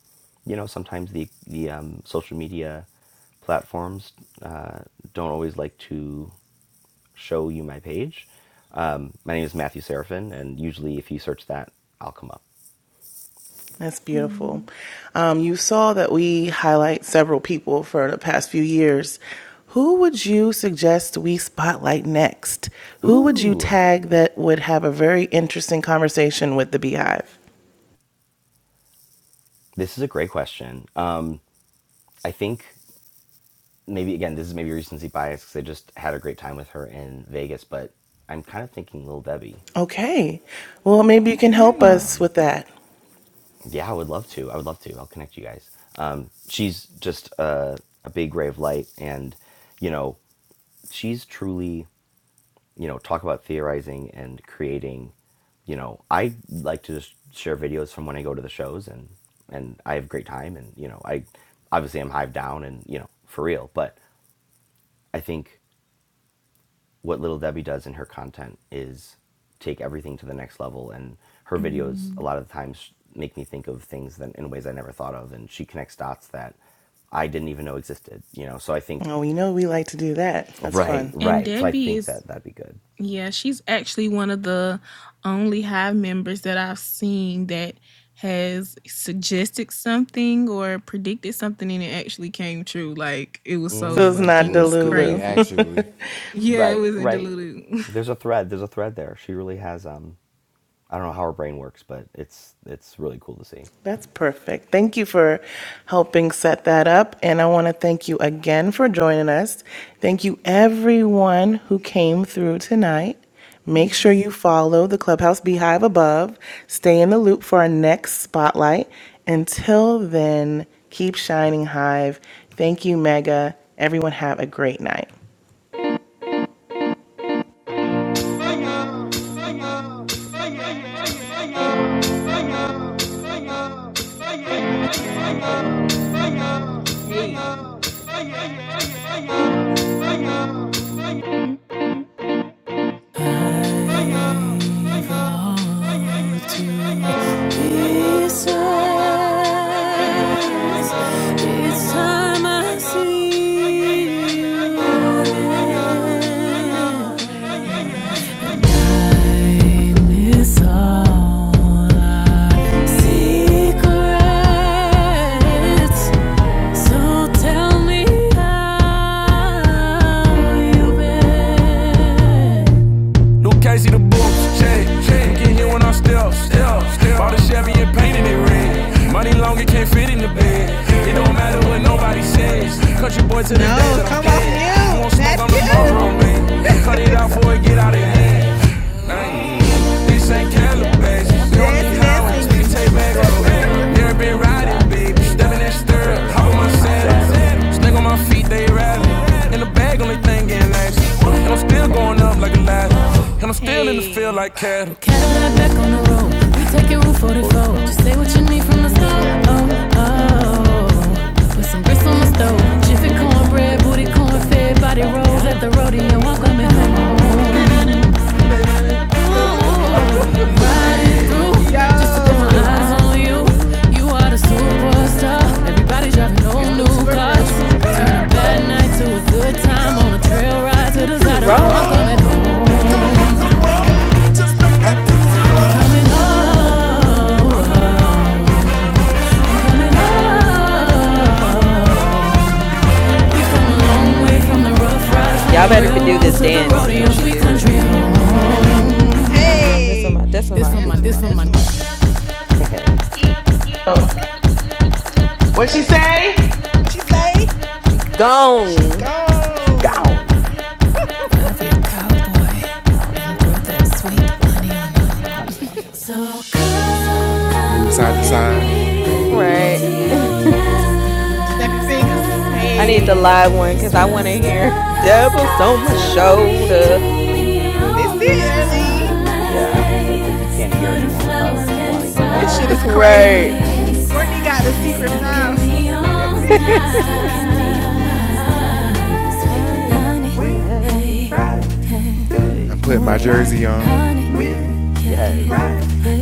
[SPEAKER 7] you know, sometimes the the um, social media platforms uh, don't always like to show you my page. Um, my name is Matthew Seraphin, and usually if you search that, I'll come up.
[SPEAKER 1] That's
[SPEAKER 3] <laughs>
[SPEAKER 1] beautiful. Um, you saw that we highlight several people for the past few years. Who would you suggest we spotlight next? Who would you
[SPEAKER 7] Ooh,
[SPEAKER 1] tag that would have a very interesting conversation with the beehive?
[SPEAKER 7] this is a great question. Um, I think maybe again this is maybe recency bias because I just had a great time with her in Vegas, but I'm kind of thinking Lil Debbie.
[SPEAKER 1] Okay. Well, maybe you can help
[SPEAKER 3] Okay.
[SPEAKER 1] us with that.
[SPEAKER 7] Yeah, I would love to. I would love to. I'll connect you guys. Um, she's just a, a big ray of light, and you know, she's truly you know talk about theorizing and creating. You know, I like to just share videos from when I go to the shows, and and I have a great time, and you know, I obviously I'm hived down, and you know, for real, but I think what Little Debbie does in her content is take everything to the next level. And her videos,
[SPEAKER 3] hmm
[SPEAKER 7] a lot of the times, make me think of things that in ways I never thought of. And she connects dots that I didn't even know existed, you know? So I think,
[SPEAKER 1] Oh, we know we like to do that. That's
[SPEAKER 7] right,
[SPEAKER 1] fun.
[SPEAKER 3] And
[SPEAKER 7] right. So I
[SPEAKER 3] Debbie
[SPEAKER 7] think
[SPEAKER 3] is
[SPEAKER 7] that that'd be good.
[SPEAKER 3] Yeah, she's actually one of the only Hive members that I've seen that has suggested something or predicted something and it actually came true. Like it was so
[SPEAKER 1] So it's
[SPEAKER 4] A
[SPEAKER 1] not
[SPEAKER 4] little
[SPEAKER 3] fucking
[SPEAKER 4] scary,
[SPEAKER 1] Delulu.
[SPEAKER 3] crazy.
[SPEAKER 4] actually.
[SPEAKER 3] Yeah, it
[SPEAKER 7] Right,
[SPEAKER 3] wasn't
[SPEAKER 7] right.
[SPEAKER 3] diluted.
[SPEAKER 7] There's a thread. There's a thread there. She really has, um, I don't know how her brain works, but it's it's really cool to see.
[SPEAKER 1] <laughs> That's perfect. Thank you for helping set that up. And I want to thank you again for joining us. Thank you, everyone who came through tonight.
[SPEAKER 3] <laughs>
[SPEAKER 1] Make sure
[SPEAKER 3] yes.
[SPEAKER 1] you follow the Clubhouse Beehive above. Stay in the loop for our next spotlight. Until then, keep shining, Hive. Thank you, Mega. Everyone, have a great night.
[SPEAKER 2] Hey, hey, hey, It's time
[SPEAKER 3] Hey. Mm.
[SPEAKER 2] I see all our
[SPEAKER 3] And uh secret.
[SPEAKER 2] secrets. So tell me how you been. Moves check, check, get here when I step, step, step. Bought a Chevy and painted it red. Money long, it can't fit in the bed. It don't matter what nobody says. Country boy to the day
[SPEAKER 3] No,
[SPEAKER 2] that I'm
[SPEAKER 3] come off
[SPEAKER 2] dead. You
[SPEAKER 3] mute,
[SPEAKER 2] want smoke on
[SPEAKER 3] Matthew.
[SPEAKER 2] the
[SPEAKER 7] The
[SPEAKER 2] Marlboro
[SPEAKER 7] Marlboro Man,
[SPEAKER 2] man? Cut it out
[SPEAKER 7] that's
[SPEAKER 2] before
[SPEAKER 7] about
[SPEAKER 2] it
[SPEAKER 7] to
[SPEAKER 2] get out of
[SPEAKER 7] get out of
[SPEAKER 2] hand.
[SPEAKER 7] hand. Mm,
[SPEAKER 3] Ooh,
[SPEAKER 2] Ayy, This
[SPEAKER 3] this
[SPEAKER 7] this
[SPEAKER 2] ain't
[SPEAKER 3] thing
[SPEAKER 7] ain't
[SPEAKER 3] can
[SPEAKER 2] Calabasas.
[SPEAKER 3] I'm
[SPEAKER 2] We
[SPEAKER 7] Calabasas.
[SPEAKER 2] don't
[SPEAKER 7] We
[SPEAKER 2] need
[SPEAKER 3] dancing
[SPEAKER 7] need
[SPEAKER 3] and
[SPEAKER 2] highways, we
[SPEAKER 7] highways.
[SPEAKER 2] can
[SPEAKER 7] We
[SPEAKER 3] singing.
[SPEAKER 7] can
[SPEAKER 2] take
[SPEAKER 7] take
[SPEAKER 2] back
[SPEAKER 7] back roads.
[SPEAKER 2] roads. Never
[SPEAKER 7] You
[SPEAKER 2] been
[SPEAKER 7] know,
[SPEAKER 2] riding
[SPEAKER 7] ride,
[SPEAKER 2] bitch babe. Step
[SPEAKER 7] baby.
[SPEAKER 2] in
[SPEAKER 3] So
[SPEAKER 2] that stirrup,
[SPEAKER 7] Stir
[SPEAKER 2] hop
[SPEAKER 7] up,
[SPEAKER 2] on
[SPEAKER 7] up
[SPEAKER 2] my
[SPEAKER 7] in my saddle.
[SPEAKER 2] saddle. Snake on my feet, they rattle. In the
[SPEAKER 7] Mmm,
[SPEAKER 2] bag, only thing
[SPEAKER 7] we
[SPEAKER 2] getting
[SPEAKER 7] think
[SPEAKER 2] nasty.
[SPEAKER 7] asshole.
[SPEAKER 2] And I'm still
[SPEAKER 7] <laughs> Look
[SPEAKER 2] going up like a
[SPEAKER 7] at
[SPEAKER 2] ladder.
[SPEAKER 7] that, oh.
[SPEAKER 2] And I'm still in the field like
[SPEAKER 3] Hey,
[SPEAKER 2] cattle.
[SPEAKER 3] can I
[SPEAKER 2] Cadillac back
[SPEAKER 3] not
[SPEAKER 7] Cadillac
[SPEAKER 2] on
[SPEAKER 3] back
[SPEAKER 7] back
[SPEAKER 2] the
[SPEAKER 3] on
[SPEAKER 7] on
[SPEAKER 3] the
[SPEAKER 7] the
[SPEAKER 2] road.
[SPEAKER 3] room?
[SPEAKER 7] roof.
[SPEAKER 2] We
[SPEAKER 7] We
[SPEAKER 3] It's
[SPEAKER 2] taking
[SPEAKER 7] took
[SPEAKER 3] okay,
[SPEAKER 2] Route
[SPEAKER 7] in
[SPEAKER 3] we'll
[SPEAKER 7] Route
[SPEAKER 3] party
[SPEAKER 2] 44.
[SPEAKER 3] phone.
[SPEAKER 2] Just
[SPEAKER 7] 44.
[SPEAKER 2] say what you need
[SPEAKER 3] Same
[SPEAKER 2] from the
[SPEAKER 7] From
[SPEAKER 3] when
[SPEAKER 7] the
[SPEAKER 3] I
[SPEAKER 2] store.
[SPEAKER 3] smile,
[SPEAKER 2] Oh,
[SPEAKER 7] stove,
[SPEAKER 3] um,
[SPEAKER 7] oh, oh, oh,
[SPEAKER 2] oh.
[SPEAKER 3] um.
[SPEAKER 7] oh.
[SPEAKER 2] Put some grits on
[SPEAKER 3] Kiss
[SPEAKER 2] the
[SPEAKER 3] on the
[SPEAKER 2] stove.
[SPEAKER 3] stuff,
[SPEAKER 2] Jiffy
[SPEAKER 3] she
[SPEAKER 7] Jiffy
[SPEAKER 3] pick on
[SPEAKER 2] cornbread,
[SPEAKER 7] cornbread,
[SPEAKER 3] bread,
[SPEAKER 2] booty
[SPEAKER 7] booty
[SPEAKER 3] booty
[SPEAKER 2] corn
[SPEAKER 3] con
[SPEAKER 7] corn
[SPEAKER 2] fed,
[SPEAKER 7] fed,
[SPEAKER 3] fat,
[SPEAKER 2] body
[SPEAKER 7] body
[SPEAKER 3] body
[SPEAKER 2] rolls at
[SPEAKER 7] rolls
[SPEAKER 5] Yeah,
[SPEAKER 3] rolls
[SPEAKER 2] the
[SPEAKER 7] at
[SPEAKER 3] at
[SPEAKER 7] the
[SPEAKER 3] the
[SPEAKER 2] rodeo. I'm
[SPEAKER 7] rodeo.
[SPEAKER 3] rodeo,
[SPEAKER 7] I'm
[SPEAKER 5] I'm
[SPEAKER 3] I'm
[SPEAKER 2] coming
[SPEAKER 7] coming
[SPEAKER 3] coming
[SPEAKER 5] coming
[SPEAKER 3] home.
[SPEAKER 2] home.
[SPEAKER 3] Da-da-dum,
[SPEAKER 7] home.
[SPEAKER 5] home.
[SPEAKER 3] da-da-dum. Ooh.
[SPEAKER 7] Wow,
[SPEAKER 5] Oh,
[SPEAKER 7] ride
[SPEAKER 2] Riding
[SPEAKER 7] it
[SPEAKER 2] through
[SPEAKER 3] <laughs>
[SPEAKER 7] through.
[SPEAKER 2] just to put
[SPEAKER 5] just to
[SPEAKER 2] my
[SPEAKER 7] Got
[SPEAKER 5] keep
[SPEAKER 7] their
[SPEAKER 5] my
[SPEAKER 3] Yo,
[SPEAKER 2] eyes
[SPEAKER 7] eyes
[SPEAKER 5] eyes
[SPEAKER 2] on
[SPEAKER 7] on
[SPEAKER 2] you.
[SPEAKER 5] on you,
[SPEAKER 7] you.
[SPEAKER 2] You are the
[SPEAKER 5] I'm a
[SPEAKER 2] superstar.
[SPEAKER 5] superstar.
[SPEAKER 7] Superstar
[SPEAKER 2] Everybody driving
[SPEAKER 3] it's
[SPEAKER 2] on
[SPEAKER 3] the
[SPEAKER 5] No
[SPEAKER 7] on
[SPEAKER 2] new
[SPEAKER 3] tour
[SPEAKER 7] new
[SPEAKER 5] new
[SPEAKER 2] cars.
[SPEAKER 3] version
[SPEAKER 7] cars.
[SPEAKER 3] for
[SPEAKER 5] cars
[SPEAKER 3] me.
[SPEAKER 2] Turn a bad night
[SPEAKER 7] Yes.
[SPEAKER 2] to a good
[SPEAKER 7] Good
[SPEAKER 2] time on a
[SPEAKER 7] time to the
[SPEAKER 2] trail
[SPEAKER 7] rail
[SPEAKER 2] ride to
[SPEAKER 5] to
[SPEAKER 2] the
[SPEAKER 7] ride to the
[SPEAKER 3] to
[SPEAKER 2] Zydeco. i
[SPEAKER 7] Zydeco.
[SPEAKER 5] zero.
[SPEAKER 7] I'm coming
[SPEAKER 2] home.
[SPEAKER 3] zero,
[SPEAKER 7] home.
[SPEAKER 3] just to
[SPEAKER 7] That's home.
[SPEAKER 3] zero, just
[SPEAKER 5] I'm
[SPEAKER 3] make that.
[SPEAKER 5] coming
[SPEAKER 3] I'm
[SPEAKER 7] I'm
[SPEAKER 2] Coming
[SPEAKER 7] coming
[SPEAKER 3] coming
[SPEAKER 7] home.
[SPEAKER 2] home.
[SPEAKER 5] home.
[SPEAKER 3] home.
[SPEAKER 5] I'm
[SPEAKER 3] I'm
[SPEAKER 7] I'm
[SPEAKER 2] Coming
[SPEAKER 5] coming
[SPEAKER 3] coming
[SPEAKER 7] coming
[SPEAKER 2] home.
[SPEAKER 5] home.
[SPEAKER 3] home.
[SPEAKER 7] home.
[SPEAKER 2] we
[SPEAKER 3] We
[SPEAKER 2] come a
[SPEAKER 3] coming my
[SPEAKER 2] long
[SPEAKER 3] own
[SPEAKER 2] way from
[SPEAKER 3] way,
[SPEAKER 7] Railroad
[SPEAKER 2] the
[SPEAKER 7] to the
[SPEAKER 3] running
[SPEAKER 2] rough
[SPEAKER 7] rough
[SPEAKER 3] rough
[SPEAKER 2] rides, from
[SPEAKER 3] ride
[SPEAKER 7] ride
[SPEAKER 5] Y'all
[SPEAKER 2] the
[SPEAKER 3] to
[SPEAKER 7] to
[SPEAKER 3] the
[SPEAKER 5] better
[SPEAKER 7] the
[SPEAKER 5] be do
[SPEAKER 2] railroads
[SPEAKER 5] this
[SPEAKER 2] to
[SPEAKER 3] railroad,
[SPEAKER 7] railroad
[SPEAKER 2] the
[SPEAKER 7] to
[SPEAKER 3] to
[SPEAKER 7] the
[SPEAKER 3] the
[SPEAKER 5] dance
[SPEAKER 3] road
[SPEAKER 5] when
[SPEAKER 3] of
[SPEAKER 2] rodeos.
[SPEAKER 5] she
[SPEAKER 2] We
[SPEAKER 3] your
[SPEAKER 7] rodeo. I'm
[SPEAKER 5] do
[SPEAKER 3] still
[SPEAKER 5] it.
[SPEAKER 2] country
[SPEAKER 7] coming
[SPEAKER 3] country
[SPEAKER 2] home.
[SPEAKER 3] home.
[SPEAKER 7] home.
[SPEAKER 5] This on
[SPEAKER 3] Hey,
[SPEAKER 5] my, this on
[SPEAKER 2] This for
[SPEAKER 5] my.
[SPEAKER 3] dance
[SPEAKER 2] my,
[SPEAKER 7] This for
[SPEAKER 3] on my,
[SPEAKER 2] this
[SPEAKER 7] my,
[SPEAKER 2] for
[SPEAKER 7] this
[SPEAKER 3] dance
[SPEAKER 7] for
[SPEAKER 3] on my.
[SPEAKER 7] my.
[SPEAKER 2] my.
[SPEAKER 7] <laughs>
[SPEAKER 1] What she
[SPEAKER 7] yes.
[SPEAKER 1] say?
[SPEAKER 3] What she say?
[SPEAKER 5] She
[SPEAKER 3] She
[SPEAKER 5] gone.
[SPEAKER 7] She
[SPEAKER 3] gone
[SPEAKER 7] gone,
[SPEAKER 2] Stuck in
[SPEAKER 7] cowboy,
[SPEAKER 3] and
[SPEAKER 7] and
[SPEAKER 3] throw
[SPEAKER 7] throw
[SPEAKER 3] that
[SPEAKER 7] that
[SPEAKER 3] sweet
[SPEAKER 7] sweet
[SPEAKER 3] honey
[SPEAKER 7] honey on
[SPEAKER 3] on it.
[SPEAKER 7] me.
[SPEAKER 3] So
[SPEAKER 7] So
[SPEAKER 4] Move
[SPEAKER 7] go.
[SPEAKER 4] side to
[SPEAKER 3] come
[SPEAKER 4] side.
[SPEAKER 3] with
[SPEAKER 7] Phenomenal.
[SPEAKER 5] Right.
[SPEAKER 3] me to new. Snap your
[SPEAKER 7] Sticky,
[SPEAKER 3] fingers.
[SPEAKER 7] sticky,
[SPEAKER 5] I need the
[SPEAKER 3] Hey.
[SPEAKER 5] live one
[SPEAKER 7] sticky.
[SPEAKER 5] because I want to hear <laughs> devils on my shoulder.
[SPEAKER 3] This it,
[SPEAKER 7] Yeah, it's like you can't hear it anymore without wanting
[SPEAKER 3] Erlene.
[SPEAKER 7] the
[SPEAKER 3] This shit is
[SPEAKER 5] <laughs>
[SPEAKER 7] live.
[SPEAKER 5] right.
[SPEAKER 3] crazy. Courtney got the secret files.
[SPEAKER 2] me all night.
[SPEAKER 5] Honey,
[SPEAKER 7] Honey,
[SPEAKER 2] Honey,
[SPEAKER 5] hey,
[SPEAKER 7] hey,
[SPEAKER 2] hey,
[SPEAKER 4] I'm
[SPEAKER 7] hey,
[SPEAKER 4] putting my
[SPEAKER 2] my
[SPEAKER 4] jersey
[SPEAKER 3] Here
[SPEAKER 4] on.
[SPEAKER 7] honey. Yes.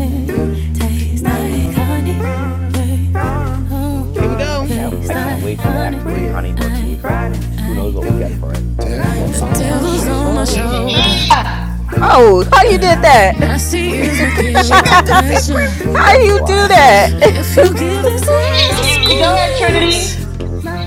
[SPEAKER 7] Hey, smells like honey.
[SPEAKER 3] we
[SPEAKER 7] Ooh, I
[SPEAKER 3] go.
[SPEAKER 7] can't. I can't wait for the Act Three honey motif. Who knows what we'll get for
[SPEAKER 4] The
[SPEAKER 7] it, but we'll get
[SPEAKER 4] devil's
[SPEAKER 3] The
[SPEAKER 4] on
[SPEAKER 5] devils
[SPEAKER 4] my
[SPEAKER 7] something.
[SPEAKER 5] on my
[SPEAKER 3] devil's on the
[SPEAKER 4] shoulder.
[SPEAKER 5] shoulder.
[SPEAKER 3] shoulder.
[SPEAKER 5] Oh, how you did that?
[SPEAKER 2] Nasty
[SPEAKER 3] <laughs>
[SPEAKER 2] is my
[SPEAKER 3] she
[SPEAKER 2] Guilty
[SPEAKER 3] got the
[SPEAKER 5] <laughs>
[SPEAKER 2] pleasure.
[SPEAKER 3] secret.
[SPEAKER 5] how
[SPEAKER 7] That's
[SPEAKER 5] you do
[SPEAKER 3] <laughs>
[SPEAKER 7] wild.
[SPEAKER 5] that? <laughs>
[SPEAKER 2] If
[SPEAKER 3] If
[SPEAKER 2] you
[SPEAKER 3] you're
[SPEAKER 5] it's
[SPEAKER 2] give
[SPEAKER 5] a
[SPEAKER 2] it,
[SPEAKER 3] gonna say
[SPEAKER 2] says a
[SPEAKER 3] some
[SPEAKER 1] Go ahead,
[SPEAKER 5] squeeze.
[SPEAKER 1] Trinity.
[SPEAKER 2] squeeze.
[SPEAKER 3] things,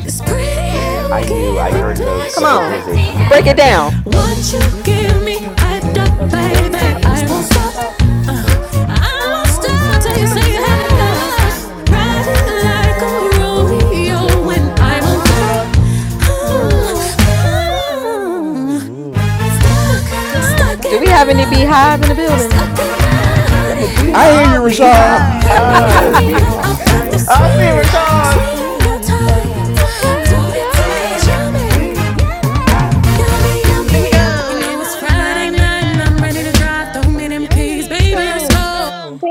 [SPEAKER 2] This pretty hair will
[SPEAKER 7] I
[SPEAKER 3] <laughs>
[SPEAKER 7] knew.
[SPEAKER 2] give
[SPEAKER 7] I
[SPEAKER 2] me
[SPEAKER 7] heard those
[SPEAKER 5] Come
[SPEAKER 7] the
[SPEAKER 2] pleasure.
[SPEAKER 5] on,
[SPEAKER 7] vocalizations at the
[SPEAKER 5] break it
[SPEAKER 7] end
[SPEAKER 4] Won't
[SPEAKER 7] of
[SPEAKER 4] you
[SPEAKER 5] down.
[SPEAKER 2] What
[SPEAKER 7] of.
[SPEAKER 4] give
[SPEAKER 2] you
[SPEAKER 4] me
[SPEAKER 7] You
[SPEAKER 2] give
[SPEAKER 4] back
[SPEAKER 7] give
[SPEAKER 2] me,
[SPEAKER 4] the
[SPEAKER 7] me
[SPEAKER 2] I
[SPEAKER 7] hyped
[SPEAKER 2] don't,
[SPEAKER 7] up,
[SPEAKER 4] baby?
[SPEAKER 5] I won't
[SPEAKER 4] I
[SPEAKER 5] stop.
[SPEAKER 2] baby.
[SPEAKER 7] baby.
[SPEAKER 4] won't
[SPEAKER 2] I
[SPEAKER 3] I
[SPEAKER 7] I
[SPEAKER 2] won't
[SPEAKER 4] stop.
[SPEAKER 3] won't
[SPEAKER 7] won't
[SPEAKER 2] stop.
[SPEAKER 3] stop.
[SPEAKER 7] stop.
[SPEAKER 2] Uh,
[SPEAKER 5] I
[SPEAKER 7] Uh,
[SPEAKER 5] won't
[SPEAKER 2] I
[SPEAKER 5] stop
[SPEAKER 2] won't
[SPEAKER 7] I
[SPEAKER 3] I won't
[SPEAKER 5] to
[SPEAKER 7] won't
[SPEAKER 5] say
[SPEAKER 2] stop
[SPEAKER 5] I
[SPEAKER 2] till
[SPEAKER 7] stop
[SPEAKER 3] stop
[SPEAKER 2] you
[SPEAKER 7] till
[SPEAKER 5] had
[SPEAKER 7] you
[SPEAKER 2] say
[SPEAKER 3] saying
[SPEAKER 2] you
[SPEAKER 7] say
[SPEAKER 2] have
[SPEAKER 7] right
[SPEAKER 3] saying
[SPEAKER 5] enough.
[SPEAKER 3] no.
[SPEAKER 2] enough.
[SPEAKER 7] now.
[SPEAKER 3] What
[SPEAKER 2] Riding
[SPEAKER 7] Ride it
[SPEAKER 3] the-
[SPEAKER 2] like a
[SPEAKER 7] like a
[SPEAKER 3] what
[SPEAKER 2] rodeo
[SPEAKER 7] rodeo
[SPEAKER 2] when
[SPEAKER 3] the-
[SPEAKER 7] when
[SPEAKER 2] I'm
[SPEAKER 5] I'm
[SPEAKER 2] on
[SPEAKER 3] I
[SPEAKER 7] I'm
[SPEAKER 5] on
[SPEAKER 7] on
[SPEAKER 3] won't
[SPEAKER 2] top.
[SPEAKER 7] top.
[SPEAKER 3] stop.
[SPEAKER 5] top.
[SPEAKER 2] Uh,
[SPEAKER 7] Uh,
[SPEAKER 3] Ooh,
[SPEAKER 5] Ooh.
[SPEAKER 7] uh, uh,
[SPEAKER 2] uh,
[SPEAKER 3] ooh,
[SPEAKER 7] uh.
[SPEAKER 3] got you stuck,
[SPEAKER 2] Stuck,
[SPEAKER 7] Stuck,
[SPEAKER 2] stuck
[SPEAKER 3] stuck.
[SPEAKER 5] Do
[SPEAKER 2] in
[SPEAKER 7] stuck
[SPEAKER 5] we
[SPEAKER 2] my
[SPEAKER 7] in
[SPEAKER 5] have
[SPEAKER 7] my
[SPEAKER 5] any
[SPEAKER 7] love.
[SPEAKER 5] beehive in the
[SPEAKER 2] love,
[SPEAKER 5] building?
[SPEAKER 2] stuck in
[SPEAKER 7] Stuck in my.
[SPEAKER 2] my
[SPEAKER 7] Definitely
[SPEAKER 2] honey.
[SPEAKER 4] I
[SPEAKER 7] beehive.
[SPEAKER 4] hear
[SPEAKER 3] All
[SPEAKER 4] you, Rashad.
[SPEAKER 2] Honey,
[SPEAKER 7] Beehive.
[SPEAKER 3] behind.
[SPEAKER 1] Uh,
[SPEAKER 7] Oh,
[SPEAKER 2] honey, honey, I put the
[SPEAKER 7] beehive.
[SPEAKER 1] I see
[SPEAKER 2] sweet,
[SPEAKER 1] Rashad.
[SPEAKER 2] sweet on
[SPEAKER 7] Sweet
[SPEAKER 2] your
[SPEAKER 7] on your
[SPEAKER 2] tongue.
[SPEAKER 7] tongue.
[SPEAKER 2] Don't
[SPEAKER 5] Sometimes
[SPEAKER 2] it
[SPEAKER 5] I'm
[SPEAKER 2] taste
[SPEAKER 5] mad.
[SPEAKER 3] <laughs>
[SPEAKER 2] yummy?
[SPEAKER 3] Sweet,
[SPEAKER 7] No may.
[SPEAKER 2] Yummy,
[SPEAKER 3] Mm, Here
[SPEAKER 2] yummy,
[SPEAKER 3] we
[SPEAKER 2] yummy.
[SPEAKER 3] go.
[SPEAKER 2] You
[SPEAKER 3] You
[SPEAKER 2] know
[SPEAKER 5] And
[SPEAKER 2] it's
[SPEAKER 3] know it's
[SPEAKER 5] I'm
[SPEAKER 2] Friday
[SPEAKER 5] not
[SPEAKER 3] Friday
[SPEAKER 5] ready
[SPEAKER 7] Riding
[SPEAKER 2] night
[SPEAKER 5] to
[SPEAKER 2] and
[SPEAKER 3] night
[SPEAKER 7] night.
[SPEAKER 3] and
[SPEAKER 2] I'm
[SPEAKER 5] rock,
[SPEAKER 3] I'm
[SPEAKER 7] I'm
[SPEAKER 2] ready to
[SPEAKER 3] ready
[SPEAKER 7] ready
[SPEAKER 5] baby.
[SPEAKER 3] to
[SPEAKER 7] to
[SPEAKER 2] drive.
[SPEAKER 5] them
[SPEAKER 3] drive.
[SPEAKER 7] drive.
[SPEAKER 2] Throw
[SPEAKER 7] Throw
[SPEAKER 2] me
[SPEAKER 3] Throw
[SPEAKER 5] Keys,
[SPEAKER 7] me
[SPEAKER 2] them
[SPEAKER 3] in them
[SPEAKER 7] them
[SPEAKER 5] baby,
[SPEAKER 2] keys,
[SPEAKER 7] keys,
[SPEAKER 5] let's
[SPEAKER 3] keys,
[SPEAKER 2] baby,
[SPEAKER 7] baby.
[SPEAKER 3] baby.
[SPEAKER 2] let's
[SPEAKER 5] go.
[SPEAKER 7] Let's
[SPEAKER 3] Let's
[SPEAKER 2] go.
[SPEAKER 3] go.
[SPEAKER 7] go.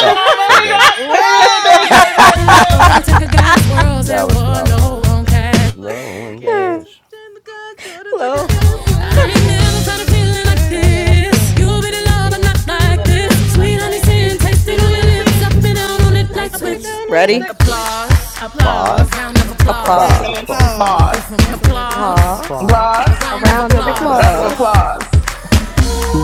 [SPEAKER 7] Oh,
[SPEAKER 1] I'm
[SPEAKER 7] so
[SPEAKER 3] Friday.
[SPEAKER 1] money
[SPEAKER 7] good.
[SPEAKER 1] not, baby, they
[SPEAKER 3] Whoa!
[SPEAKER 1] think, baby, let's go.
[SPEAKER 2] Up, order, take a gas, world's at
[SPEAKER 7] That was
[SPEAKER 2] war, low
[SPEAKER 7] phenomenal.
[SPEAKER 3] Lose
[SPEAKER 2] on
[SPEAKER 3] that one
[SPEAKER 2] cash.
[SPEAKER 3] low
[SPEAKER 7] Low
[SPEAKER 3] on
[SPEAKER 7] and
[SPEAKER 3] cash.
[SPEAKER 5] Yeah.
[SPEAKER 7] gas.
[SPEAKER 3] Turn the car, quarter, take a
[SPEAKER 5] Hello.
[SPEAKER 3] guess. Where's
[SPEAKER 2] I
[SPEAKER 7] Rules
[SPEAKER 3] that
[SPEAKER 2] ain't
[SPEAKER 7] that
[SPEAKER 2] never
[SPEAKER 3] one
[SPEAKER 7] were
[SPEAKER 2] felt a
[SPEAKER 3] low
[SPEAKER 7] long
[SPEAKER 3] on
[SPEAKER 2] feeling
[SPEAKER 7] one.
[SPEAKER 2] like
[SPEAKER 7] I've got
[SPEAKER 3] cash?
[SPEAKER 7] a
[SPEAKER 2] this.
[SPEAKER 7] feeling
[SPEAKER 2] You've
[SPEAKER 7] like
[SPEAKER 2] been in love, but
[SPEAKER 7] this.
[SPEAKER 2] not
[SPEAKER 7] You
[SPEAKER 3] You've
[SPEAKER 2] like
[SPEAKER 3] been
[SPEAKER 7] got a
[SPEAKER 3] in
[SPEAKER 2] this.
[SPEAKER 3] love
[SPEAKER 7] love
[SPEAKER 3] a
[SPEAKER 7] not
[SPEAKER 3] lot
[SPEAKER 2] Sweet honey,
[SPEAKER 3] like
[SPEAKER 7] like
[SPEAKER 2] sin,
[SPEAKER 7] this.
[SPEAKER 3] this.
[SPEAKER 2] taste
[SPEAKER 7] Sweet
[SPEAKER 2] on
[SPEAKER 7] on
[SPEAKER 2] your
[SPEAKER 7] your
[SPEAKER 3] Sweetly
[SPEAKER 2] lips,
[SPEAKER 7] sin,
[SPEAKER 3] seeing
[SPEAKER 2] up
[SPEAKER 7] this
[SPEAKER 2] and
[SPEAKER 3] testing
[SPEAKER 7] on
[SPEAKER 3] on
[SPEAKER 2] down
[SPEAKER 7] your
[SPEAKER 2] on
[SPEAKER 3] your
[SPEAKER 2] it
[SPEAKER 7] lips.
[SPEAKER 3] lips.
[SPEAKER 2] like
[SPEAKER 3] Up
[SPEAKER 7] It's
[SPEAKER 3] and
[SPEAKER 7] on
[SPEAKER 3] down
[SPEAKER 2] switch.
[SPEAKER 7] your
[SPEAKER 3] on it
[SPEAKER 5] Ready?
[SPEAKER 7] light
[SPEAKER 3] like
[SPEAKER 7] switch.
[SPEAKER 3] switch.
[SPEAKER 2] Applause.
[SPEAKER 7] <gasps>
[SPEAKER 3] Applause.
[SPEAKER 7] Pause.
[SPEAKER 2] Round of
[SPEAKER 7] A
[SPEAKER 2] applause.
[SPEAKER 7] round
[SPEAKER 3] Round
[SPEAKER 7] of
[SPEAKER 3] of
[SPEAKER 5] Applause.
[SPEAKER 2] This one, my,
[SPEAKER 3] applause.
[SPEAKER 7] applause.
[SPEAKER 2] this one,
[SPEAKER 1] Applause.
[SPEAKER 2] my.
[SPEAKER 3] That's on my decimal.
[SPEAKER 2] applause.
[SPEAKER 5] Applause.
[SPEAKER 2] A
[SPEAKER 7] Applause.
[SPEAKER 1] Applause.
[SPEAKER 5] A
[SPEAKER 2] round of
[SPEAKER 5] round
[SPEAKER 7] A
[SPEAKER 5] of
[SPEAKER 3] <laughs>
[SPEAKER 7] round
[SPEAKER 3] Round
[SPEAKER 7] of
[SPEAKER 2] applause.
[SPEAKER 3] of
[SPEAKER 1] Round of
[SPEAKER 5] applause.
[SPEAKER 3] applause.
[SPEAKER 7] applause.
[SPEAKER 1] applause.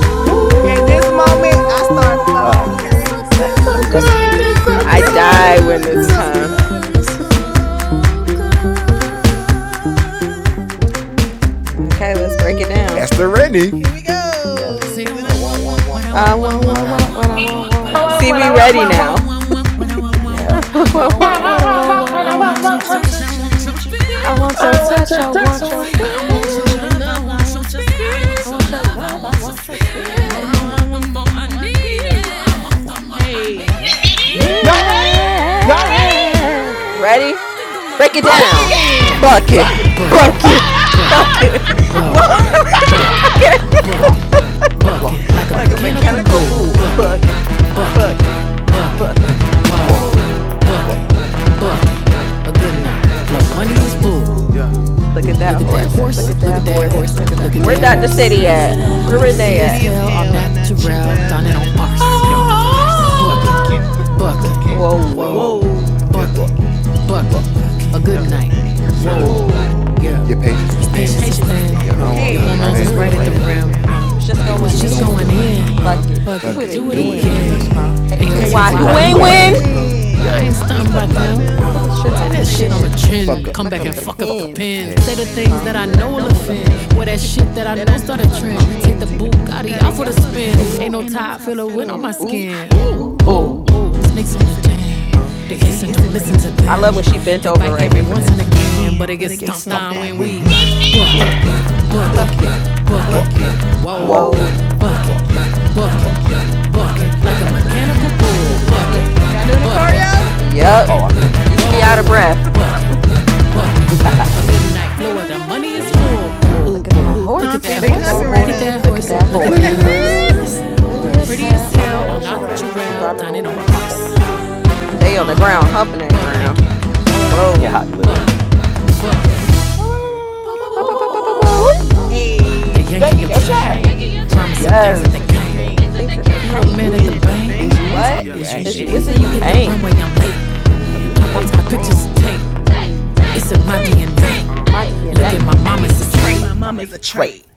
[SPEAKER 3] Ooh.
[SPEAKER 5] Mm,
[SPEAKER 3] At this moment, I start
[SPEAKER 1] Ooh,
[SPEAKER 7] Mm.
[SPEAKER 3] floating,
[SPEAKER 7] Ah,
[SPEAKER 2] It's
[SPEAKER 3] okay?
[SPEAKER 4] Ooh, it's so
[SPEAKER 1] it's so
[SPEAKER 7] we
[SPEAKER 2] it's
[SPEAKER 4] good.
[SPEAKER 1] good.
[SPEAKER 4] It's so
[SPEAKER 7] levitated
[SPEAKER 1] It's
[SPEAKER 7] and
[SPEAKER 2] it's
[SPEAKER 1] so
[SPEAKER 7] we
[SPEAKER 5] I
[SPEAKER 7] were
[SPEAKER 2] it's so
[SPEAKER 7] just
[SPEAKER 4] good. It's so
[SPEAKER 1] good.
[SPEAKER 5] die
[SPEAKER 1] It's
[SPEAKER 7] floating
[SPEAKER 1] so
[SPEAKER 5] when
[SPEAKER 3] It's
[SPEAKER 7] through
[SPEAKER 5] this
[SPEAKER 2] so so
[SPEAKER 4] good.
[SPEAKER 7] the,
[SPEAKER 2] so
[SPEAKER 1] good.
[SPEAKER 4] It's
[SPEAKER 3] so
[SPEAKER 7] the
[SPEAKER 4] so
[SPEAKER 2] good,
[SPEAKER 5] comes.
[SPEAKER 7] arena.
[SPEAKER 3] good. It's
[SPEAKER 4] good.
[SPEAKER 3] so
[SPEAKER 4] It's
[SPEAKER 3] good. It's so
[SPEAKER 2] good, good,
[SPEAKER 3] good.
[SPEAKER 4] so good.
[SPEAKER 2] it's so
[SPEAKER 3] Woo!
[SPEAKER 5] Okay, let's break it down.
[SPEAKER 4] That's the Rennie.
[SPEAKER 3] Here we
[SPEAKER 2] good.
[SPEAKER 7] Yes.
[SPEAKER 2] Say
[SPEAKER 3] go.
[SPEAKER 2] I
[SPEAKER 3] What
[SPEAKER 7] There,
[SPEAKER 3] I
[SPEAKER 2] want,
[SPEAKER 7] wah,
[SPEAKER 2] want,
[SPEAKER 3] want,
[SPEAKER 7] wah,
[SPEAKER 2] want,
[SPEAKER 3] want,
[SPEAKER 7] wah,
[SPEAKER 2] what
[SPEAKER 3] want,
[SPEAKER 2] I
[SPEAKER 7] wah
[SPEAKER 3] what
[SPEAKER 2] want,
[SPEAKER 5] I
[SPEAKER 3] I
[SPEAKER 7] wah,
[SPEAKER 3] want,
[SPEAKER 5] want,
[SPEAKER 2] want,
[SPEAKER 7] wah,
[SPEAKER 2] want.
[SPEAKER 3] want,
[SPEAKER 4] What
[SPEAKER 5] want,
[SPEAKER 2] I
[SPEAKER 4] I
[SPEAKER 7] wah.
[SPEAKER 3] want.
[SPEAKER 5] want,
[SPEAKER 4] want,
[SPEAKER 2] want,
[SPEAKER 5] what I
[SPEAKER 4] want,
[SPEAKER 2] want,
[SPEAKER 5] want,
[SPEAKER 4] want,
[SPEAKER 2] want, what
[SPEAKER 5] want,
[SPEAKER 2] I
[SPEAKER 4] what
[SPEAKER 1] I
[SPEAKER 4] I
[SPEAKER 5] want.
[SPEAKER 2] want,
[SPEAKER 1] want
[SPEAKER 5] See,
[SPEAKER 4] want,
[SPEAKER 1] one.
[SPEAKER 2] want,
[SPEAKER 5] we
[SPEAKER 1] I
[SPEAKER 4] want,
[SPEAKER 2] want.
[SPEAKER 1] want
[SPEAKER 5] ready
[SPEAKER 4] want.
[SPEAKER 2] I
[SPEAKER 1] one.
[SPEAKER 2] want,
[SPEAKER 3] I
[SPEAKER 1] One.
[SPEAKER 5] now.
[SPEAKER 2] want, want,
[SPEAKER 3] want, want,
[SPEAKER 2] what I
[SPEAKER 3] want,
[SPEAKER 2] want,
[SPEAKER 3] what I
[SPEAKER 2] want,
[SPEAKER 5] <laughs>
[SPEAKER 3] want,
[SPEAKER 2] want.
[SPEAKER 5] I
[SPEAKER 7] Yeah.
[SPEAKER 3] want,
[SPEAKER 5] want,
[SPEAKER 3] want.
[SPEAKER 7] Now,
[SPEAKER 5] want,
[SPEAKER 7] wah,
[SPEAKER 1] I
[SPEAKER 7] wah,
[SPEAKER 5] what I
[SPEAKER 7] wah,
[SPEAKER 1] want
[SPEAKER 5] want,
[SPEAKER 7] what
[SPEAKER 1] one. Want
[SPEAKER 5] want,
[SPEAKER 1] one.
[SPEAKER 7] wah,
[SPEAKER 1] I
[SPEAKER 2] I
[SPEAKER 7] wah,
[SPEAKER 5] want.
[SPEAKER 3] I
[SPEAKER 1] want
[SPEAKER 2] want
[SPEAKER 7] wah,
[SPEAKER 2] your
[SPEAKER 7] wah.
[SPEAKER 3] want
[SPEAKER 1] one.
[SPEAKER 3] your
[SPEAKER 1] One.
[SPEAKER 2] touch, I
[SPEAKER 3] touch. I
[SPEAKER 2] want your
[SPEAKER 3] want your
[SPEAKER 2] feel.
[SPEAKER 5] I
[SPEAKER 2] I
[SPEAKER 3] feel.
[SPEAKER 5] want
[SPEAKER 2] want your
[SPEAKER 5] your
[SPEAKER 1] I
[SPEAKER 7] Your
[SPEAKER 1] want
[SPEAKER 2] touch,
[SPEAKER 5] touch,
[SPEAKER 1] your
[SPEAKER 5] I
[SPEAKER 2] I
[SPEAKER 7] touch,
[SPEAKER 2] want
[SPEAKER 7] I
[SPEAKER 1] touch. I
[SPEAKER 5] want
[SPEAKER 2] your
[SPEAKER 5] your
[SPEAKER 7] want you.
[SPEAKER 2] feel.
[SPEAKER 1] want
[SPEAKER 2] I
[SPEAKER 3] I
[SPEAKER 5] feeling.
[SPEAKER 2] want your
[SPEAKER 3] want
[SPEAKER 1] you.
[SPEAKER 3] your
[SPEAKER 2] love, I
[SPEAKER 3] love. I
[SPEAKER 2] want your
[SPEAKER 3] want your
[SPEAKER 2] spirit. I
[SPEAKER 5] I
[SPEAKER 3] spirit.
[SPEAKER 2] want your
[SPEAKER 7] I
[SPEAKER 5] want
[SPEAKER 7] want
[SPEAKER 5] your
[SPEAKER 7] your
[SPEAKER 2] love, I
[SPEAKER 5] love.
[SPEAKER 7] love, I
[SPEAKER 5] I
[SPEAKER 2] want your
[SPEAKER 5] want
[SPEAKER 7] want
[SPEAKER 5] your
[SPEAKER 7] your
[SPEAKER 2] spirit. The
[SPEAKER 3] The
[SPEAKER 2] more
[SPEAKER 5] spirit.
[SPEAKER 2] I
[SPEAKER 3] more
[SPEAKER 7] spirit.
[SPEAKER 3] I
[SPEAKER 2] want, the
[SPEAKER 3] want, the
[SPEAKER 2] more I
[SPEAKER 3] more I need
[SPEAKER 2] need it. The more I
[SPEAKER 7] I
[SPEAKER 2] want,
[SPEAKER 3] it.
[SPEAKER 2] the
[SPEAKER 7] want
[SPEAKER 2] more
[SPEAKER 7] your
[SPEAKER 2] I
[SPEAKER 7] mo- I
[SPEAKER 2] need it.
[SPEAKER 3] Hey,
[SPEAKER 7] need, I
[SPEAKER 3] need
[SPEAKER 7] need
[SPEAKER 5] Need
[SPEAKER 1] Y'all ready? Y'all
[SPEAKER 3] it.
[SPEAKER 1] ready?
[SPEAKER 5] it.
[SPEAKER 7] it.
[SPEAKER 5] Ready?
[SPEAKER 3] need it.
[SPEAKER 5] Break it
[SPEAKER 4] Bucking,
[SPEAKER 5] down.
[SPEAKER 7] Bucking,
[SPEAKER 3] Bucking,
[SPEAKER 1] Fucking!
[SPEAKER 2] bucket,
[SPEAKER 3] bucking. <laughs>
[SPEAKER 7] bucking,
[SPEAKER 5] Bucket.
[SPEAKER 2] bucket, bucket,
[SPEAKER 4] bucking.
[SPEAKER 7] bucking,
[SPEAKER 5] Bucket.
[SPEAKER 7] bucking.
[SPEAKER 5] Bucket. <laughs>
[SPEAKER 2] wow,
[SPEAKER 5] Wha-
[SPEAKER 7] Whoa,
[SPEAKER 2] bucket,
[SPEAKER 7] bucking,
[SPEAKER 5] okay.
[SPEAKER 7] bucking,
[SPEAKER 2] bucket, bucket,
[SPEAKER 7] bucking
[SPEAKER 2] like a
[SPEAKER 5] <laughs>
[SPEAKER 3] like
[SPEAKER 5] like
[SPEAKER 7] like
[SPEAKER 5] a
[SPEAKER 7] a
[SPEAKER 3] a
[SPEAKER 2] mechanical
[SPEAKER 7] mechanical
[SPEAKER 5] mechanical
[SPEAKER 3] mechanical
[SPEAKER 2] bull,
[SPEAKER 7] bull.
[SPEAKER 5] bull.
[SPEAKER 3] bull.
[SPEAKER 2] bucket,
[SPEAKER 3] Bucking,
[SPEAKER 7] Bucking,
[SPEAKER 5] Bucket.
[SPEAKER 2] bucket, bucket,
[SPEAKER 3] bucking,
[SPEAKER 7] bucking,
[SPEAKER 5] Bucket.
[SPEAKER 7] bucking.
[SPEAKER 3] bucking.
[SPEAKER 5] Bucket.
[SPEAKER 2] wow,
[SPEAKER 7] Whoa,
[SPEAKER 3] Whoa,
[SPEAKER 2] bucket,
[SPEAKER 7] buck.
[SPEAKER 3] bucking,
[SPEAKER 2] bucket,
[SPEAKER 3] bucking.
[SPEAKER 2] a
[SPEAKER 3] A
[SPEAKER 2] good
[SPEAKER 3] good
[SPEAKER 2] night,
[SPEAKER 3] night.
[SPEAKER 2] blow
[SPEAKER 3] Flow
[SPEAKER 7] The
[SPEAKER 2] money is
[SPEAKER 3] money
[SPEAKER 7] money is
[SPEAKER 3] is
[SPEAKER 2] full,
[SPEAKER 7] full.
[SPEAKER 3] food. Ooh,
[SPEAKER 7] Mm,
[SPEAKER 5] Look at
[SPEAKER 3] ooh.
[SPEAKER 7] ooh,
[SPEAKER 2] Look
[SPEAKER 5] that
[SPEAKER 2] at
[SPEAKER 3] Look
[SPEAKER 7] look
[SPEAKER 2] that
[SPEAKER 3] at
[SPEAKER 7] at
[SPEAKER 5] horse.
[SPEAKER 3] that
[SPEAKER 7] that
[SPEAKER 5] Look
[SPEAKER 2] horse,
[SPEAKER 5] at
[SPEAKER 3] horse.
[SPEAKER 7] horse.
[SPEAKER 2] look
[SPEAKER 5] that
[SPEAKER 2] at
[SPEAKER 7] Look
[SPEAKER 3] Look
[SPEAKER 2] that
[SPEAKER 7] at
[SPEAKER 3] at
[SPEAKER 5] horse.
[SPEAKER 3] that
[SPEAKER 7] that
[SPEAKER 2] horse,
[SPEAKER 5] Look
[SPEAKER 3] horse.
[SPEAKER 5] at
[SPEAKER 7] horse.
[SPEAKER 2] look
[SPEAKER 5] that.
[SPEAKER 2] at
[SPEAKER 3] Look
[SPEAKER 4] Look
[SPEAKER 5] Where
[SPEAKER 4] at
[SPEAKER 7] Look
[SPEAKER 3] at
[SPEAKER 2] that
[SPEAKER 7] at
[SPEAKER 3] that
[SPEAKER 7] that
[SPEAKER 5] Dr.
[SPEAKER 4] that
[SPEAKER 3] horse.
[SPEAKER 2] horse.
[SPEAKER 7] horse.
[SPEAKER 5] City
[SPEAKER 3] Look
[SPEAKER 7] Look
[SPEAKER 4] horse.
[SPEAKER 3] at
[SPEAKER 7] at
[SPEAKER 5] at?
[SPEAKER 7] that
[SPEAKER 3] that
[SPEAKER 5] Where
[SPEAKER 2] Yes.
[SPEAKER 3] horse. So
[SPEAKER 5] Renee
[SPEAKER 2] Pretty
[SPEAKER 7] horse.
[SPEAKER 2] as
[SPEAKER 3] Pretty
[SPEAKER 5] at?
[SPEAKER 3] as
[SPEAKER 2] hell, all
[SPEAKER 3] hell. A
[SPEAKER 2] natural,
[SPEAKER 3] natural.
[SPEAKER 2] done it
[SPEAKER 3] Down in
[SPEAKER 2] on
[SPEAKER 3] the
[SPEAKER 2] bars.
[SPEAKER 3] purse.
[SPEAKER 2] Bars.
[SPEAKER 7] First,
[SPEAKER 3] Bucking,
[SPEAKER 1] Oh.
[SPEAKER 2] Bucking,
[SPEAKER 7] first, bucking.
[SPEAKER 3] bucking.
[SPEAKER 2] bucking,
[SPEAKER 5] Whoa.
[SPEAKER 7] Whoa,
[SPEAKER 3] Whoa,
[SPEAKER 7] bucking,
[SPEAKER 3] bucking,
[SPEAKER 2] bucking,
[SPEAKER 7] bucking.
[SPEAKER 3] bucking.
[SPEAKER 2] A
[SPEAKER 3] A
[SPEAKER 2] good
[SPEAKER 3] good
[SPEAKER 2] night,
[SPEAKER 3] night. Whoa,
[SPEAKER 5] Whoa.
[SPEAKER 4] Your patience is
[SPEAKER 2] the
[SPEAKER 3] your
[SPEAKER 7] The
[SPEAKER 2] patience
[SPEAKER 4] thin.
[SPEAKER 2] is
[SPEAKER 3] patience
[SPEAKER 7] patience is
[SPEAKER 3] is
[SPEAKER 2] thin.
[SPEAKER 4] Your
[SPEAKER 3] thin.
[SPEAKER 7] thin.
[SPEAKER 5] Just
[SPEAKER 2] Uh,
[SPEAKER 4] hormones
[SPEAKER 2] Your
[SPEAKER 5] waiting on
[SPEAKER 4] is
[SPEAKER 3] Hey,
[SPEAKER 5] the
[SPEAKER 4] right
[SPEAKER 2] hormones is
[SPEAKER 4] at
[SPEAKER 3] hormones
[SPEAKER 7] Hormones
[SPEAKER 4] the
[SPEAKER 2] right
[SPEAKER 7] is
[SPEAKER 3] is
[SPEAKER 2] at the
[SPEAKER 7] right
[SPEAKER 3] right
[SPEAKER 5] rim.
[SPEAKER 7] at
[SPEAKER 3] at
[SPEAKER 4] rim.
[SPEAKER 7] the
[SPEAKER 3] the
[SPEAKER 2] rim.
[SPEAKER 3] rim.
[SPEAKER 7] rim.
[SPEAKER 5] You
[SPEAKER 2] Uh,
[SPEAKER 5] was just
[SPEAKER 4] You
[SPEAKER 2] It
[SPEAKER 4] was
[SPEAKER 5] going
[SPEAKER 2] was
[SPEAKER 3] You
[SPEAKER 4] just
[SPEAKER 7] And you
[SPEAKER 3] was
[SPEAKER 2] just
[SPEAKER 7] just
[SPEAKER 3] just
[SPEAKER 4] going
[SPEAKER 5] in.
[SPEAKER 2] going
[SPEAKER 3] going
[SPEAKER 7] going
[SPEAKER 2] in.
[SPEAKER 4] in.
[SPEAKER 7] in.
[SPEAKER 2] Uh,
[SPEAKER 3] in.
[SPEAKER 5] Fuck it.
[SPEAKER 2] Fuck
[SPEAKER 5] Do
[SPEAKER 2] it,
[SPEAKER 4] Fuck
[SPEAKER 3] Fuck
[SPEAKER 5] it
[SPEAKER 7] Fuck
[SPEAKER 4] it.
[SPEAKER 3] it.
[SPEAKER 7] it,
[SPEAKER 2] do it
[SPEAKER 4] Do
[SPEAKER 7] do
[SPEAKER 3] Do
[SPEAKER 4] it
[SPEAKER 7] it
[SPEAKER 3] it
[SPEAKER 2] again.
[SPEAKER 5] again.
[SPEAKER 4] again.
[SPEAKER 7] again.
[SPEAKER 3] again.
[SPEAKER 5] a two
[SPEAKER 3] Hey,
[SPEAKER 4] And
[SPEAKER 3] yo,
[SPEAKER 2] AOTY,
[SPEAKER 4] I'll
[SPEAKER 5] y
[SPEAKER 4] tell
[SPEAKER 3] tell
[SPEAKER 4] you
[SPEAKER 3] you
[SPEAKER 4] why
[SPEAKER 5] who
[SPEAKER 2] I
[SPEAKER 3] why,
[SPEAKER 7] AOTY,
[SPEAKER 2] ain't
[SPEAKER 5] ain't
[SPEAKER 4] who
[SPEAKER 3] who
[SPEAKER 7] who
[SPEAKER 4] ain't
[SPEAKER 7] ain't
[SPEAKER 2] win.
[SPEAKER 5] win?
[SPEAKER 3] ain't
[SPEAKER 4] win.
[SPEAKER 7] win?
[SPEAKER 2] Uh, I
[SPEAKER 3] win?
[SPEAKER 2] ain't
[SPEAKER 7] Yes,
[SPEAKER 3] I ain't
[SPEAKER 7] it's
[SPEAKER 2] stunned by
[SPEAKER 7] something
[SPEAKER 3] something
[SPEAKER 7] about
[SPEAKER 3] about
[SPEAKER 2] them.
[SPEAKER 3] them.
[SPEAKER 5] Took
[SPEAKER 7] them.
[SPEAKER 5] a shit
[SPEAKER 2] Uh, Take
[SPEAKER 5] on the
[SPEAKER 2] that
[SPEAKER 3] Take that
[SPEAKER 2] shit on
[SPEAKER 7] It's
[SPEAKER 2] the
[SPEAKER 3] shit
[SPEAKER 5] chin.
[SPEAKER 3] on
[SPEAKER 7] in
[SPEAKER 3] the
[SPEAKER 7] the
[SPEAKER 5] Came
[SPEAKER 7] pen.
[SPEAKER 2] chin.
[SPEAKER 5] back
[SPEAKER 4] Fuck
[SPEAKER 5] and
[SPEAKER 4] up the
[SPEAKER 3] chin.
[SPEAKER 2] Come
[SPEAKER 5] fuck
[SPEAKER 2] back
[SPEAKER 3] Come
[SPEAKER 5] up
[SPEAKER 2] and
[SPEAKER 5] the
[SPEAKER 3] back
[SPEAKER 7] Jamaican
[SPEAKER 3] and
[SPEAKER 2] fuck
[SPEAKER 4] pen.
[SPEAKER 2] up the
[SPEAKER 3] fuck
[SPEAKER 7] fuck
[SPEAKER 3] up
[SPEAKER 7] up
[SPEAKER 3] the
[SPEAKER 7] the
[SPEAKER 5] pen.
[SPEAKER 2] pen.
[SPEAKER 3] pen.
[SPEAKER 2] Say the
[SPEAKER 7] pen.
[SPEAKER 3] Say the
[SPEAKER 2] things uh, that I
[SPEAKER 3] things that
[SPEAKER 7] That I
[SPEAKER 3] I
[SPEAKER 2] know will
[SPEAKER 7] know
[SPEAKER 3] know
[SPEAKER 7] will
[SPEAKER 3] will
[SPEAKER 2] offend.
[SPEAKER 3] offend.
[SPEAKER 2] Wear that
[SPEAKER 7] offend.
[SPEAKER 3] Take,
[SPEAKER 2] shit that I
[SPEAKER 3] that I
[SPEAKER 2] know
[SPEAKER 3] know
[SPEAKER 2] start a
[SPEAKER 3] saw the
[SPEAKER 2] trend. Take
[SPEAKER 3] trend.
[SPEAKER 2] the
[SPEAKER 3] Take the
[SPEAKER 2] Bugatti
[SPEAKER 7] Ooh,
[SPEAKER 2] off
[SPEAKER 3] Bugatti
[SPEAKER 2] for the
[SPEAKER 3] out for the
[SPEAKER 2] spin.
[SPEAKER 7] so
[SPEAKER 3] spin.
[SPEAKER 2] Ain't
[SPEAKER 5] Trying
[SPEAKER 7] good.
[SPEAKER 2] no
[SPEAKER 5] to
[SPEAKER 3] Ain't no
[SPEAKER 5] run
[SPEAKER 2] top
[SPEAKER 5] up my
[SPEAKER 3] top
[SPEAKER 2] filler
[SPEAKER 3] for
[SPEAKER 2] win
[SPEAKER 3] the
[SPEAKER 2] on
[SPEAKER 5] skin.
[SPEAKER 2] my
[SPEAKER 3] wind on my
[SPEAKER 5] Ooh,
[SPEAKER 2] skin.
[SPEAKER 3] skin.
[SPEAKER 5] ooh,
[SPEAKER 2] Ooh,
[SPEAKER 3] Ooh,
[SPEAKER 7] Ooh,
[SPEAKER 2] ooh.
[SPEAKER 5] ooh.
[SPEAKER 3] ooh,
[SPEAKER 1] Woo!
[SPEAKER 7] ooh,
[SPEAKER 3] ooh.
[SPEAKER 7] ooh.
[SPEAKER 2] Snakes on
[SPEAKER 3] Snakes in
[SPEAKER 2] the
[SPEAKER 3] the den.
[SPEAKER 2] jam. They
[SPEAKER 3] They
[SPEAKER 2] hiss and
[SPEAKER 5] Listen,
[SPEAKER 3] hiss
[SPEAKER 7] So
[SPEAKER 3] it,
[SPEAKER 2] don't
[SPEAKER 7] do
[SPEAKER 3] don't
[SPEAKER 5] listen
[SPEAKER 2] listen
[SPEAKER 5] to,
[SPEAKER 2] to
[SPEAKER 3] listen
[SPEAKER 7] listen
[SPEAKER 3] to
[SPEAKER 7] to
[SPEAKER 5] I
[SPEAKER 2] them.
[SPEAKER 5] love when
[SPEAKER 3] them.
[SPEAKER 5] she
[SPEAKER 7] them.
[SPEAKER 5] bent
[SPEAKER 2] They
[SPEAKER 5] over
[SPEAKER 3] It
[SPEAKER 2] bite
[SPEAKER 5] right
[SPEAKER 3] bite
[SPEAKER 7] Talk
[SPEAKER 2] every
[SPEAKER 5] here
[SPEAKER 7] to
[SPEAKER 5] for
[SPEAKER 3] every
[SPEAKER 7] it
[SPEAKER 2] once and
[SPEAKER 7] once
[SPEAKER 3] once
[SPEAKER 5] this.
[SPEAKER 3] and
[SPEAKER 7] and
[SPEAKER 2] again,
[SPEAKER 7] again,
[SPEAKER 2] but
[SPEAKER 3] again.
[SPEAKER 2] it
[SPEAKER 7] but
[SPEAKER 3] But
[SPEAKER 2] gets
[SPEAKER 3] I
[SPEAKER 7] it
[SPEAKER 3] get
[SPEAKER 7] gets
[SPEAKER 2] stomped
[SPEAKER 3] stumped
[SPEAKER 7] stomped
[SPEAKER 2] on
[SPEAKER 7] on
[SPEAKER 3] down
[SPEAKER 2] when
[SPEAKER 7] where
[SPEAKER 3] when
[SPEAKER 2] we book
[SPEAKER 3] we
[SPEAKER 7] we
[SPEAKER 2] it, book it,
[SPEAKER 3] booking,
[SPEAKER 7] bucking,
[SPEAKER 5] Bucking,
[SPEAKER 2] book it.
[SPEAKER 3] booking
[SPEAKER 7] bucking,
[SPEAKER 5] bucking,
[SPEAKER 3] bucket.
[SPEAKER 7] bucking.
[SPEAKER 5] bucking.
[SPEAKER 2] Whoa, book
[SPEAKER 5] Whoa.
[SPEAKER 7] Whoa,
[SPEAKER 2] it,
[SPEAKER 3] Whoa,
[SPEAKER 2] book
[SPEAKER 7] bucking,
[SPEAKER 3] bucket,
[SPEAKER 2] it,
[SPEAKER 3] bucket,
[SPEAKER 7] bucking.
[SPEAKER 2] book it.
[SPEAKER 3] bucket,
[SPEAKER 2] Like a
[SPEAKER 3] like
[SPEAKER 7] Like
[SPEAKER 3] a
[SPEAKER 7] a
[SPEAKER 2] mechanical
[SPEAKER 3] mechanical
[SPEAKER 7] mechanical
[SPEAKER 2] bull.
[SPEAKER 3] bull,
[SPEAKER 7] bull,
[SPEAKER 2] Book it,
[SPEAKER 3] bucket.
[SPEAKER 7] bucking,
[SPEAKER 3] Y'all doing the
[SPEAKER 2] book it,
[SPEAKER 7] bucking.
[SPEAKER 2] book
[SPEAKER 3] choreo?
[SPEAKER 2] it.
[SPEAKER 7] Oh,
[SPEAKER 5] Yup.
[SPEAKER 7] I'm
[SPEAKER 3] Bucket.
[SPEAKER 7] doing
[SPEAKER 5] You
[SPEAKER 7] it.
[SPEAKER 5] should
[SPEAKER 2] Whoa,
[SPEAKER 5] be out of
[SPEAKER 3] Whoa. <laughs>
[SPEAKER 5] breath.
[SPEAKER 2] book it, book it. A midnight blower,
[SPEAKER 3] But
[SPEAKER 2] the
[SPEAKER 3] what I
[SPEAKER 2] money
[SPEAKER 3] want
[SPEAKER 2] is
[SPEAKER 7] Running is
[SPEAKER 3] is
[SPEAKER 7] boom,
[SPEAKER 3] ooh,
[SPEAKER 2] full.
[SPEAKER 5] Look
[SPEAKER 3] ooh,
[SPEAKER 5] at
[SPEAKER 7] boom,
[SPEAKER 5] that
[SPEAKER 3] ooh,
[SPEAKER 7] boom.
[SPEAKER 2] Look at
[SPEAKER 5] horse.
[SPEAKER 7] Look
[SPEAKER 3] humping.
[SPEAKER 7] at
[SPEAKER 2] that
[SPEAKER 3] They
[SPEAKER 5] Look at
[SPEAKER 7] that
[SPEAKER 2] horse,
[SPEAKER 5] that
[SPEAKER 3] humping right
[SPEAKER 2] look
[SPEAKER 7] horse,
[SPEAKER 2] at
[SPEAKER 5] horse.
[SPEAKER 3] now.
[SPEAKER 2] that
[SPEAKER 5] Look at
[SPEAKER 2] horse,
[SPEAKER 5] that
[SPEAKER 2] look
[SPEAKER 7] horse.
[SPEAKER 2] at
[SPEAKER 4] Look
[SPEAKER 3] <laughs>
[SPEAKER 7] Look
[SPEAKER 4] at
[SPEAKER 7] at
[SPEAKER 2] that
[SPEAKER 5] horse.
[SPEAKER 7] that
[SPEAKER 4] that
[SPEAKER 2] horse.
[SPEAKER 7] horse.
[SPEAKER 4] horse.
[SPEAKER 5] Look at his
[SPEAKER 2] Pretty
[SPEAKER 7] But he
[SPEAKER 5] hair
[SPEAKER 2] as
[SPEAKER 7] is
[SPEAKER 5] on
[SPEAKER 2] hell
[SPEAKER 5] that
[SPEAKER 2] on
[SPEAKER 7] hell on
[SPEAKER 2] Notch
[SPEAKER 7] that
[SPEAKER 5] natural
[SPEAKER 2] Down
[SPEAKER 7] trail,
[SPEAKER 3] um,
[SPEAKER 5] domino
[SPEAKER 2] dining on
[SPEAKER 7] dining on
[SPEAKER 5] horse.
[SPEAKER 2] Fox.
[SPEAKER 7] farce.
[SPEAKER 5] They
[SPEAKER 3] uh,
[SPEAKER 5] on the ground,
[SPEAKER 3] um,
[SPEAKER 5] humping that ground.
[SPEAKER 7] Bucking.
[SPEAKER 3] bucket.
[SPEAKER 7] <laughs>
[SPEAKER 3] Whoa.
[SPEAKER 7] Yeah,
[SPEAKER 5] Whoa.
[SPEAKER 3] Whoa,
[SPEAKER 7] literally. Bucking.
[SPEAKER 4] La, la, la, la,
[SPEAKER 5] Bow,
[SPEAKER 7] Whoa,
[SPEAKER 3] whoa,
[SPEAKER 5] bow, bow,
[SPEAKER 7] whoa,
[SPEAKER 5] bow,
[SPEAKER 7] whoa,
[SPEAKER 3] whoa,
[SPEAKER 7] whoa,
[SPEAKER 5] bow,
[SPEAKER 3] whoa.
[SPEAKER 7] whoa.
[SPEAKER 2] They
[SPEAKER 3] Hey, they
[SPEAKER 4] la. Look
[SPEAKER 2] yanking
[SPEAKER 4] at
[SPEAKER 2] your
[SPEAKER 3] yanking
[SPEAKER 4] your
[SPEAKER 3] your
[SPEAKER 7] You
[SPEAKER 5] bow.
[SPEAKER 7] know,
[SPEAKER 2] chain.
[SPEAKER 4] chain.
[SPEAKER 5] Change.
[SPEAKER 3] chain.
[SPEAKER 7] chain. <laughs>
[SPEAKER 2] Promising
[SPEAKER 3] Comments and
[SPEAKER 2] things
[SPEAKER 5] and
[SPEAKER 2] that
[SPEAKER 3] things
[SPEAKER 7] yes,
[SPEAKER 2] they
[SPEAKER 3] that they
[SPEAKER 7] the
[SPEAKER 2] can't.
[SPEAKER 3] can't.
[SPEAKER 7] cane.
[SPEAKER 5] things that they
[SPEAKER 2] You the
[SPEAKER 3] You
[SPEAKER 5] can't.
[SPEAKER 3] the
[SPEAKER 2] man at
[SPEAKER 3] man
[SPEAKER 2] the
[SPEAKER 3] at
[SPEAKER 7] Ben's
[SPEAKER 3] the
[SPEAKER 7] the
[SPEAKER 2] bank?
[SPEAKER 4] Is
[SPEAKER 3] bank.
[SPEAKER 7] bank.
[SPEAKER 4] you is
[SPEAKER 7] Hey.
[SPEAKER 4] or
[SPEAKER 5] What?
[SPEAKER 4] you
[SPEAKER 2] Is you
[SPEAKER 4] ain't.
[SPEAKER 3] Is
[SPEAKER 7] Either
[SPEAKER 5] As
[SPEAKER 3] you
[SPEAKER 2] it?
[SPEAKER 7] you
[SPEAKER 5] you is
[SPEAKER 7] is
[SPEAKER 3] is
[SPEAKER 5] or
[SPEAKER 7] or
[SPEAKER 3] or
[SPEAKER 5] you
[SPEAKER 7] you
[SPEAKER 3] you
[SPEAKER 2] Hit the
[SPEAKER 5] ain't
[SPEAKER 3] ain't.
[SPEAKER 2] runway,
[SPEAKER 7] ain't.
[SPEAKER 2] I'm late.
[SPEAKER 7] Whether I'm
[SPEAKER 2] Pop out
[SPEAKER 7] late,
[SPEAKER 2] my pictures and tape.
[SPEAKER 7] to bounty to
[SPEAKER 2] It's
[SPEAKER 7] take,
[SPEAKER 2] in my
[SPEAKER 3] Take,
[SPEAKER 2] DNA.
[SPEAKER 3] take.
[SPEAKER 7] to
[SPEAKER 5] in my
[SPEAKER 7] ten with your
[SPEAKER 2] Look
[SPEAKER 7] nay.
[SPEAKER 5] DNA.
[SPEAKER 2] at my mom, it's
[SPEAKER 3] Hey,
[SPEAKER 2] a
[SPEAKER 7] Look
[SPEAKER 3] look
[SPEAKER 7] at
[SPEAKER 3] at
[SPEAKER 2] trait.
[SPEAKER 7] my
[SPEAKER 3] my mom
[SPEAKER 7] mom,
[SPEAKER 3] as
[SPEAKER 7] it's
[SPEAKER 3] a
[SPEAKER 7] a trait.
[SPEAKER 3] trade.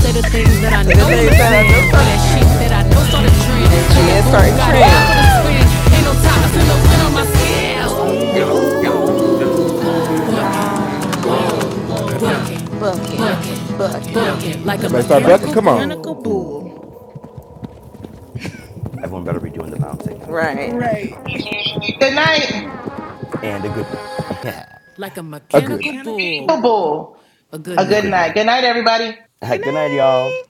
[SPEAKER 2] Say the things that I
[SPEAKER 5] So the
[SPEAKER 2] know will
[SPEAKER 5] things
[SPEAKER 7] Then then
[SPEAKER 5] that
[SPEAKER 7] I
[SPEAKER 5] I
[SPEAKER 3] <laughs>
[SPEAKER 5] know
[SPEAKER 2] offend.
[SPEAKER 7] know all
[SPEAKER 2] Wear
[SPEAKER 7] the
[SPEAKER 5] start
[SPEAKER 2] that shit
[SPEAKER 7] fan.
[SPEAKER 5] trend.
[SPEAKER 2] that I know started a
[SPEAKER 7] Ooh,
[SPEAKER 2] trend.
[SPEAKER 5] And
[SPEAKER 2] Hit
[SPEAKER 5] she
[SPEAKER 2] that
[SPEAKER 7] oh,
[SPEAKER 5] is starting
[SPEAKER 3] take
[SPEAKER 2] Bugatti
[SPEAKER 3] that
[SPEAKER 2] out for the
[SPEAKER 5] trends.
[SPEAKER 3] Bugatti,
[SPEAKER 2] spin.
[SPEAKER 3] y'all for the
[SPEAKER 2] Ain't no
[SPEAKER 3] skin.
[SPEAKER 7] oh,
[SPEAKER 2] time to
[SPEAKER 3] Ain't
[SPEAKER 2] feel
[SPEAKER 7] and
[SPEAKER 4] Better
[SPEAKER 2] the
[SPEAKER 7] the
[SPEAKER 3] no
[SPEAKER 2] wind
[SPEAKER 4] time
[SPEAKER 2] on
[SPEAKER 3] top
[SPEAKER 7] top
[SPEAKER 4] when
[SPEAKER 2] my
[SPEAKER 7] gets
[SPEAKER 4] I'm
[SPEAKER 3] that when
[SPEAKER 7] went
[SPEAKER 4] winning
[SPEAKER 7] on
[SPEAKER 2] skin.
[SPEAKER 4] my
[SPEAKER 3] I'm
[SPEAKER 7] my
[SPEAKER 3] a
[SPEAKER 7] skin.
[SPEAKER 4] skin.
[SPEAKER 3] skin.
[SPEAKER 7] Ooh,
[SPEAKER 4] Ooh.
[SPEAKER 5] Ooh,
[SPEAKER 3] Ooh.
[SPEAKER 2] Book it,
[SPEAKER 4] Ah.
[SPEAKER 3] ah.
[SPEAKER 7] ah,
[SPEAKER 5] ah,
[SPEAKER 3] Whoa,
[SPEAKER 2] book
[SPEAKER 7] whoa,
[SPEAKER 2] it,
[SPEAKER 3] bucking,
[SPEAKER 5] bucking,
[SPEAKER 2] book it,
[SPEAKER 3] bucking,
[SPEAKER 5] bucking.
[SPEAKER 2] book it. Like a
[SPEAKER 4] Y'all better
[SPEAKER 3] bucking
[SPEAKER 4] start
[SPEAKER 7] like
[SPEAKER 3] like
[SPEAKER 7] a
[SPEAKER 3] a
[SPEAKER 4] bucking.
[SPEAKER 2] mechanical
[SPEAKER 4] Come on.
[SPEAKER 2] bull.
[SPEAKER 7] mechanical
[SPEAKER 3] mechanical bull.
[SPEAKER 7] bull. Everyone better be doing the bouncing on, with their
[SPEAKER 5] Right.
[SPEAKER 7] hands too.
[SPEAKER 3] Right. <laughs>
[SPEAKER 1] Good night.
[SPEAKER 7] And a good night. <laughs> Yeah.
[SPEAKER 2] like a
[SPEAKER 4] A
[SPEAKER 3] Like a
[SPEAKER 4] good
[SPEAKER 2] mechanical
[SPEAKER 4] night.
[SPEAKER 3] mechanical
[SPEAKER 1] Super
[SPEAKER 2] bull.
[SPEAKER 3] bull.
[SPEAKER 1] Bowl.
[SPEAKER 2] A
[SPEAKER 3] A
[SPEAKER 2] good
[SPEAKER 1] A
[SPEAKER 7] a
[SPEAKER 3] good
[SPEAKER 1] good
[SPEAKER 7] good
[SPEAKER 1] night.
[SPEAKER 3] night.
[SPEAKER 2] night.
[SPEAKER 1] Good
[SPEAKER 7] night.
[SPEAKER 1] night, everybody.
[SPEAKER 3] Good
[SPEAKER 7] <laughs> good night, y'all.
[SPEAKER 3] night.